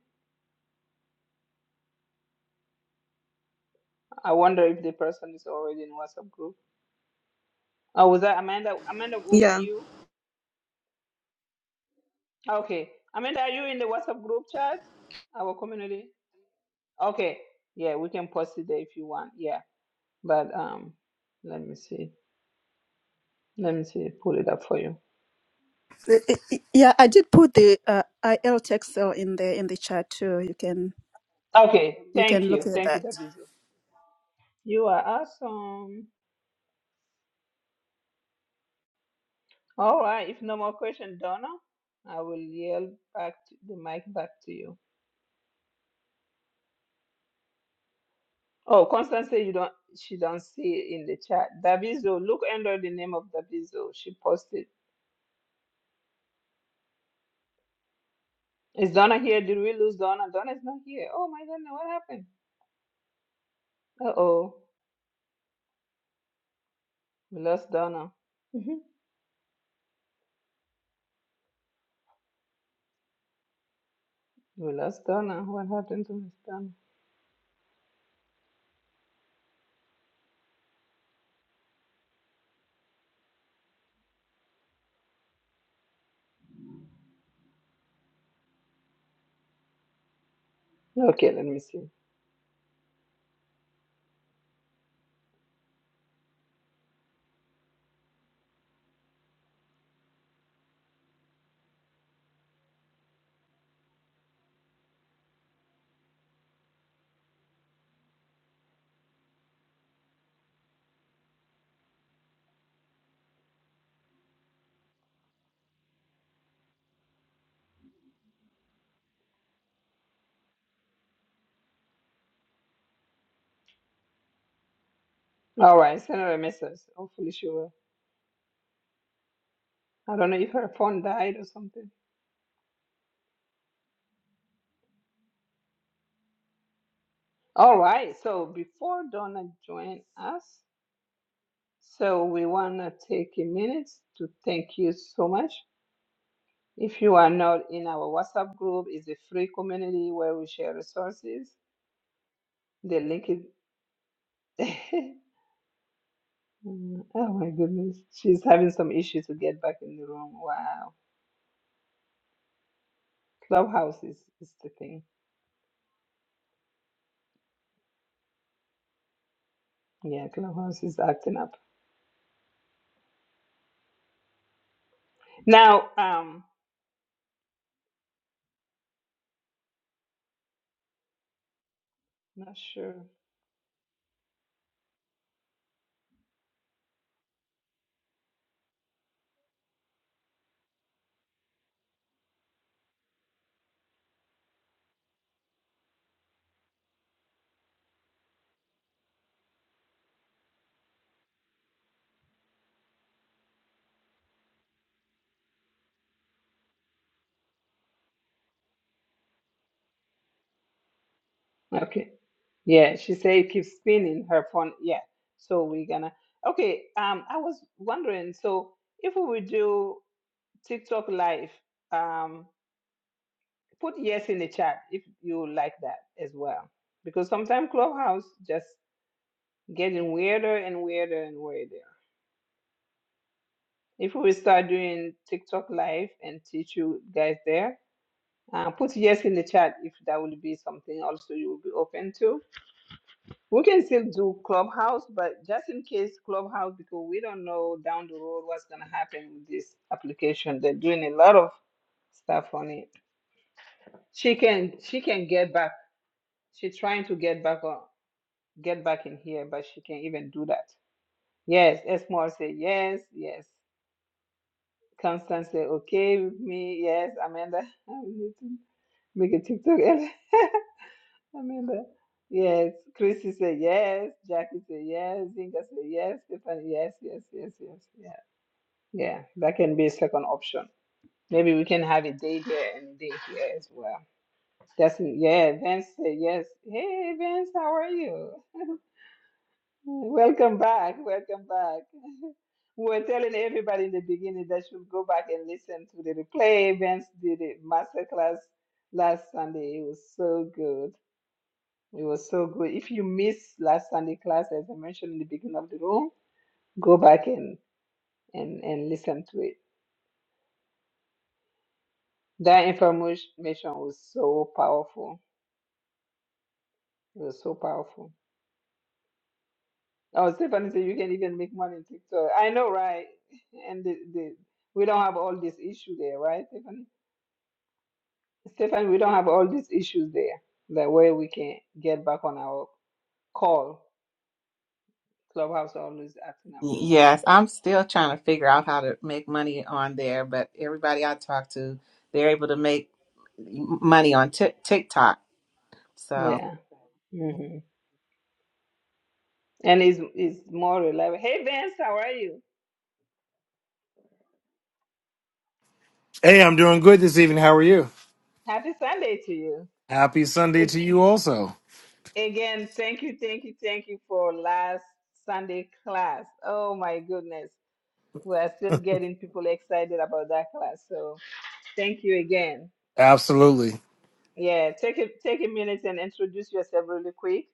A: I wonder if the person is already in WhatsApp group. Oh, was that Amanda? Amanda, was
P: Yeah.
A: that you? Okay, Amanda, are you in the WhatsApp group chat? Our community. Okay, yeah, we can post it there if you want. Yeah, but um, let me see. Let me see, pull it up for you.
F: I- I- I- Yeah, I did put the uh, IL Texel in the in the chat too. You can
A: Okay,
F: you can
A: thank you.
F: look at
A: Thank you,
F: that.
A: Davizu. You are awesome. All right, if no more question, Donna, I will yell back to the mic back to you. Oh, Constance say you don't she don't see it in the chat. Davizu, look under the name of Davizu. She posted. Is Donna here? Did we lose Donna? Donna's not here. Oh my goodness, what happened? Uh oh. We lost Donna. Mhm. We lost Donna. What happened to Miss Donna? Okay, let me see. All right, send her a message. Hopefully she will. I don't know if her phone died or something. All right, so before Donna join us, so we want to take a minute to thank you so much. If you are not in our WhatsApp group, it's a free community where we share resources. The link is. Mm, oh my goodness, she's having some issues to get back in the room. Wow, Clubhouse is, is the thing. Yeah, Clubhouse is acting up now. Um, not sure. Okay. Yeah, she said it keeps spinning her phone. Yeah, so we're gonna. Okay, um, I was wondering, so if we would do TikTok live, um, put yes in the chat if you like that as well, because sometimes Clubhouse just getting weirder and weirder and weirder. If we start doing TikTok live and teach you guys there, uh, put yes in the chat if that will be something also you will be open to. We can still do Clubhouse, but just in case Clubhouse, because we don't know down the road what's gonna happen with this application. They're doing a lot of stuff on it. She can she can get back. She's trying to get back on get back in here, but she can't even do that. Yes, Esmore say yes, yes. Constance say okay with me. Yes, Amanda, I need to make a TikTok. I remember. Yes, Chrissy said yes. Jackie said yes. Zinga said yes. Stephanie, yes, yes, yes, yes. Yeah, yeah. That can be a second option. Maybe we can have a day there and a day here as well. That's yeah. Vance said yes. Hey, Vance, how are you? Welcome back. Welcome back. We were telling everybody in the beginning that should go back and listen to the replay. Vance did a masterclass last Sunday. It was so good. It was so good. If you missed last Sunday class, as I mentioned in the beginning of the room, go back and and and listen to it. That information was so powerful. It was so powerful. Oh, Stephanie said you can even make money in TikTok. I know, right? And the, the we don't have all this issue there, right, Stephanie? Stephanie, we don't have all these issues there. That way we can get back on our call. Clubhouse always acting up.
K: Yes, I'm still trying to figure out how to make money on there, but everybody I talk to, they're able to make money on Tik TikTok. So,
A: Yeah. hmm And it's it's more reliable. Hey Vince, how are you?
Q: Hey, I'm doing good this evening. How are you?
A: Happy Sunday to you.
Q: Happy Sunday to
A: Ag-
Q: you also.
A: Again, thank you, thank you, thank you for last Sunday class. Oh my goodness. We are still getting people excited about that class. So thank you again.
Q: Absolutely.
A: Yeah, take a take a minute and introduce yourself really quick.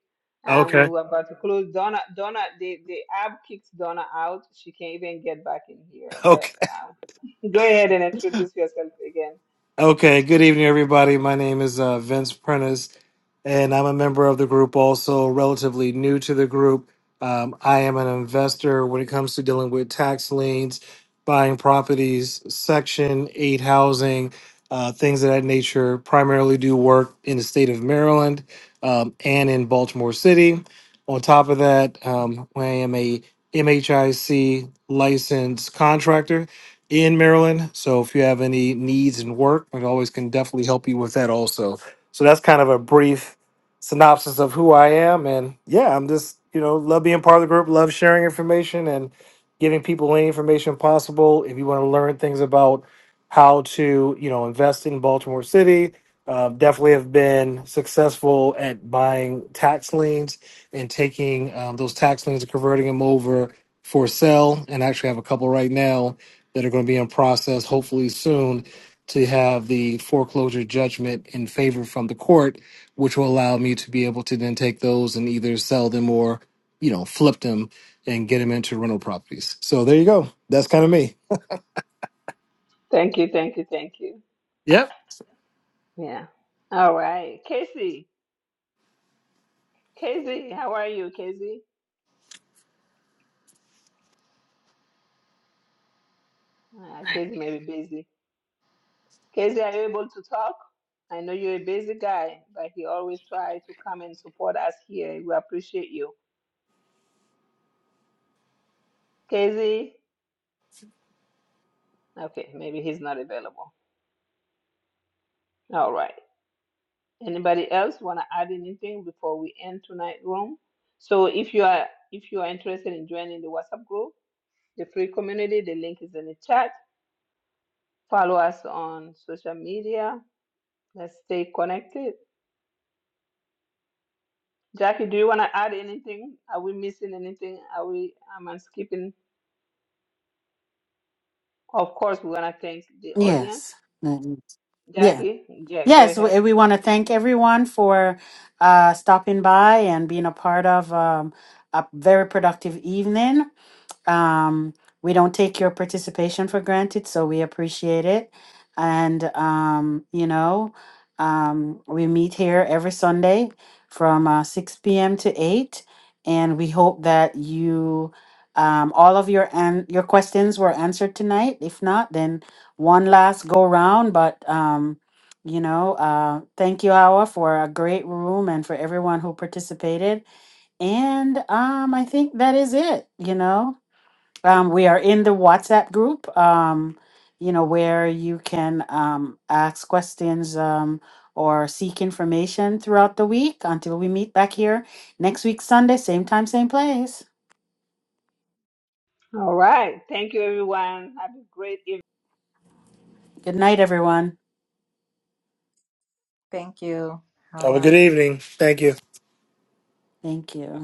A: And we
Q: Okay.
A: were about to close. Donna Donna the, the app kicked Donna out. She can't even get back in here.
Q: Okay.
A: But um, go ahead and introduce yourself again.
Q: Okay, good evening, everybody. My name is uh, Vince Prentice, and I'm a member of the group, also relatively new to the group. Um, I am an investor when it comes to dealing with tax liens, buying properties, Section 8 housing, uh, things of that nature. Primarily do work in the state of Maryland um, and in Baltimore City. On top of that, um, I am a MHIC licensed contractor in Maryland. So if you have any needs in work, I always can definitely help you with that also. So that's kind of a brief synopsis of who I am. And yeah, I'm just, you know, love being part of the group, love sharing information and giving people any information possible. If you want to learn things about how to, you know, invest in Baltimore City, uh, definitely have been successful at buying tax liens and taking um, those tax liens and converting them over for sale. And actually, have a couple right now that are going to be in process hopefully soon to have the foreclosure judgment in favor from the court, which will allow me to be able to then take those and either sell them or, you know, flip them and get them into rental properties. So there you go. That's kind of me.
A: Thank you, thank you, thank you.
Q: Yep.
A: Yeah. All right. Casey. Casey, how are you, Casey? Uh, Casey may be busy. Casey, are you able to talk? I know you're a busy guy, but he always try to come and support us here. We appreciate you. Casey? Okay, maybe he's not available. All right. Anybody else want to add anything before we end tonight's room? So if you are if you are interested in joining the WhatsApp group, the free community, the link is in the chat. Follow us on social media. Let's stay connected Jackie, do you want to add anything? Are we missing anything? Are we am I skipping? Of course, we want to thank the audience.
D: Yes. Yeah.
A: Jackie, yeah, go
D: Yes,
A: ahead.
D: we, we want to thank everyone for uh, stopping by and being a part of um, a very productive evening. Um, we don't take your participation for granted, so we appreciate it. And, um, you know, um, we meet here every Sunday from uh, 6 p.m. to 8. And we hope that you, um, all of your and your questions were answered tonight. If not, then one last go round. But, um, you know, uh, thank you, Awa, for a great room and for everyone who participated. And um, I think that is it, you know. Um, we are in the WhatsApp group, um, you know, where you can um, ask questions um, or seek information throughout the week until we meet back here next week, Sunday, same time, same place.
A: All right. Thank you, everyone. Have a great evening.
D: Good night, everyone.
K: thank you,
Q: Have a
K: Hawa.
Q: good evening. Thank you.
D: Thank you.